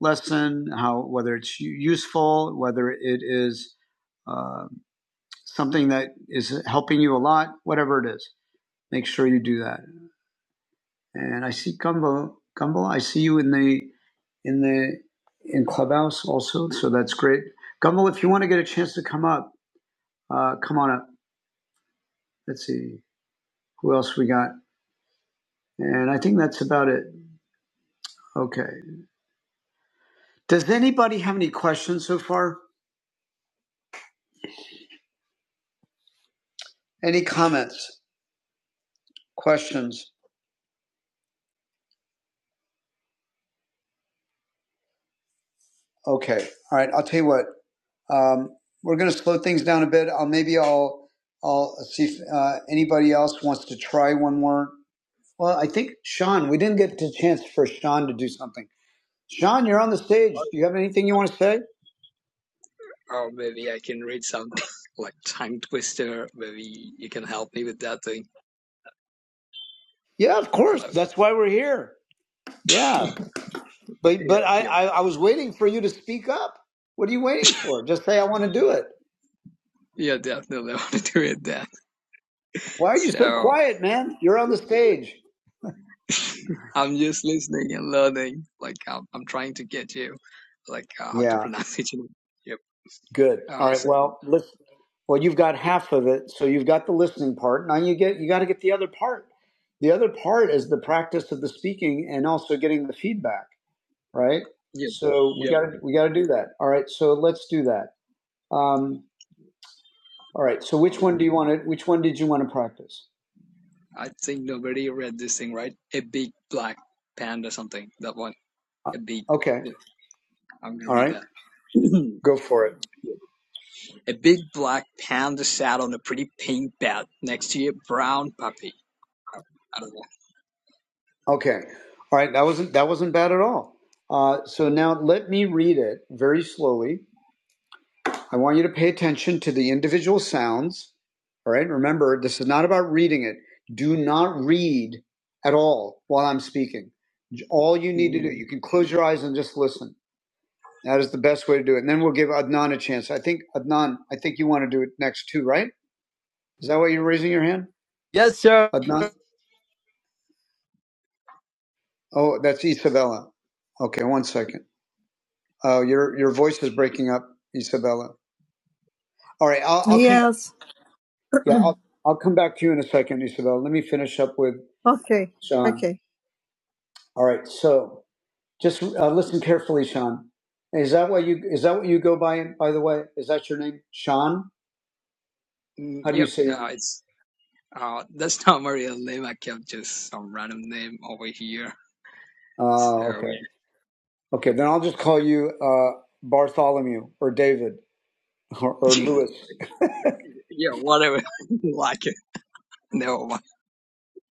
[SPEAKER 1] lesson, how whether it's useful, whether it is uh, something that is helping you a lot, whatever it is. Make sure you do that. And I see Gumbo, Gumbo, I see you in the in the in clubhouse also so that's great gumble if you want to get a chance to come up uh, come on up Let's see who else we got. And I think that's about it. Okay. Does anybody have any questions so far? Any comments? Questions? Okay. All right. I'll tell you what. Um, we're going to slow things down a bit. I'll maybe I'll I'll see if uh, anybody else wants to try one more. Well, I think Sean. We didn't get the chance for Sean to do something. Sean, you're on the stage. Do you have anything you want to say?
[SPEAKER 8] Or maybe I can read something like Tongue Twister. Maybe you can help me with that thing.
[SPEAKER 1] Yeah, of course.
[SPEAKER 8] Hello.
[SPEAKER 1] That's why we're here. Yeah. But but
[SPEAKER 8] Yep,
[SPEAKER 1] I,
[SPEAKER 8] yep.
[SPEAKER 1] I I was waiting for you to speak up. What are you waiting for? Just say I want to do it.
[SPEAKER 8] Yeah, definitely I want to do it then.
[SPEAKER 1] Why are you so
[SPEAKER 8] So
[SPEAKER 1] quiet, man? You're on the stage.
[SPEAKER 8] I'm just listening and learning. Like I'm, I'm trying to get you, like uh, how to
[SPEAKER 1] Yeah,
[SPEAKER 8] pronounce it. Yep.
[SPEAKER 1] good. All
[SPEAKER 8] Uh,
[SPEAKER 1] right.
[SPEAKER 8] so
[SPEAKER 1] Well, listen. Well, you've got half of it, so you've got the listening part. Now you get you got to get the other part. The other part is the practice of the speaking and also getting the feedback, right?
[SPEAKER 8] yep,
[SPEAKER 1] So we
[SPEAKER 8] yep.
[SPEAKER 1] got to we got to do that. All right. So let's do that. Um, all right. So which one do
[SPEAKER 8] Um,
[SPEAKER 1] you want to? Which one did you want to practice?
[SPEAKER 8] I think nobody read this thing, right? A big black panda something. That one. A big.
[SPEAKER 1] Okay.
[SPEAKER 8] I'm gonna
[SPEAKER 1] All
[SPEAKER 8] read
[SPEAKER 1] right.
[SPEAKER 8] that.
[SPEAKER 1] Go for it.
[SPEAKER 8] A big black panda sat on a pretty pink bed next to a brown puppy. Oh, I don't know.
[SPEAKER 1] Okay. All right. That wasn't that wasn't bad at all. Uh, so now let me read it very slowly. I want you to pay attention to the individual sounds. All right. Remember, this is not about reading it. Do not read at all while I'm speaking. All you need to do,
[SPEAKER 8] Mm,
[SPEAKER 1] you can close your eyes and just listen. That is the best way to do it. And then we'll give Adnan a chance. I think Adnan, I think you want to do it next too, right? Is that why you're raising your hand,
[SPEAKER 9] Yes, sir.
[SPEAKER 1] Adnan? Oh, that's Isabella. Okay, one second. Uh, your your voice is breaking up, Isabella. All right, I'll, I'll come. Yes. Come, Yeah, I'll, I'll come back to you in a second, Isabella. Let me finish up with okay. Sean. Okay. All right, so just uh, listen carefully, Sean. Is that what you is that what you go by? By the way, is that your name, Sean?
[SPEAKER 8] mm,
[SPEAKER 1] How do you
[SPEAKER 8] yep,
[SPEAKER 1] say your
[SPEAKER 8] uh,
[SPEAKER 1] name?
[SPEAKER 8] it's uh, that's not my real name. I kept just some random name over here. So
[SPEAKER 1] Oh, okay,
[SPEAKER 8] yeah,
[SPEAKER 1] okay. Then I'll just call you uh, Bartholomew or David or, or
[SPEAKER 8] yep.
[SPEAKER 1] Lewis.
[SPEAKER 8] yeah, whatever. like it. No, wha-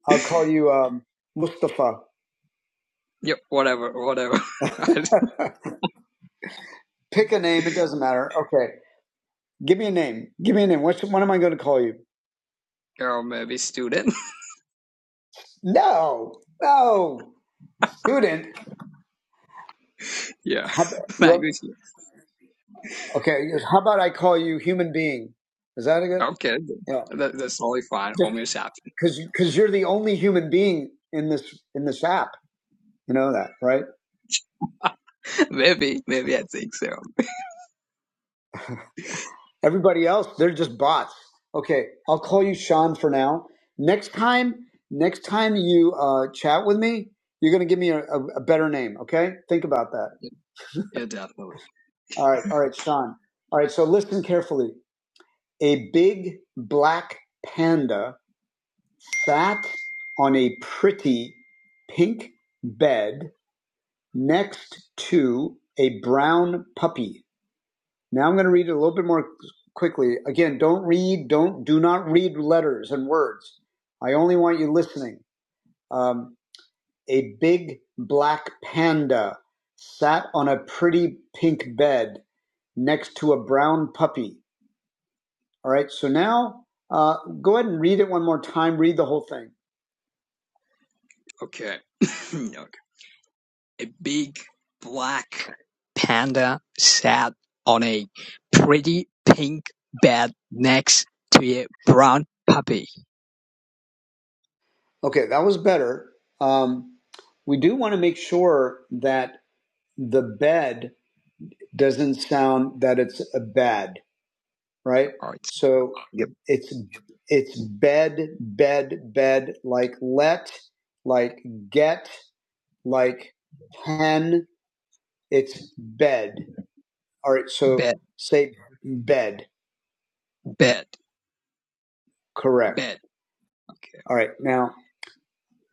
[SPEAKER 1] I'll call you um, Mustafa.
[SPEAKER 8] yep, whatever, whatever. I
[SPEAKER 1] Pick a name; it doesn't matter. Okay. Give me a name. Give me a name. What's, what am I going to call you?
[SPEAKER 8] or maybe student.
[SPEAKER 1] No, no, student.
[SPEAKER 8] yeah,
[SPEAKER 1] How, you're,
[SPEAKER 8] language.
[SPEAKER 1] okay, yes, how about I call you human being? Is that a good?
[SPEAKER 8] Okay,
[SPEAKER 1] Yeah,
[SPEAKER 8] that, that's totally fine.
[SPEAKER 1] just
[SPEAKER 8] Homo sapien.
[SPEAKER 1] because because you're the only human being in this in this app. You know that, right?
[SPEAKER 8] maybe, maybe I think so.
[SPEAKER 1] Everybody else, they're just bots. Okay, I'll call you Sean for now. Next time, next time you uh, chat with me, you're going to give me a, a, a better name. Okay, think about that.
[SPEAKER 8] Yeah, definitely.
[SPEAKER 1] All right, all right, Sean. All right, so listen carefully. A big black panda sat on a pretty pink bed next to a brown puppy. Now I'm going to read it a little bit more quickly. Again, don't read, don't, do not read letters and words. I only want you listening. Um, a big black panda sat on a pretty pink bed next to a brown puppy. All right. So now uh, go ahead and read it one more time. Read the whole thing.
[SPEAKER 8] Okay. No. A big black panda sat on a pretty pink bed next to a brown puppy.
[SPEAKER 1] Okay, that was better. Um, we do want to make sure that the bed doesn't sound that it's a bed, right?
[SPEAKER 8] All right.
[SPEAKER 1] So
[SPEAKER 8] Yep.
[SPEAKER 1] it's it's bed, bed, bed, like let, like get, like pen. It's bed. All right. So
[SPEAKER 8] Bed,
[SPEAKER 1] say bed.
[SPEAKER 8] bed,
[SPEAKER 1] Correct.
[SPEAKER 8] bed. Okay.
[SPEAKER 1] All right. Now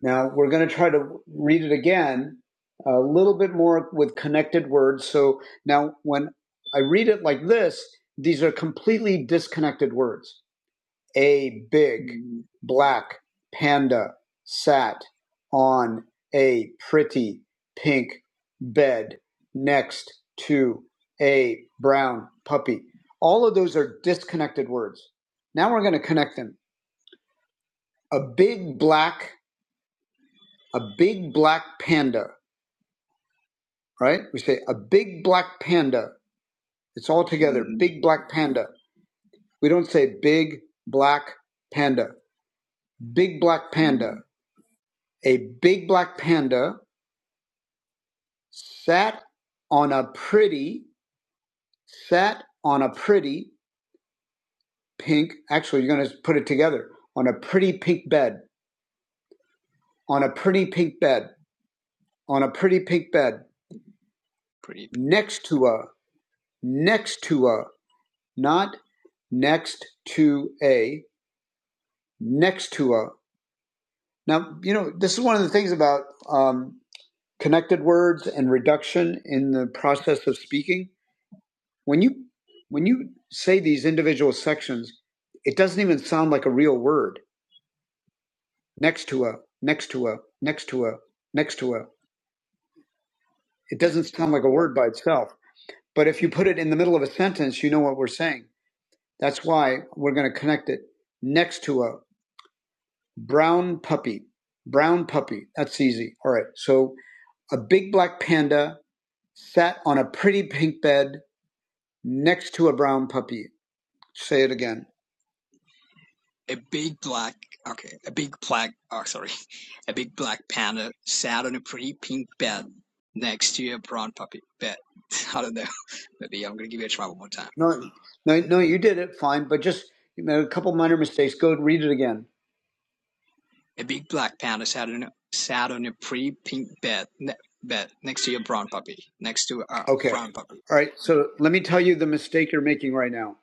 [SPEAKER 1] Now we're going to try to read it again a little bit more with connected words. So now when I read it like this, these are completely disconnected words. A big,
[SPEAKER 8] Mm,
[SPEAKER 1] black, panda, sat, on, a pretty, pink, bed, next to, a brown puppy. All of those are disconnected words. Now we're going to connect them. A big black, a big black panda right? We say a big black panda. It's all together,
[SPEAKER 8] mm,
[SPEAKER 1] big black panda. We don't say big black panda, big black panda.
[SPEAKER 8] mm,
[SPEAKER 1] A big black panda sat on a pretty, sat on a pretty pink, actually, you're going to put it together, on a pretty pink bed, on a pretty pink bed, on a pretty pink bed,
[SPEAKER 8] Pretty p-
[SPEAKER 1] next to a, next to a, not next to a, next to a. Now, you know, this is one of the things about um, connected words and reduction in the process of speaking. When you when you say these individual sections, it doesn't even sound like a real word. Next to a, next to a, next to a, next to a. It
[SPEAKER 8] next
[SPEAKER 1] doesn't
[SPEAKER 8] to
[SPEAKER 1] sound
[SPEAKER 8] a
[SPEAKER 1] like a word by itself. But if you put it in the middle of a sentence, you know what we're saying. That's why we're going to connect it next to a brown puppy. Brown puppy. That's easy. All right. So a big black panda sat on a pretty pink bed next to a brown puppy. Say it again.
[SPEAKER 8] a big black. Okay, a big black. Oh, sorry, a big black panda sat on a pretty pink bed next to a brown puppy. Bed. I don't know. Maybe I'm gonna give it a try one more time.
[SPEAKER 1] No, no, no, you did it fine, but just you made a couple minor mistakes. Go and read it again.
[SPEAKER 8] A big black panda sat on a, sat on a pretty pink bed ne- bed next to a brown puppy. Next to a
[SPEAKER 1] Okay.
[SPEAKER 8] brown puppy.
[SPEAKER 1] All right. So let me tell you the mistake you're making right now.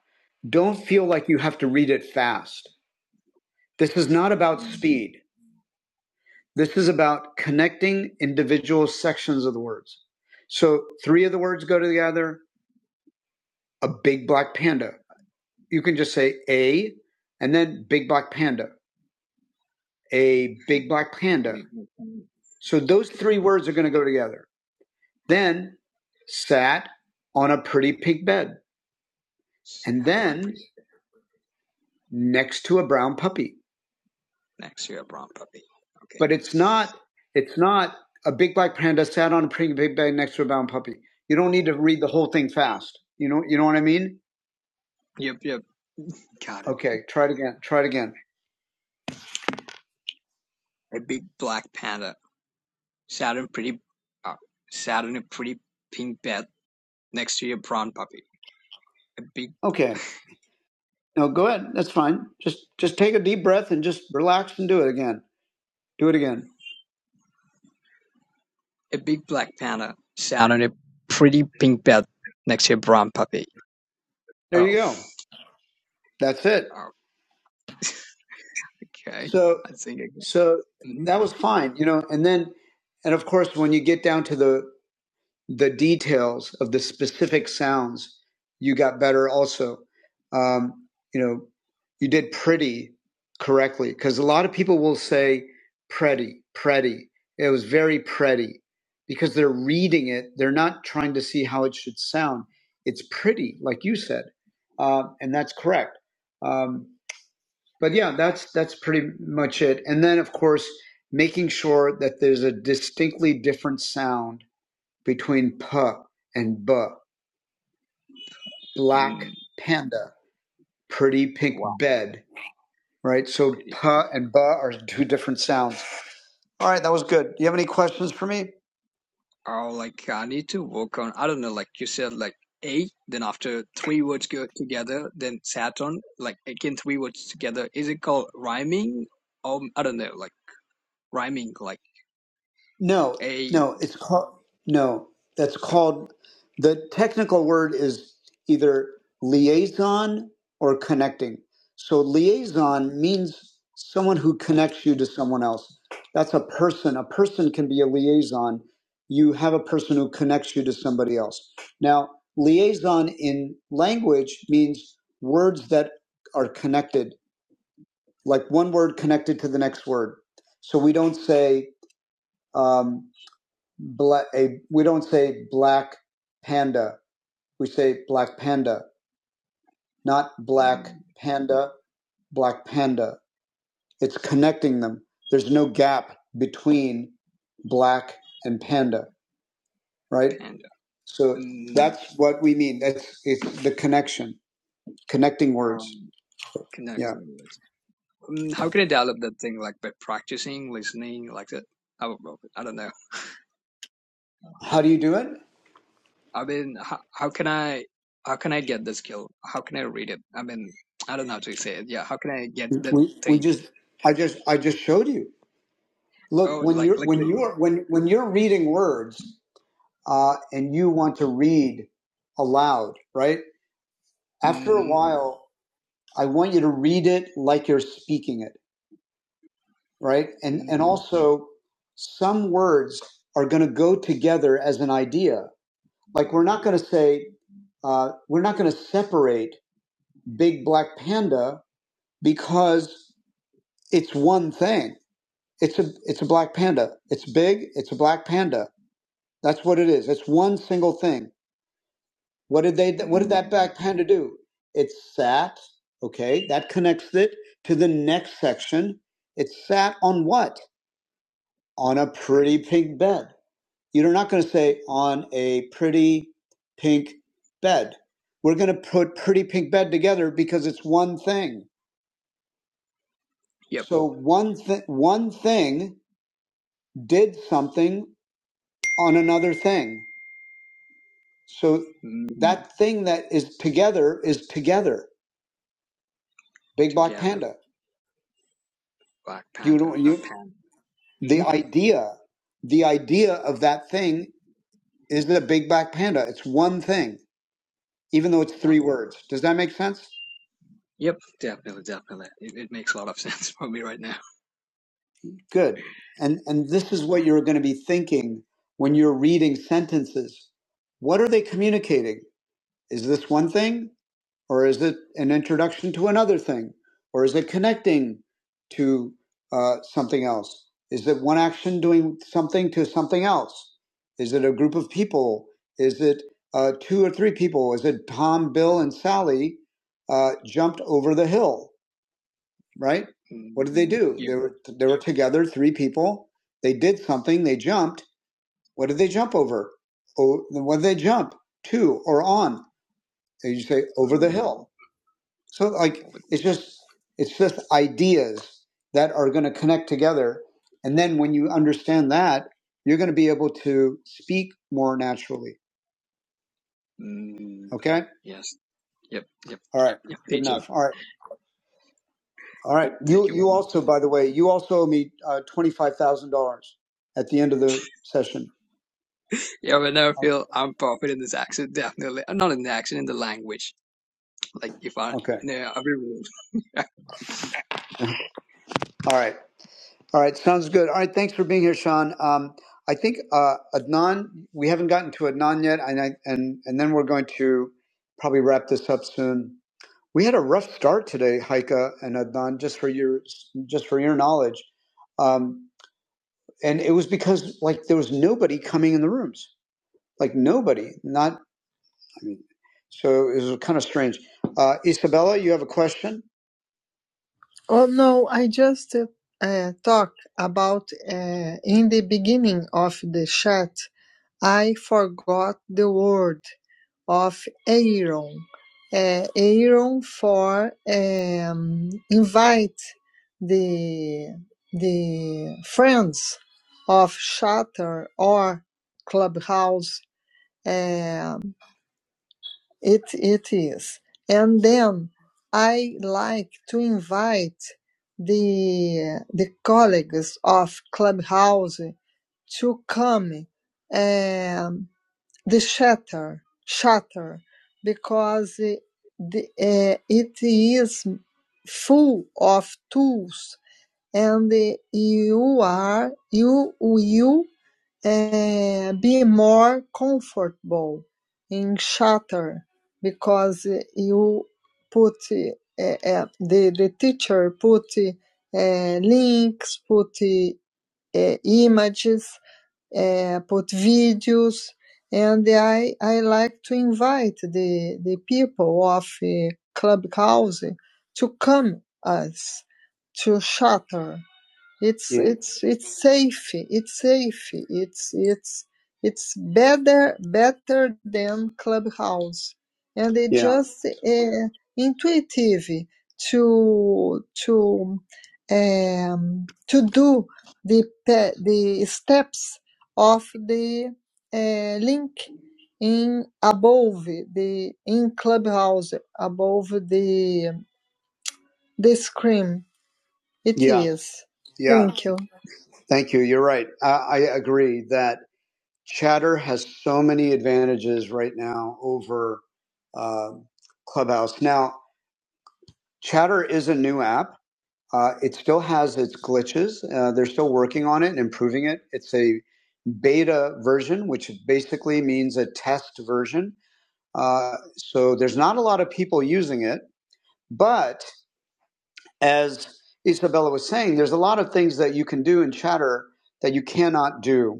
[SPEAKER 1] Don't feel like you have to read it fast. This is not about speed. This is about connecting individual sections of the words. So three of the words go together, a big black panda. You can just say a and then big black panda a
[SPEAKER 8] I,
[SPEAKER 1] big black panda.
[SPEAKER 8] okay.
[SPEAKER 1] So those three words are going to go together. Then sat on a pretty pink bed and
[SPEAKER 8] Sat on a
[SPEAKER 1] then
[SPEAKER 8] pretty
[SPEAKER 1] next to a brown puppy.
[SPEAKER 8] next to a brown puppy. Okay.
[SPEAKER 1] But it's not, it's not a big black panda sat on a pretty big bed next to a brown puppy. You don't need to read the whole thing fast. You know, you know what I mean?
[SPEAKER 8] Yep. Yep. Got it.
[SPEAKER 1] Okay. Try it again. Try it again.
[SPEAKER 8] A big black panda sat on a pretty uh, sat on a pretty pink bed next to a brown puppy. A big
[SPEAKER 1] Okay. No, go ahead. That's fine. Just, just take a deep breath and just relax and do it again. Do it again.
[SPEAKER 8] a big black panda sat on a pretty pink bed next to a brown puppy.
[SPEAKER 1] There
[SPEAKER 8] Oh.
[SPEAKER 1] you go. That's it.
[SPEAKER 8] Okay.
[SPEAKER 1] So
[SPEAKER 8] I think I got.
[SPEAKER 1] so
[SPEAKER 8] Mm-hmm.
[SPEAKER 1] that was fine, you know. And then, and of course, when you get down to the the details of the specific sounds, you got better. Also, um, you know, you did pretty correctly because a lot of people will say pretty, pretty. It was very pretty because they're reading it. They're not trying to see how it should sound. It's pretty, like you said, uh, and that's correct. Um, but yeah, that's that's pretty much it. And then of course making sure that there's a distinctly different sound between p and b. Black
[SPEAKER 8] Mm,
[SPEAKER 1] panda, pretty pink
[SPEAKER 8] wow.
[SPEAKER 1] bed, right? So
[SPEAKER 8] pretty
[SPEAKER 1] p and b are two different sounds. All right, that was good. Do you have any questions for me?
[SPEAKER 8] oh like i need to work on i don't know like you said like a then after three words go together then saturn like again three words together is it called rhyming um i don't know like rhyming like
[SPEAKER 1] No,
[SPEAKER 8] a
[SPEAKER 1] no, it's called no. That's called the technical word is either liaison or connecting. So liaison means someone who connects you to someone else. That's a person. A person can be a liaison. You have a person who connects you to somebody else. Now, liaison in language means words that are connected, like one word connected to the next word. So we don't say. Um, black a we don't say black panda we say black panda not black
[SPEAKER 8] mm,
[SPEAKER 1] panda black panda it's connecting them there's no gap between black and panda right
[SPEAKER 8] panda
[SPEAKER 1] so
[SPEAKER 8] mm,
[SPEAKER 1] that's what we mean that's it's the connection connecting words
[SPEAKER 8] um
[SPEAKER 1] yeah
[SPEAKER 8] connecting words mm, how can i develop that thing like by practicing listening like that i don't know i don't know
[SPEAKER 1] how do you do it
[SPEAKER 8] I mean, how, how can I how can I get the skill? How can I read it? I mean, I don't know how to say it. Yeah, how can I get that
[SPEAKER 1] we we
[SPEAKER 8] thing?
[SPEAKER 1] just i just i just showed you look
[SPEAKER 8] Oh,
[SPEAKER 1] when
[SPEAKER 8] like
[SPEAKER 1] you're
[SPEAKER 8] like
[SPEAKER 1] when you're when when you're reading words uh, and you want to read aloud, right? After a
[SPEAKER 8] mm,
[SPEAKER 1] while, I want you to read it like you're speaking it, right? And and
[SPEAKER 8] mm,
[SPEAKER 1] also, some words are going to go together as an idea. Like we're not going to say uh, we're not going to separate big black panda because it's one thing. It's a it's a black panda. It's big. It's a black panda. That's what it is. It's one single thing What did they? What did that
[SPEAKER 8] mm,
[SPEAKER 1] back panda do? It sat. Okay, that connects it to the next section. It sat on what? On a pretty
[SPEAKER 8] pretty.
[SPEAKER 1] pink bed. You're not going to say on a pretty pink bed. We're going to put pretty pink bed together because it's one thing.
[SPEAKER 8] Yep.
[SPEAKER 1] So one thing, one thing did something on another thing. So
[SPEAKER 8] Mm,
[SPEAKER 1] that thing that is together is together. Big black
[SPEAKER 8] together,
[SPEAKER 1] panda.
[SPEAKER 8] black
[SPEAKER 1] you
[SPEAKER 8] panda,
[SPEAKER 1] know what
[SPEAKER 8] a
[SPEAKER 1] you?
[SPEAKER 8] panda.
[SPEAKER 1] the
[SPEAKER 8] mm.
[SPEAKER 1] idea the idea of that thing is the big black panda it's one thing even though it's three
[SPEAKER 8] One.
[SPEAKER 1] words does that make sense
[SPEAKER 8] Yep. Definitely, definitely. It, it makes a lot of sense for me right now.
[SPEAKER 1] good and and this is what you're going to be thinking when you're reading sentences what are they communicating is this one thing or is it an introduction to another thing or is it connecting to uh, something else is it one action doing something to something else is it a group of people is it uh, two or three people is it tom bill and sally uh, jumped over the hill right what did they
[SPEAKER 8] Mm,
[SPEAKER 1] do
[SPEAKER 8] yep.
[SPEAKER 1] they were they were together three people they did something they jumped what did they jump over oh what did they jump to or on and you say over the hill
[SPEAKER 8] Mm,
[SPEAKER 1] so like it's just it's just ideas that are going to connect together, and then when you understand that, you're going to be able to speak more naturally.
[SPEAKER 8] mm,
[SPEAKER 1] Okay.
[SPEAKER 8] yes. Yep. Yep.
[SPEAKER 1] All right.
[SPEAKER 8] Yep.
[SPEAKER 1] Good
[SPEAKER 8] Peach. Yep.
[SPEAKER 1] enough. All right. All
[SPEAKER 8] Yep.
[SPEAKER 1] right.
[SPEAKER 8] Thank
[SPEAKER 1] You
[SPEAKER 8] you. very
[SPEAKER 1] you
[SPEAKER 8] much.
[SPEAKER 1] also by the way you also owe me uh, twenty five thousand dollars at the end of the session.
[SPEAKER 8] Yeah, whenever I
[SPEAKER 1] Oh,
[SPEAKER 8] feel I'm perfect in this accent, definitely. uh, Not in the accent, in the language. Like, if I,
[SPEAKER 1] Okay.
[SPEAKER 8] no, every rule.
[SPEAKER 1] All right. All right. Sounds good. All right. Thanks for being here, Sean. Um, I think uh, Adnan. We haven't gotten to Adnan yet, and I, and and then we're going to probably wrap this up soon. We had a rough start today, Heike and Adnan. Just for your just for your knowledge, um, and it was because like there was nobody coming in the rooms, like nobody. Not I mean, so it was kind of strange. Uh, Isabella, you have a question? Oh no, I just uh, uh, talked about uh, in the beginning of the chat. I forgot the word of Aaron. Uh, Aaron for um, invite the the friends of Shutter or Clubhouse. Um, it it is, and then I like to invite the the colleagues of Clubhouse to come. Um, the shutter shutter because it the, uh, it is full of tools and uh, you are you will uh, be more comfortable in shutter because uh, you put uh, uh, the the teacher put uh, links put uh, images uh, put videos, and I I like to invite the the people of uh, Clubhouse to come us to Shutter it's You, it's it's safe it's safe it's it's it's better better than clubhouse and it's yeah, just uh, intuitive to to um, to do the pe- the steps of the uh, link in above the in clubhouse above the the screen it yeah, is yeah. thank you Thank you. You're right. I, I agree that Chatter has so many advantages right now over uh, Clubhouse. Now, Chatter is a new app. Uh, it still has its glitches. Uh, they're still working on it and improving it. It's a beta version, which basically means a test version. Uh, so there's not a lot of people using it. But as Isabella was saying, there's a lot of things that you can do in Chatter that you cannot do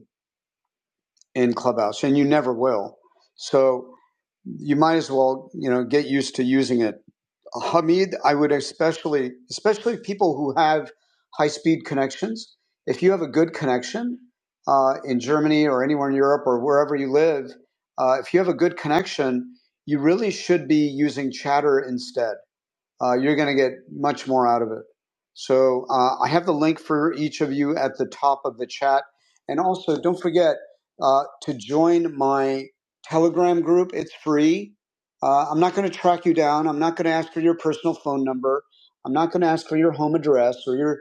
[SPEAKER 1] in Clubhouse, and you never will. So you might as well, you know, get used to using it. Hamid, I would especially, especially people who have high speed connections. If you have a good connection uh, in Germany or anywhere in Europe or wherever you live, uh, if you have a good connection, you really should be using Chatter instead uh, you're going to get much more out of it. So uh, I have the link for each of you at the top of the chat. And also, don't forget uh, to join my Telegram group. It's free. Uh, I'm not going to track you down. I'm not going to ask for your personal phone number. I'm not going to ask for your home address or your,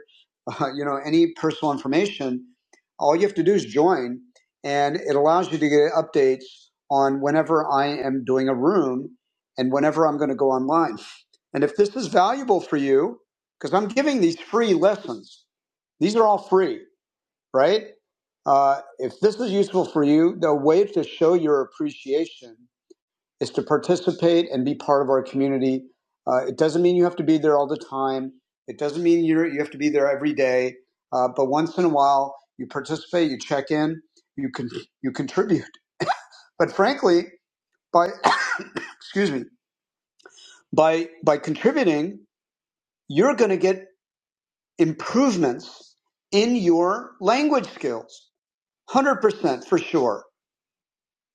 [SPEAKER 1] uh, you know, any personal information. All you have to do is join, and it allows you to get updates on whenever I am doing a room and whenever I'm going to go online. And if this is valuable for you, because I'm giving these free lessons, these are all free, right? Uh, if this is useful for you, the way to show your appreciation is to participate and be part of our community. Uh, it doesn't mean you have to be there all the time. It doesn't mean you you have to be there every day. Uh, but once in a while, you participate, you check in, you can you contribute. But frankly, by excuse me, by by contributing, you're going to get. improvements in your language skills. 100% for sure.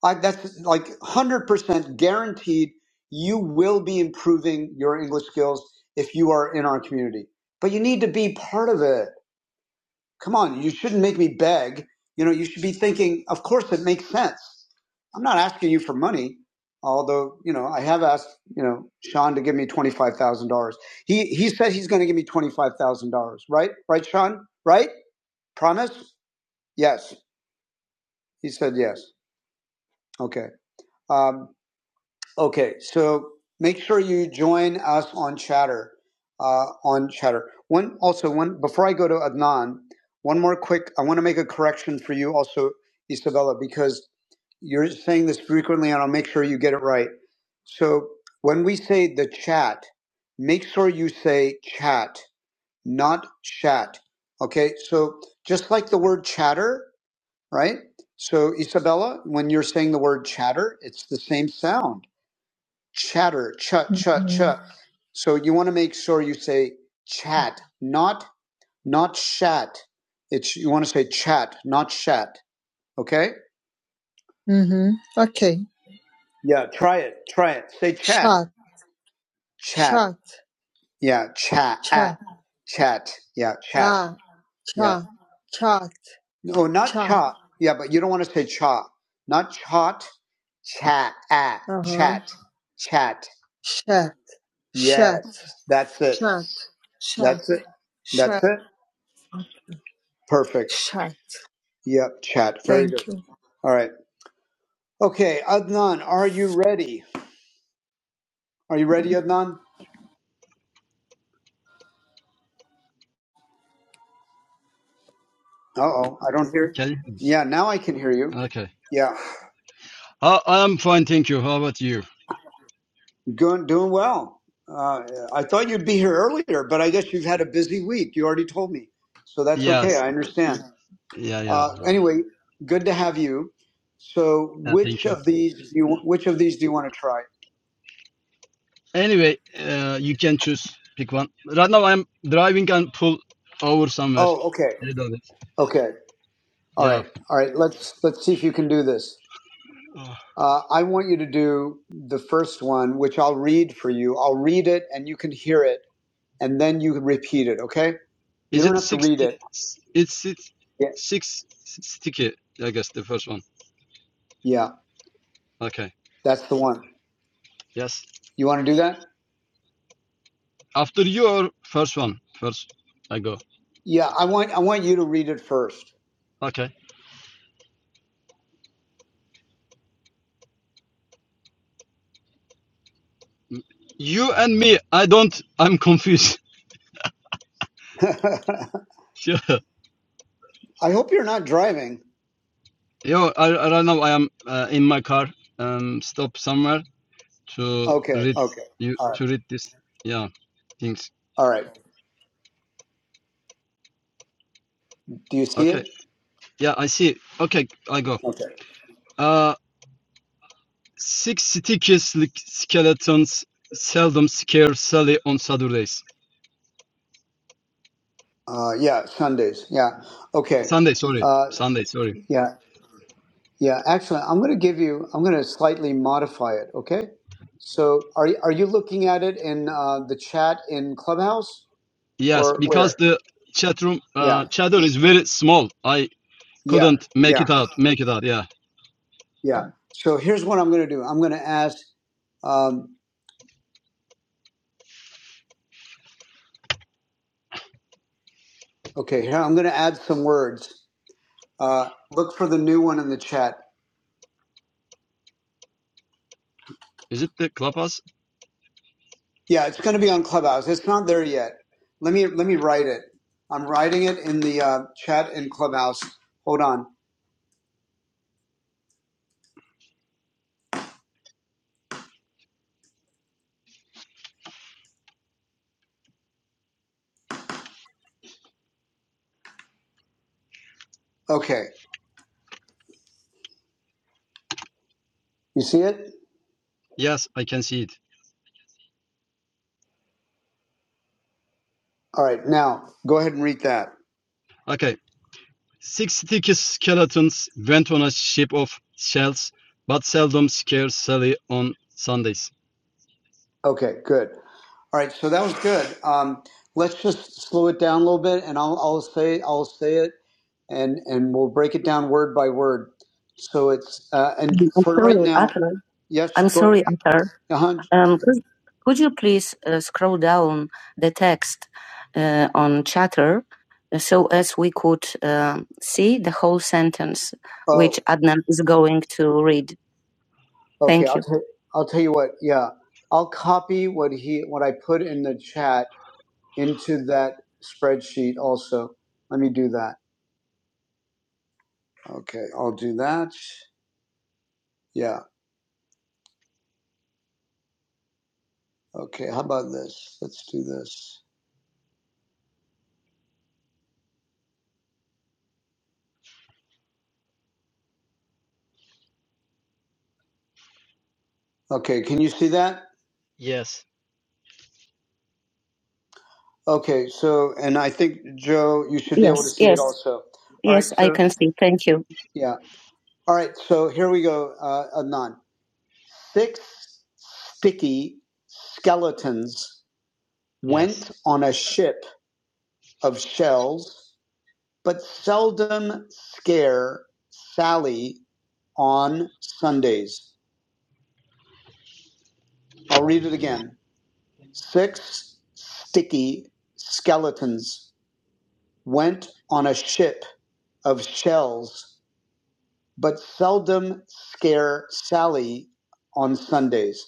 [SPEAKER 1] I, that's like 100% guaranteed you will be improving your English skills if you are in our community. But you need to be part of it. Come on, you shouldn't make me beg. You know, you should be thinking, of course it makes sense. I'm not asking you for money, although, you know, I have asked, you know, Sean to give me $25,000. He he said he's going to give me $25,000, right? Right, Sean? Right? Promise? Yes. He said yes. Okay. Um, okay. So make sure you join us on Chatter. Uh, on Chatter. One also one before I go to Adnan, one more quick. I want to make a correction for you also, Isabella, because you're saying this frequently, and I'll make sure you get it right. So when we say the chat, make sure you say chat, not chat. Okay. So just like the word chatter right? So, Isabella, when you're saying the word chatter, it's the same sound chatter, chut, chut, Mhm. chut. Mhm. So, you want to make sure you say chat, not not chat. It's you want to say chat, not chat. Okay. Mm-hmm. Okay. Yeah. Try it. Try it. Say chat. Chat. Chat. chat. Yeah. Chat. Chat. Chat. Yeah. Chat. Yeah. Cha. Chat. No, not Chat. cha. Yeah, but you don't want to say cha. Not chat. Chat. At. Uh huh. Chat. Chat. Chat. Yes. Chat. That's it. Chat. Chat. That's it. That's Chat. it. Perfect. Chat. Yep. Chat. Very good. Thank you. All right. Okay, Adnan, are you ready? Are you ready, Adnan? Uh oh, I don't hear.
[SPEAKER 9] Can you?
[SPEAKER 1] Yeah, now I can hear you.
[SPEAKER 9] Okay.
[SPEAKER 1] Yeah.
[SPEAKER 9] I, I'm fine, thank you. How about you?
[SPEAKER 1] Doing doing well. Uh, I thought you'd be here earlier, but I guess you've had a busy week. You already told me, so that's okay.
[SPEAKER 9] Yes.
[SPEAKER 1] I understand.
[SPEAKER 9] Yeah, yeah.
[SPEAKER 1] Uh, anyway, good to have you. So,
[SPEAKER 9] yeah thank
[SPEAKER 1] which
[SPEAKER 9] you.
[SPEAKER 1] of these do you which of these do you want to try?
[SPEAKER 9] Anyway, uh, you can choose. Pick one. Right now, I'm driving and pull over somewhere.
[SPEAKER 1] Oh, okay,
[SPEAKER 9] A little bit.
[SPEAKER 1] okay, all
[SPEAKER 9] Yeah.
[SPEAKER 1] right, all right. Let's let's see if you can do this.
[SPEAKER 9] Uh,
[SPEAKER 1] Uh, I want you to do the first one, which I'll read for you. I'll read it, and you can hear it, and then you can repeat it. Okay? You
[SPEAKER 9] Is
[SPEAKER 1] don't
[SPEAKER 9] it
[SPEAKER 1] have to read
[SPEAKER 9] sixty?
[SPEAKER 1] it.
[SPEAKER 9] It's it's
[SPEAKER 1] Yeah,
[SPEAKER 9] six sticky. I guess the first one.
[SPEAKER 1] yeah.
[SPEAKER 9] Okay.
[SPEAKER 1] That's the one.
[SPEAKER 9] Yes.
[SPEAKER 1] You want to do that?
[SPEAKER 9] After your first one, first I go.
[SPEAKER 1] Yeah, I want I want you to read it first.
[SPEAKER 9] Okay. You and me. I don't. I'm confused.
[SPEAKER 1] I
[SPEAKER 9] Yeah.
[SPEAKER 1] hope you're not driving.
[SPEAKER 9] Yo, I, I right now I am uh, in my car. Um, stop somewhere to
[SPEAKER 1] Okay,
[SPEAKER 9] read
[SPEAKER 1] okay.
[SPEAKER 9] you
[SPEAKER 1] All right.
[SPEAKER 9] to read this. Yeah, things.
[SPEAKER 1] All right. Do you see
[SPEAKER 9] Okay.
[SPEAKER 1] it?
[SPEAKER 9] Yeah, I see. Okay, I go.
[SPEAKER 1] Okay.
[SPEAKER 9] Uh, six sticky slick skeletons seldom scare Sally on Saturdays.
[SPEAKER 1] Uh, yeah, Sundays. Yeah. Okay.
[SPEAKER 9] Sunday, sorry.
[SPEAKER 1] Uh,
[SPEAKER 9] Sunday, sorry.
[SPEAKER 1] yeah. Yeah. Excellent. I'm going to give you. I'm going to slightly modify it. Okay. So, are you- are you looking at it in uh, the chat in Clubhouse
[SPEAKER 9] Yes,
[SPEAKER 1] or
[SPEAKER 9] because
[SPEAKER 1] where?
[SPEAKER 9] the chat room
[SPEAKER 1] Yeah.
[SPEAKER 9] uh chatter is very small. I
[SPEAKER 1] Yeah.
[SPEAKER 9] couldn't make
[SPEAKER 1] Yeah.
[SPEAKER 9] it out. Make it out. Yeah.
[SPEAKER 1] Yeah. So here's what I'm going to do. I'm going to ask. Um, okay. Here I'm going to add some words Uh, look for the new one in the chat.
[SPEAKER 9] Is it the clubhouse?
[SPEAKER 1] Yeah, it's going to be on Clubhouse. It's not there yet. Let me let me write it. I'm writing it in the uh, chat in Clubhouse. Hold on. Okay, you see it?
[SPEAKER 9] Yes, I can see it.
[SPEAKER 1] All right. Now go ahead and read that.
[SPEAKER 9] Okay. Six-sticky skeletons went on a ship of shells, but seldom scare Sally on Sundays.
[SPEAKER 1] Okay, good. All right, so that was good. Um, let's just slow it down a little bit, and I'll, I'll say I'll say it, and and we'll break it down word by word. So it's uh, and I'm for right sorry, now, Arthur. yes, I'm go sorry, Arthur. uh Um, could, could you please uh, scroll down the text uh, on chatter uh, so as we could um see the whole sentence Oh, which Adnan is going to read? Okay, Thank I'll you. tell will tell you what. Yeah, I'll copy what he what I put in the chat into that spreadsheet. Also, let me do that. Okay, I'll do that. Yeah. Okay. How about this? Let's do this. Okay. Can you see that?
[SPEAKER 9] Yes.
[SPEAKER 1] Okay. So, and I think Joe, you should be able to Yes, see it yes, also. All right. yes, I So, can see. Thank you. yeah. All right. So here we go. Uh, Adnan. Six sticky skeletons
[SPEAKER 9] Yes.
[SPEAKER 1] went on a ship of shells, but seldom scare Sally on Sundays. I'll read it again. Six sticky skeletons went on a ship of shells, but seldom scare Sally on Sundays.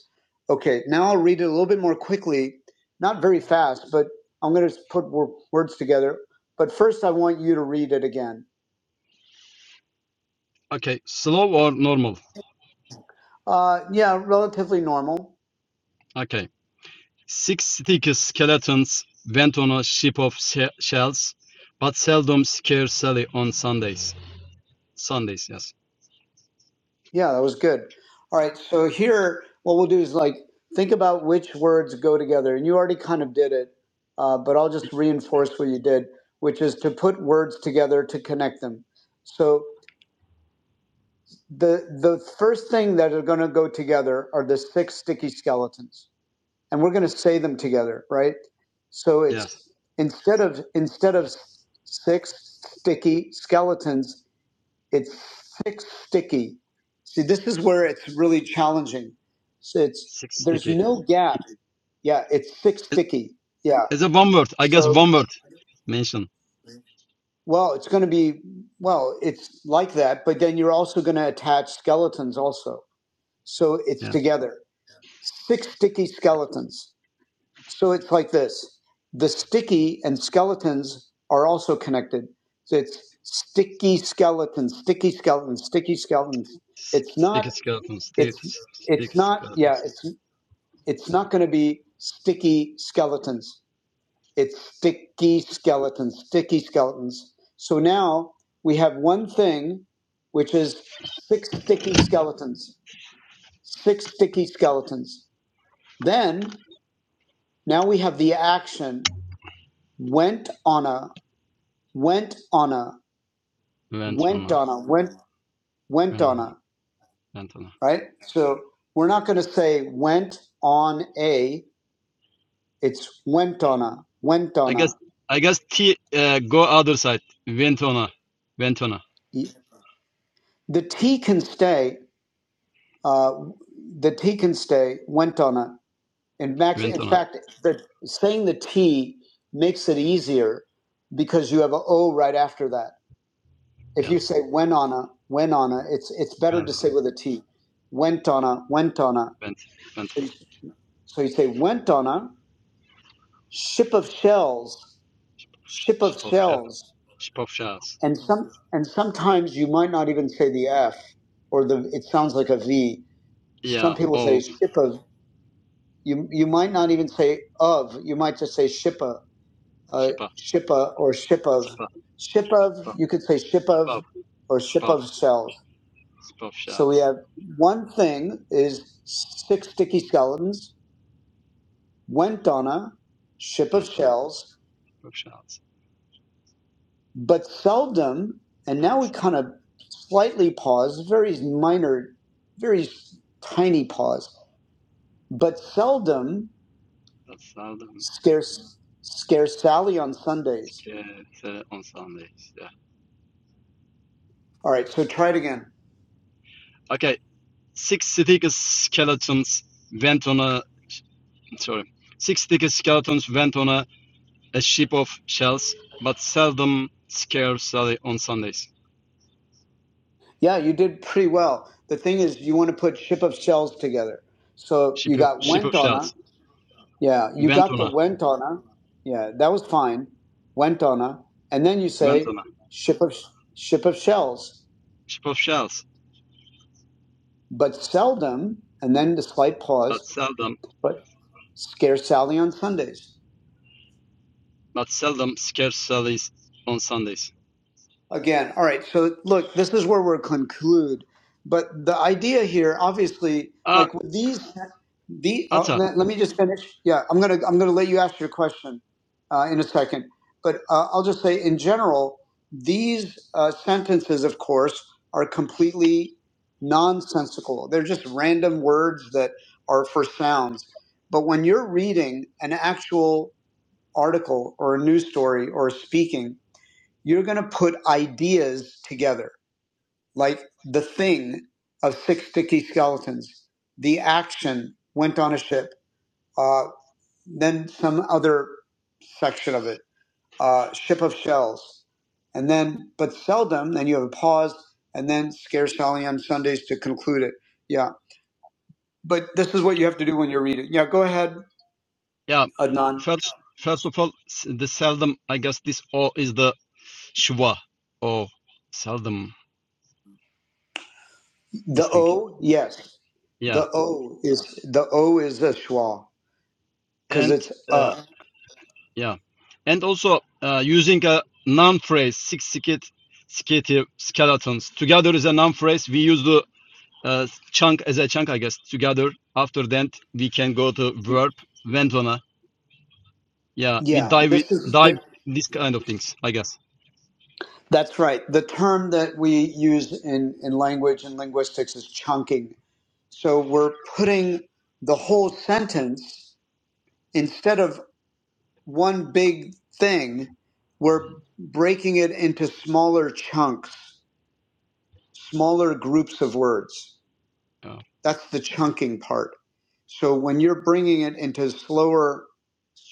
[SPEAKER 1] Okay, now I'll read it a little bit more quickly, not very fast, but I'm going to put words together. But first, I want you to read it again.
[SPEAKER 9] Okay, slow or normal?
[SPEAKER 1] Uh, yeah, relatively normal.
[SPEAKER 9] Okay. Six-sticky skeletons went on a ship of she- shells, but seldom scare Sally on Sundays. Sundays, yes.
[SPEAKER 1] Yeah, that was good. All right, so here, what we'll do is like think about which words go together, and you already kind of did it, uh, but I'll just reinforce what you did, which is to put words together to connect them. So the the first thing that are going to go together are the six sticky skeletons, and we're going to say them together, right? So
[SPEAKER 9] Yes.
[SPEAKER 1] it's instead of instead of six sticky skeletons It's thick, sticky. See, this is where it's really challenging. So it's there's
[SPEAKER 9] Six-sticky.
[SPEAKER 1] no gap. Yeah, it's thick, sticky. Yeah.
[SPEAKER 9] It's a one word. I guess
[SPEAKER 1] So
[SPEAKER 9] one word mention.
[SPEAKER 1] well, it's going to be well, it's like that, but then you're also going to attach skeletons also. So it's
[SPEAKER 9] Yeah.
[SPEAKER 1] together. Six sticky skeletons. So it's like this. The sticky and skeletons are also connected. So it's sticky skeletons, sticky skeletons, sticky skeletons. It's not.
[SPEAKER 9] Sticky skeletons.
[SPEAKER 1] it's
[SPEAKER 9] Sticky
[SPEAKER 1] it's not yeah
[SPEAKER 9] skeletons.
[SPEAKER 1] it's it's not going to be sticky skeletons it's sticky skeletons sticky skeletons so now we have one thing which is six sticky skeletons six sticky skeletons then now we have the action went on a went on a
[SPEAKER 9] Went on
[SPEAKER 1] went
[SPEAKER 9] a.
[SPEAKER 1] on a went went
[SPEAKER 9] Went on
[SPEAKER 1] on
[SPEAKER 9] a.
[SPEAKER 1] a
[SPEAKER 9] Went on a.
[SPEAKER 1] right so we're not going to say went on a It's Wentona,
[SPEAKER 9] I
[SPEAKER 1] Wentona.
[SPEAKER 9] guess I guess T uh, go other side. Ventona. Ventona.
[SPEAKER 1] The T can stay. Uh, the T can stay Wentona. In fact, in
[SPEAKER 9] Ventona.
[SPEAKER 1] fact, the, saying the T makes it easier because you have a O right after that. If
[SPEAKER 9] Yeah.
[SPEAKER 1] you say Wenona, Wenona, it's it's better to
[SPEAKER 9] Ventona.
[SPEAKER 1] say with a T. Wentona, Wentona.
[SPEAKER 9] Vent
[SPEAKER 1] So
[SPEAKER 9] Ventona.
[SPEAKER 1] you, so you say Wentona, ship of shells, ship of
[SPEAKER 9] Shipovsha.
[SPEAKER 1] shells.
[SPEAKER 9] Shipovshas.
[SPEAKER 1] and some and sometimes you might not even say the F or the it sounds like a V.
[SPEAKER 9] Yeah.
[SPEAKER 1] Some people say
[SPEAKER 9] Oh
[SPEAKER 1] shippa. You you might not even say of. You might just say shippa, uh,
[SPEAKER 9] Shipa.
[SPEAKER 1] shippa or ship of,
[SPEAKER 9] Shipa.
[SPEAKER 1] ship of. You could say ship of
[SPEAKER 9] Shipov.
[SPEAKER 1] or ship
[SPEAKER 9] Shipov.
[SPEAKER 1] of cells. So we
[SPEAKER 9] Shipovshas.
[SPEAKER 1] have one thing is six sticky skeletons, went on a ship of
[SPEAKER 9] Ventona.
[SPEAKER 1] shells,
[SPEAKER 9] Shipovshas.
[SPEAKER 1] But seldom, and now we
[SPEAKER 9] That's uh,
[SPEAKER 1] kind of slightly pause, very minor, very tiny pause, but seldom
[SPEAKER 9] that's southern
[SPEAKER 1] scarce, scarce Sally on Sundays.
[SPEAKER 9] uh, on Sundays. Yeah.
[SPEAKER 1] All right, so try it again.
[SPEAKER 9] Okay. Six thick skeletons went on a sorry. Six thick skeletons went on a a ship of shells, but seldom scarcely on Sundays.
[SPEAKER 1] Yeah, you did pretty well. The thing is, you want to put ship of shells together. So
[SPEAKER 9] Ship
[SPEAKER 1] you
[SPEAKER 9] of,
[SPEAKER 1] got
[SPEAKER 9] ship
[SPEAKER 1] went
[SPEAKER 9] of
[SPEAKER 1] on her.
[SPEAKER 9] shells,
[SPEAKER 1] Yeah, you got the
[SPEAKER 9] ventuna,
[SPEAKER 1] went on her. Yeah, that was fine. Went on her. And then you say
[SPEAKER 9] ventuna,
[SPEAKER 1] ship of ship of shells.
[SPEAKER 9] ship of shells,
[SPEAKER 1] but seldom, and then the slight
[SPEAKER 9] but
[SPEAKER 1] pause,
[SPEAKER 9] seldom,
[SPEAKER 1] but scarce Sally on Sundays.
[SPEAKER 9] but seldom scarcely on Sundays.
[SPEAKER 1] again. All right. So look, this is where we will conclude. But the idea here, obviously,
[SPEAKER 9] Uh,
[SPEAKER 1] like with these, the uh,
[SPEAKER 9] Ata,
[SPEAKER 1] let, let me just finish. Yeah, I'm gonna I'm gonna let you ask your question uh, in a second. But uh, I'll just say in general, these uh, sentences, of course, are completely nonsensical. They're just random words that are for sounds. But when you're reading an actual article or a news story or speaking you're going to put ideas together, like the thing of six sticky skeletons, the action went on a ship, uh, then some other section of it, uh, ship of shells, and then, but seldom, then you have a pause, and then scarce Sally on Sundays to conclude it. Yeah. But this is what you have to do when you read it. Yeah, go ahead,
[SPEAKER 9] yeah.
[SPEAKER 1] Adnan.
[SPEAKER 9] First, first of all, the seldom. I guess this o is the shwa or seldom.
[SPEAKER 1] The
[SPEAKER 9] This thing,
[SPEAKER 1] O, yes.
[SPEAKER 9] yeah.
[SPEAKER 1] The O is the O is a schwa because
[SPEAKER 9] And
[SPEAKER 1] it's
[SPEAKER 9] uh,
[SPEAKER 1] a.
[SPEAKER 9] Yeah. And also uh, using a noun phrase, six skit, skitty skeletons. Together is a noun phrase. We use the uh, chunk as a chunk, I guess, together. After that, we can go to verb, went on Yeah, we
[SPEAKER 1] Yeah,
[SPEAKER 9] dive, we
[SPEAKER 1] this is
[SPEAKER 9] dive
[SPEAKER 1] the,
[SPEAKER 9] this kind of things, I guess.
[SPEAKER 1] that's right. The term that we use in, in language and linguistics is chunking. So we're putting the whole sentence instead of one big thing, we're breaking it into smaller chunks, smaller groups of words.
[SPEAKER 9] Yeah.
[SPEAKER 1] That's the chunking part. So when you're bringing it into slower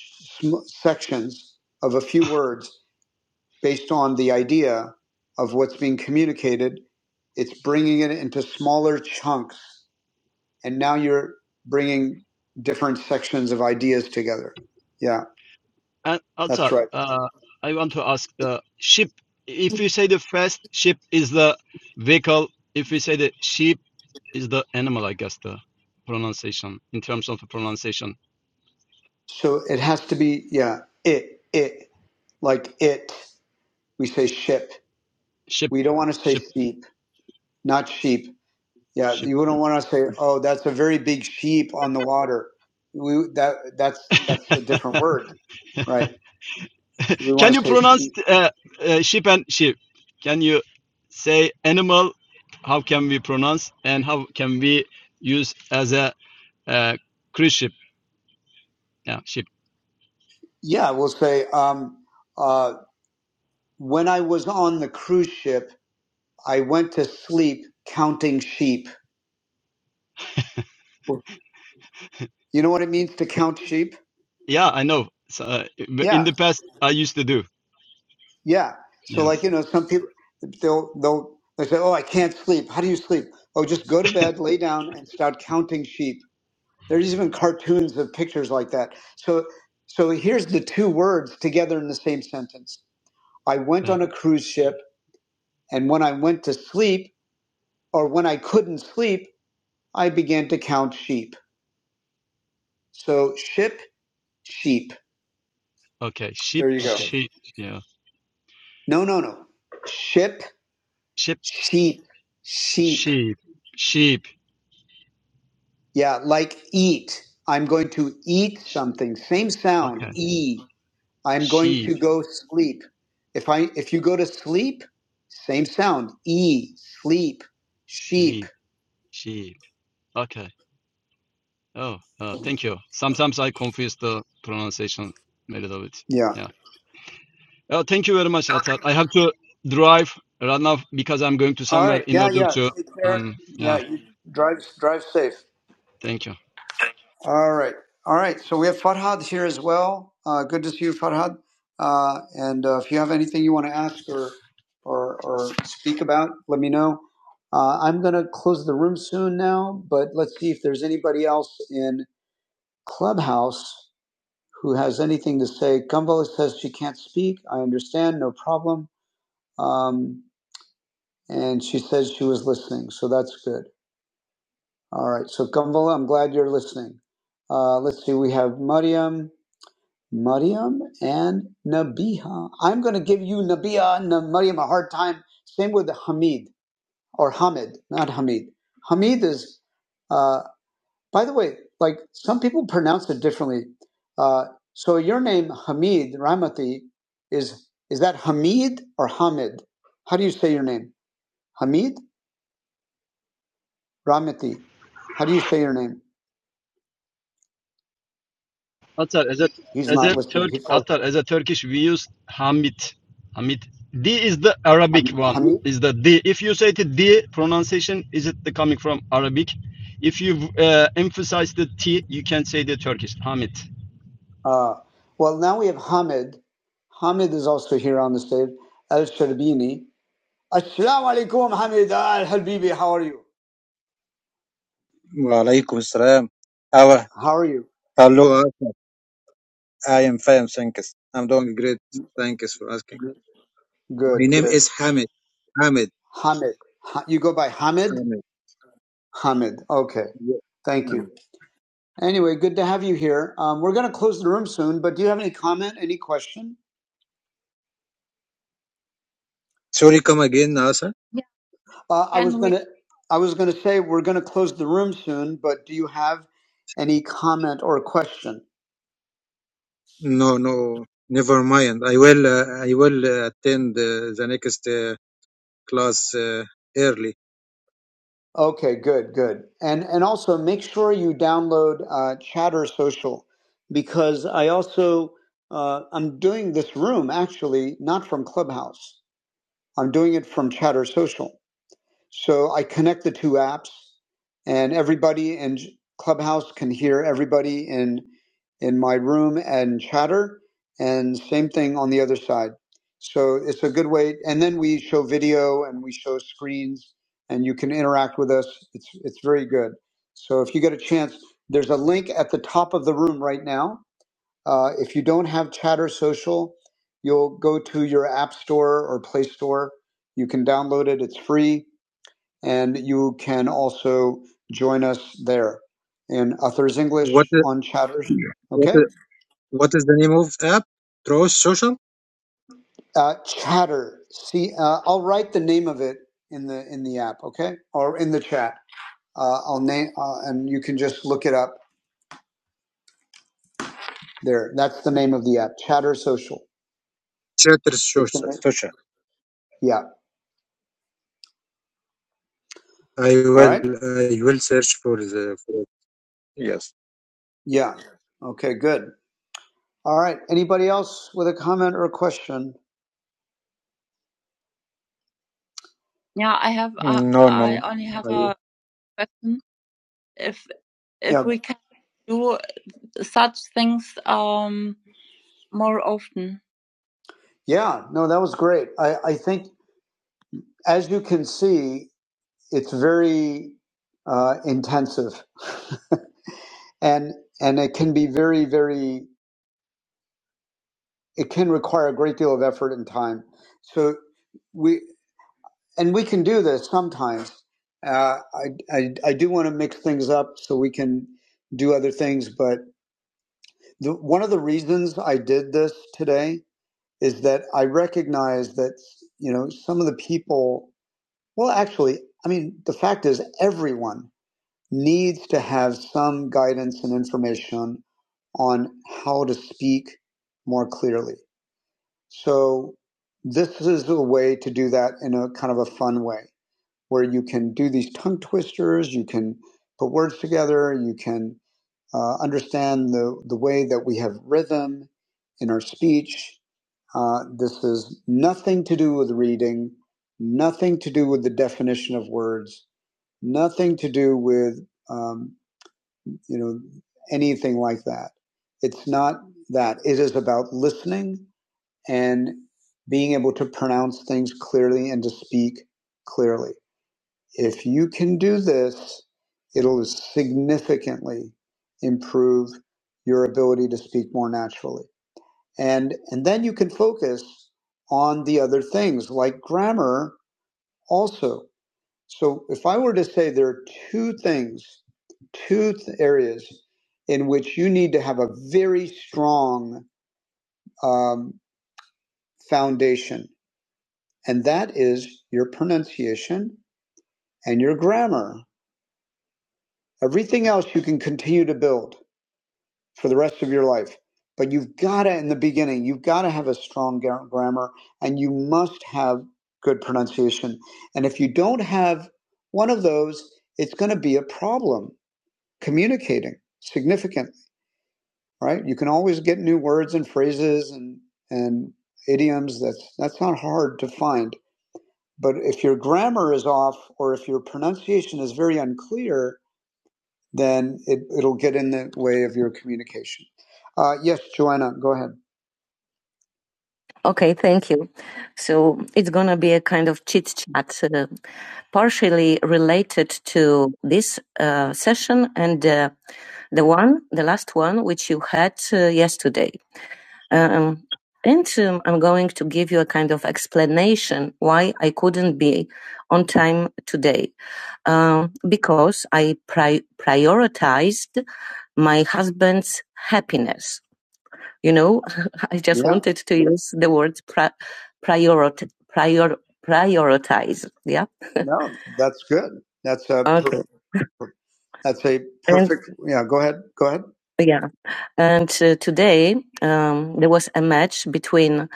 [SPEAKER 1] sm- sections of a few words, based on the idea of what's being communicated. It's bringing it into smaller chunks, and now you're bringing different sections of ideas together. Yeah,
[SPEAKER 9] And
[SPEAKER 1] that's
[SPEAKER 9] also,
[SPEAKER 1] right.
[SPEAKER 9] uh, I want to ask uh, ship. If you say the first ship is the vehicle, if we say the sheep is the animal, I guess, the pronunciation, in terms of the pronunciation.
[SPEAKER 1] So it has to be, yeah, it, it, like it. We say ship.
[SPEAKER 9] Ship,
[SPEAKER 1] We don't want to say
[SPEAKER 9] ship,
[SPEAKER 1] sheep, not sheep. Yeah,
[SPEAKER 9] ship.
[SPEAKER 1] you wouldn't want to say, oh, that's a very big sheep on the water. We that that's that's a different word, right? We want
[SPEAKER 9] Can
[SPEAKER 1] to
[SPEAKER 9] you
[SPEAKER 1] say
[SPEAKER 9] pronounce
[SPEAKER 1] sheep.
[SPEAKER 9] uh, uh, ship and ship? Can you say animal? How can we pronounce and how can we use as a uh, cruise ship? Yeah, ship.
[SPEAKER 1] Yeah, I will say, um, uh, when I was on the cruise ship, I went to sleep counting sheep. You know what it means to count sheep?
[SPEAKER 9] Yeah, I know. So, uh, in
[SPEAKER 1] Yeah,
[SPEAKER 9] the past, I used to do.
[SPEAKER 1] yeah. So, like,
[SPEAKER 9] Yes.
[SPEAKER 1] you know, some people they'll they'll they say, "Oh, I can't sleep. How do you sleep? Oh, just go to bed, lay down, and start counting sheep." There's even cartoons of pictures like that. So, so here's the two words together in the same sentence. I went
[SPEAKER 9] Yeah.
[SPEAKER 1] on a cruise ship, and when I went to sleep, or when I couldn't sleep. I began to count sheep. So ship, sheep.
[SPEAKER 9] Okay. Ship,
[SPEAKER 1] There you go. Okay.
[SPEAKER 9] sheep. Yeah.
[SPEAKER 1] No, no, no. Ship,
[SPEAKER 9] Ship,
[SPEAKER 1] sheep, sheep.
[SPEAKER 9] sheep, sheep.
[SPEAKER 1] Yeah, like eat. I'm going to eat
[SPEAKER 9] sh-
[SPEAKER 1] something. Same sound.
[SPEAKER 9] Okay.
[SPEAKER 1] E. I'm going
[SPEAKER 9] Sheep,
[SPEAKER 1] to go sleep. If I if you go to sleep, same sound. E. Sleep. Sheep.
[SPEAKER 9] sleep, sheep. Okay. Oh, uh, thank you. Sometimes I confuse the pronunciation a little bit.
[SPEAKER 1] Yeah.
[SPEAKER 9] Yeah. Uh, thank you very much, Atar. I have to drive right now because I'm going to
[SPEAKER 1] All
[SPEAKER 9] somewhere
[SPEAKER 1] right.
[SPEAKER 9] in
[SPEAKER 1] Yeah,
[SPEAKER 9] order
[SPEAKER 1] yeah.
[SPEAKER 9] to.
[SPEAKER 1] Take care.
[SPEAKER 9] Um.
[SPEAKER 1] Yeah,
[SPEAKER 9] Yeah.
[SPEAKER 1] you drive drive safe.
[SPEAKER 9] Thank you.
[SPEAKER 1] All right. All right. So we have Farhad here as well. Uh, good to see you, Farhad. Uh, and uh, if you have anything you want to ask or, or, or speak about, let me know. Uh, I'm going to close the room soon now, but let's see if there's anybody else in Clubhouse who has anything to say. Gumball says she can't speak. I understand. No problem. Um, and she says she was listening. So that's good. All right. So, Gumball, I'm glad you're listening. Uh, let's see. We have Mariam. Maryam and Nabiha. I'm going to give you Nabiha and Maryam a hard time. Same with Hamid or Hamid, not Hamid. Hamid is, uh, by the way, like some people pronounce it differently. Uh, so your name Hamid Ramati is is that Hamid or Hamid? How do you say your name? Hamid Ramati. How do you say your name?
[SPEAKER 9] Atar, as a
[SPEAKER 1] He's
[SPEAKER 9] as
[SPEAKER 1] not
[SPEAKER 9] a
[SPEAKER 1] listening.
[SPEAKER 9] Turk,
[SPEAKER 1] He forgot
[SPEAKER 9] Atar, as a Turkish, we use Hamid. Hamid. D is the Arabic one.
[SPEAKER 1] Hamid.
[SPEAKER 9] Is the D? If you say the D pronunciation, is it the coming from Arabic? If you uh, emphasize the T, you can say the Turkish Hamid.
[SPEAKER 1] Uh, well, now we have Hamid. Hamid is also here on the stage. Al Sharbini. Assalamu alaikum, Hamid Al Habibi. How are you?
[SPEAKER 10] Walaikum Assalam. How,
[SPEAKER 1] How are you?
[SPEAKER 10] how are you? I am fine, thank you. I'm doing great. Thank you for asking.
[SPEAKER 1] Good,
[SPEAKER 10] My name
[SPEAKER 1] good.
[SPEAKER 10] is Hamid. Hamid.
[SPEAKER 1] Hamid. Ha- You go by Hamid?
[SPEAKER 10] Hamid.
[SPEAKER 1] Hamid. Okay.
[SPEAKER 10] Yeah,
[SPEAKER 1] Thank you.
[SPEAKER 10] Hamid.
[SPEAKER 1] Anyway, good to have you here. Um, we're going to close the room soon, but do you have any comment, any question?
[SPEAKER 10] Sorry, come again, Asa?
[SPEAKER 1] Uh, I was going to I was going to say we're going to close the room soon, but do you have any comment or question?
[SPEAKER 10] No, no, never mind. I will, uh, I will uh, attend uh, the next uh, class uh, early.
[SPEAKER 1] Okay, good, good. And and also make sure you download uh, Chatter Social because I also uh, I'm doing this room actually not from Clubhouse. I'm doing it from Chatter Social. So I connect the two apps, and everybody in Clubhouse can hear everybody in in my room and chatter, and same thing on the other side. So it's a good way. And then we show video and we show screens, and you can interact with us. It's it's very good. So if you get a chance, there's a link at the top of the room right now. Uh, if you don't have Chatter Social, you'll go to your app store or Play Store. You can download it. It's free and you can also join us there in Authors English
[SPEAKER 10] What, uh,
[SPEAKER 1] on Chatter.
[SPEAKER 10] what,
[SPEAKER 1] Okay,
[SPEAKER 10] uh, what is the name of the app? Trust Social?
[SPEAKER 1] uh, Chatter. See, uh, I'll write the name of it in the in the app. Okay, or in the chat. Uh, I'll name uh, and you can just look it up there. That's the name of the app, Chatter Social.
[SPEAKER 10] Chatter
[SPEAKER 1] It's in
[SPEAKER 10] Social.
[SPEAKER 1] it.
[SPEAKER 10] Social.
[SPEAKER 1] Yeah.
[SPEAKER 10] I
[SPEAKER 1] All
[SPEAKER 10] will,
[SPEAKER 1] right.
[SPEAKER 10] I will search for the. For... Yes.
[SPEAKER 1] Yeah. Okay. Good. All right. Anybody else with a comment or a question? Yeah, I have. Uh,
[SPEAKER 10] No,
[SPEAKER 1] I
[SPEAKER 10] no.
[SPEAKER 1] only have a question. If if Yeah. we can. do. such things um, more often. Yeah, no, that was great. I, I think, as you can see, it's very uh, intensive, and and it can be very, very. It can require a great deal of effort and time. So we and we can do this sometimes. Uh, I, I I do want to mix things up so we can do other things, but the, one of the reasons I did this today is that I recognize that, you know, some of the people, well, actually, I mean, the fact is everyone needs to have some guidance and information on how to speak more clearly. So this is a way to do that in a kind of a fun way where you can do these tongue twisters, you can put words together, you can uh, understand the, the way that we have rhythm in our speech. Uh, this is nothing to do with reading, nothing to do with the definition of words, nothing to do with um, you know anything like that. It's not that. It is about listening and being able to pronounce things clearly and to speak clearly. If you can do this, it'll significantly improve your ability to speak more naturally. And and then you can focus on the other things like grammar also. So if I were to say there are two things, two th- areas in which you need to have a very strong um, foundation, and that is your pronunciation and your grammar. Everything else you can continue to build. for the rest of your life. But you've got to, in the beginning, you've got to have a strong grammar and you must have good pronunciation. And if you don't have one of those, it's going to be a problem communicating significantly, right? You can always get new words and phrases and, and idioms. That's, that's not hard to find. But if your grammar is off or if your pronunciation is very unclear, then it, it'll get in the way of your communication. Uh, yes, Joanna, go ahead. Okay, thank you. So it's going to be a kind of chit chat, uh, partially related to this uh, session and uh, the one, the last one, which you had uh, yesterday. Um, and um, I'm going to give you a kind of explanation why I couldn't be on time today. Um, because I pri- prioritized my husband's happiness you know, I just Yeah. wanted to use the word pri- priorit- prior- prioritize. Yeah. No, that's good. That's a Okay. per- that's a And perfect. And, Yeah. Go ahead. Go ahead. yeah. And uh, today um, there was a match between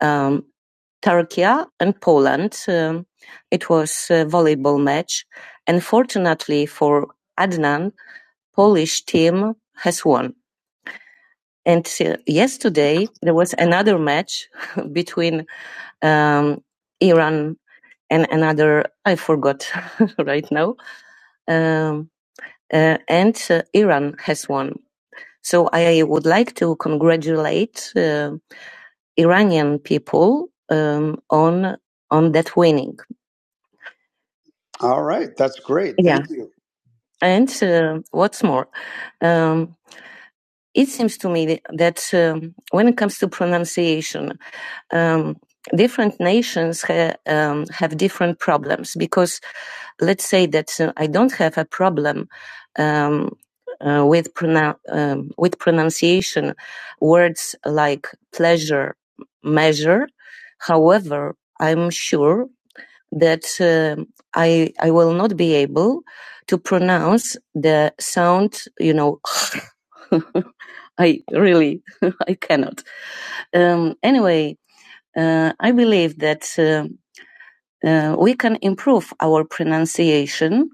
[SPEAKER 1] um, Turkey and Poland. Um, it was a volleyball match, and fortunately for Adnan, Polish team has won. Until yesterday, there was another match between um, Iran and another, I forgot right now, um, uh, and uh, Iran has won. So I would like to congratulate uh, Iranian people um, on on that winning. All right, that's great. Yeah. Thank you. And uh, what's more, um, it seems to me that, um, when it comes to pronunciation, um, different nations ha- um, have different problems because let's say that uh, I don't have a problem um, uh, with pronou- um, with pronunciation words like pleasure, measure. However, I'm sure that um I I will not be able to pronounce the sound. You know, I really I cannot. Um, anyway, uh, I believe that uh, uh, we can improve our pronunciation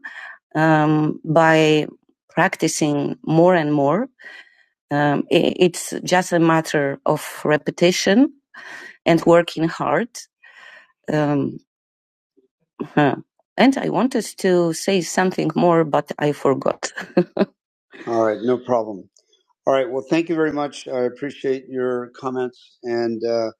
[SPEAKER 1] um, by practicing more and more. Um, i- it's just a matter of repetition and working hard. Um, Huh. And I wanted to say something more, but I forgot. All right, no problem. All right, well, thank you very much. I appreciate your comments. And uh,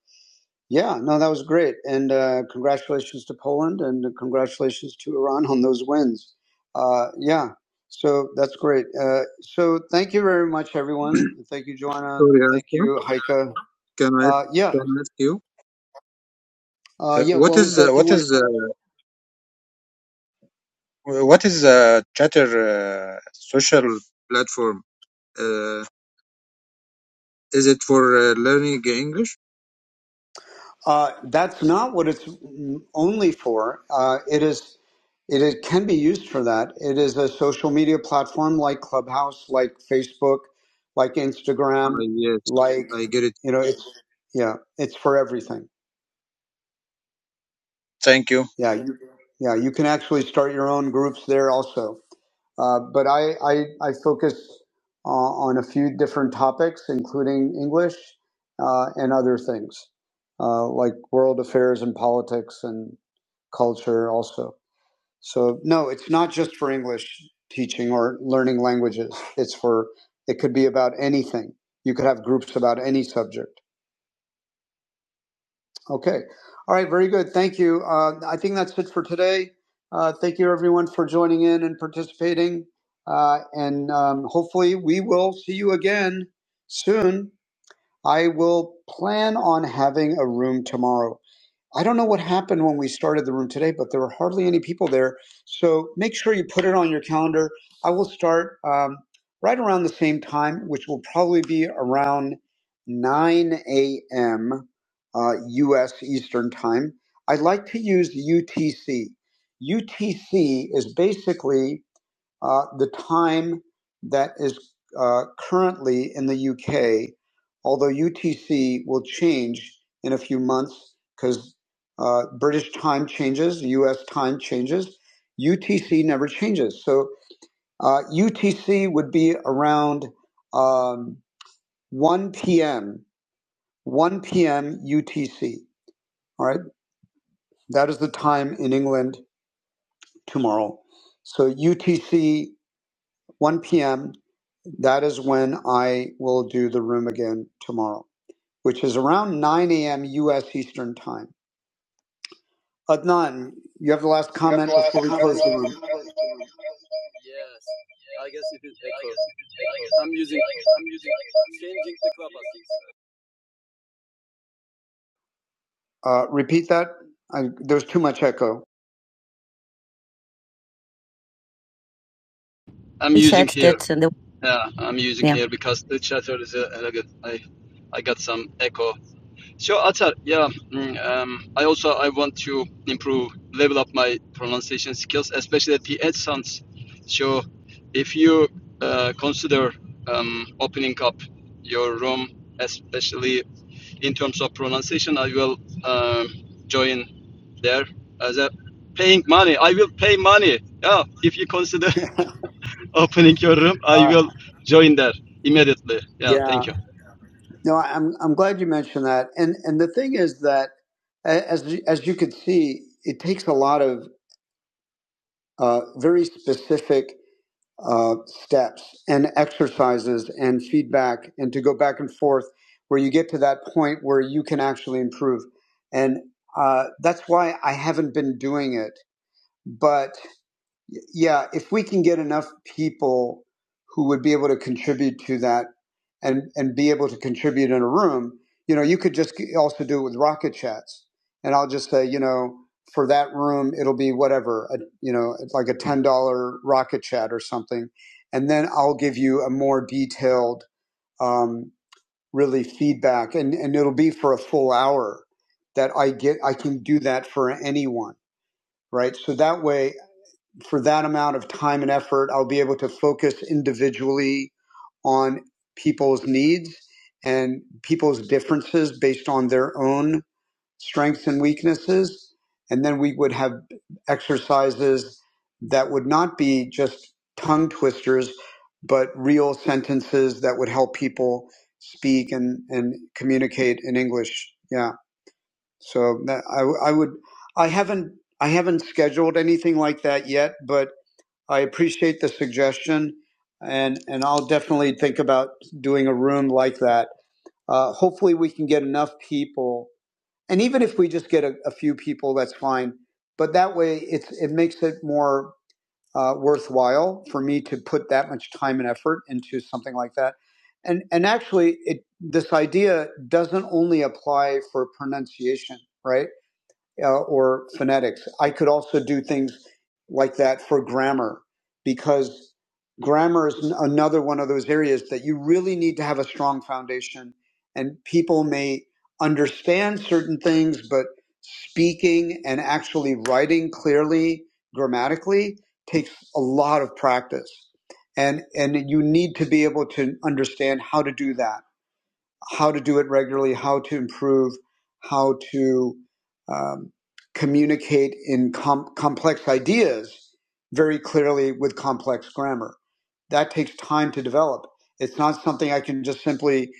[SPEAKER 1] yeah, no, that was great. And uh, congratulations to Poland and congratulations to Iran on those wins. Uh, yeah, so that's great. Uh, so thank you very much, everyone. Thank you, Joanna.
[SPEAKER 10] Sorry,
[SPEAKER 1] Thank
[SPEAKER 10] Asma.
[SPEAKER 1] you, Heike.
[SPEAKER 10] Can I
[SPEAKER 1] Uh, yeah,
[SPEAKER 10] can I ask you
[SPEAKER 1] uh,
[SPEAKER 10] uh,
[SPEAKER 1] yeah,
[SPEAKER 10] what
[SPEAKER 1] what was
[SPEAKER 10] is uh,
[SPEAKER 1] that you
[SPEAKER 10] what
[SPEAKER 1] wanted to
[SPEAKER 10] is
[SPEAKER 1] say?
[SPEAKER 10] uh, what is uh, Chatter uh, social platform? Uh, is it for uh, learning English?
[SPEAKER 1] Uh, that's not what it's only for. Uh, it is, it is, can be used for that. It is a social media platform like Clubhouse, like Facebook, like
[SPEAKER 10] Ah,
[SPEAKER 1] Instagram,
[SPEAKER 10] yes,
[SPEAKER 1] like
[SPEAKER 10] I get it.
[SPEAKER 1] you know, it's yeah, it's for everything
[SPEAKER 10] Thank you.
[SPEAKER 1] yeah, you, yeah, you can actually start your own groups there also. Uh, but I, I, I focus uh, on a few different topics, including English uh, and other things uh, like world affairs and politics and culture also. So no, it's not just for English teaching or learning languages. It's for it could be about anything. You could have groups about any subject. Okay. All right. Very good. Thank you. Uh, I think that's it for today. Uh, thank you, everyone, for joining in and participating. Uh, and um, hopefully, we will see you again soon. I will plan on having a room tomorrow. I don't know what happened when we started the room today, but there were hardly any people there. So make sure you put it on your calendar. I will start um, right around the same time, which will probably be around 9 a.m. Uh, U.S. Eastern Time. I like to use UTC. UTC is basically uh, the time that is uh, currently in the UK, although UTC will change in a few months because uh, British time changes, US time changes, UTC never changes. So uh, UTC would be around um, 1 p.m., 1 p.m. UTC. All right. That is the time in England tomorrow. So UTC 1 p.m. That is when I will do the room again tomorrow, which is around 9 a.m. U.S. Eastern Time. Adnan, you have the last comment. Uh, repeat that. I, there's too much echo.
[SPEAKER 9] I'm
[SPEAKER 1] He
[SPEAKER 9] using
[SPEAKER 1] said
[SPEAKER 9] here.
[SPEAKER 1] that uh, the
[SPEAKER 9] Yeah, I'm using
[SPEAKER 1] yeah.
[SPEAKER 9] here because the chatter is a, a good. I I got some echo. So Atar, yeah, mm, um, I also I want to improve, level up my pronunciation skills, especially the PH sounds. So if you uh, consider um, opening up your room, especially in terms of pronunciation, I will um, join there as a paying money. I will pay money. Yeah, if you consider opening your room, I
[SPEAKER 1] Uh,
[SPEAKER 9] will join there immediately. Yeah,
[SPEAKER 1] yeah.
[SPEAKER 9] thank you.
[SPEAKER 1] No, I'm I'm glad you mentioned that. And and the thing is that as as you could see, it takes a lot of uh, very specific. uh, steps and exercises and feedback and to go back and forth where you get to that point where you can actually improve. And uh, that's why I haven't been doing it. but. Yeah, if we can get enough people who would be able to contribute to that and and be able to contribute in a room, you know, you could just also do it with rocket chats. And I'll just say, you know, for that room, it'll be whatever, a, you know, like a ten dollar rocket chat or something, and then I'll give you a more detailed, um, really feedback, and and it'll be for a full hour that I get. I can do that for anyone, right? So that way for that amount of time and effort, I'll be able to focus individually on people's needs and people's differences based on their own strengths and weaknesses. And then we would have exercises that would not be just tongue twisters, but real sentences that would help people speak and, and communicate in English. Yeah. So that, I, I would, I haven't, I haven't scheduled anything like that yet, but I appreciate the suggestion, and and I'll definitely think about doing a room like that. Uh, hopefully, we can get enough people, and even if we just get a, a few people, that's fine. But that way, it's it makes it more uh, worthwhile for me to put that much time and effort into something like that. And and actually, it this idea doesn't only apply for pronunciation, right? uh, or phonetics. I could also do things like that for grammar because grammar is n- another one of those areas that you really need to have a strong foundation. And people may understand certain things, but speaking and actually writing clearly grammatically takes a lot of practice. And, and you need to be able to understand how to do that how to do it regularly, how to improve, how to um, communicate in com- complex ideas very clearly with complex grammar. That takes time to develop. It's not something I can just simply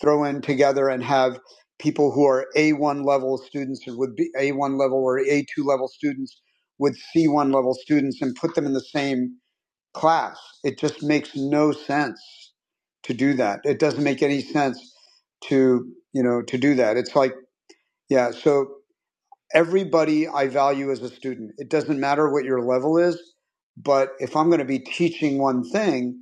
[SPEAKER 1] throw in together and have people who are A1 level students with a A1 level or A2 level students with C1 level students and put them in the same class. It just makes no sense to do that. It doesn't make any sense to, you know, to do that. It's like, yeah, so everybody I value as a student. It doesn't matter what your level is, but if I'm going to be teaching one thing,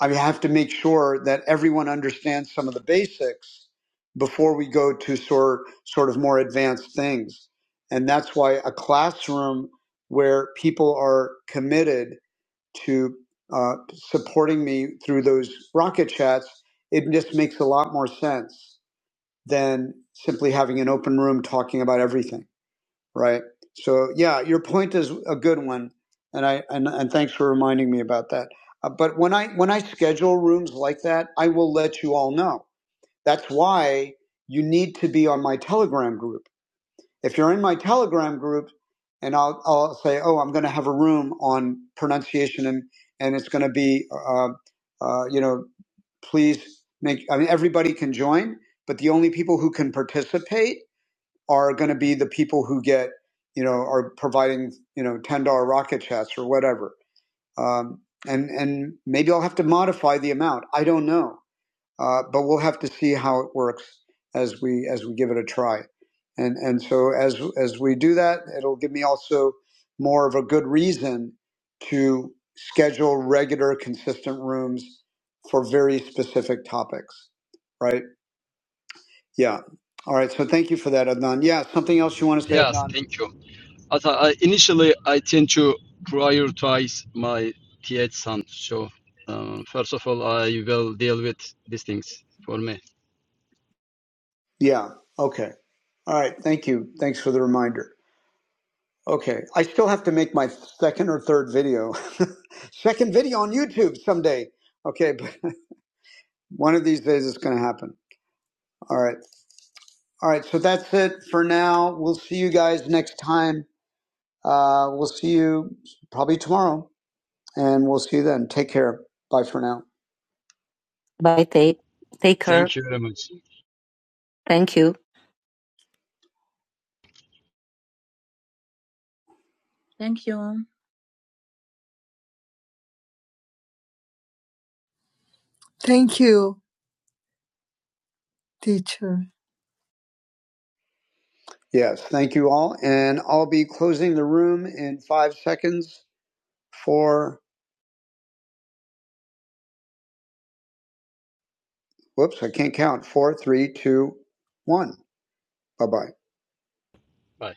[SPEAKER 1] I have to make sure that everyone understands some of the basics before we go to sort sort of more advanced things. And that's why a classroom where people are committed to uh, supporting me through those rocket chats, it just makes a lot more sense than simply having an open room talking about everything, right? So yeah, your point is a good one, and I and, and thanks for reminding me about that. Uh, but when I when I schedule rooms like that, I will let you all know. That's why you need to be on my Telegram group if you're in my Telegram group, and I'll, I'll say, oh, I'm going to have a room on pronunciation, and and it's going to be, uh, uh, you know, please make. I mean, everybody can join, but the only people who can participate are going to be the people who get, you know, are providing, you know, ten dollar rocket chats or whatever. Um, and and maybe I'll have to modify the amount. I don't know uh, but we'll have to see how it works as we as we give it a try. And and so as as we do that, it'll give me also more of a good reason to schedule regular, consistent rooms for very specific topics. Right? Yeah. All right. So thank you for that, Adnan. Yeah. Something else you want to say,
[SPEAKER 9] Yes,
[SPEAKER 1] Adnan?
[SPEAKER 9] thank you. As I, I- initially, I tend to prioritize my TH son. So, um, first of all, I will deal with these things for me.
[SPEAKER 1] Yeah. Okay. All right. Thank you. Thanks for the reminder. Okay, I still have to make my second or third video, second video on YouTube someday. Okay, but one of these days it's going to happen. All right, all right. So that's it for now. We'll see you guys next time. Uh, we'll see you probably tomorrow, and we'll see you then. Take care. Bye for now. Bye, take take care.
[SPEAKER 9] Thank you very much.
[SPEAKER 1] Thank you. Thank you. Thank you, teacher. Yes, thank you all, and I'll be closing the room in five seconds. Four. whoops, I can't count. Four, three, two, one. Bye bye.
[SPEAKER 9] Bye.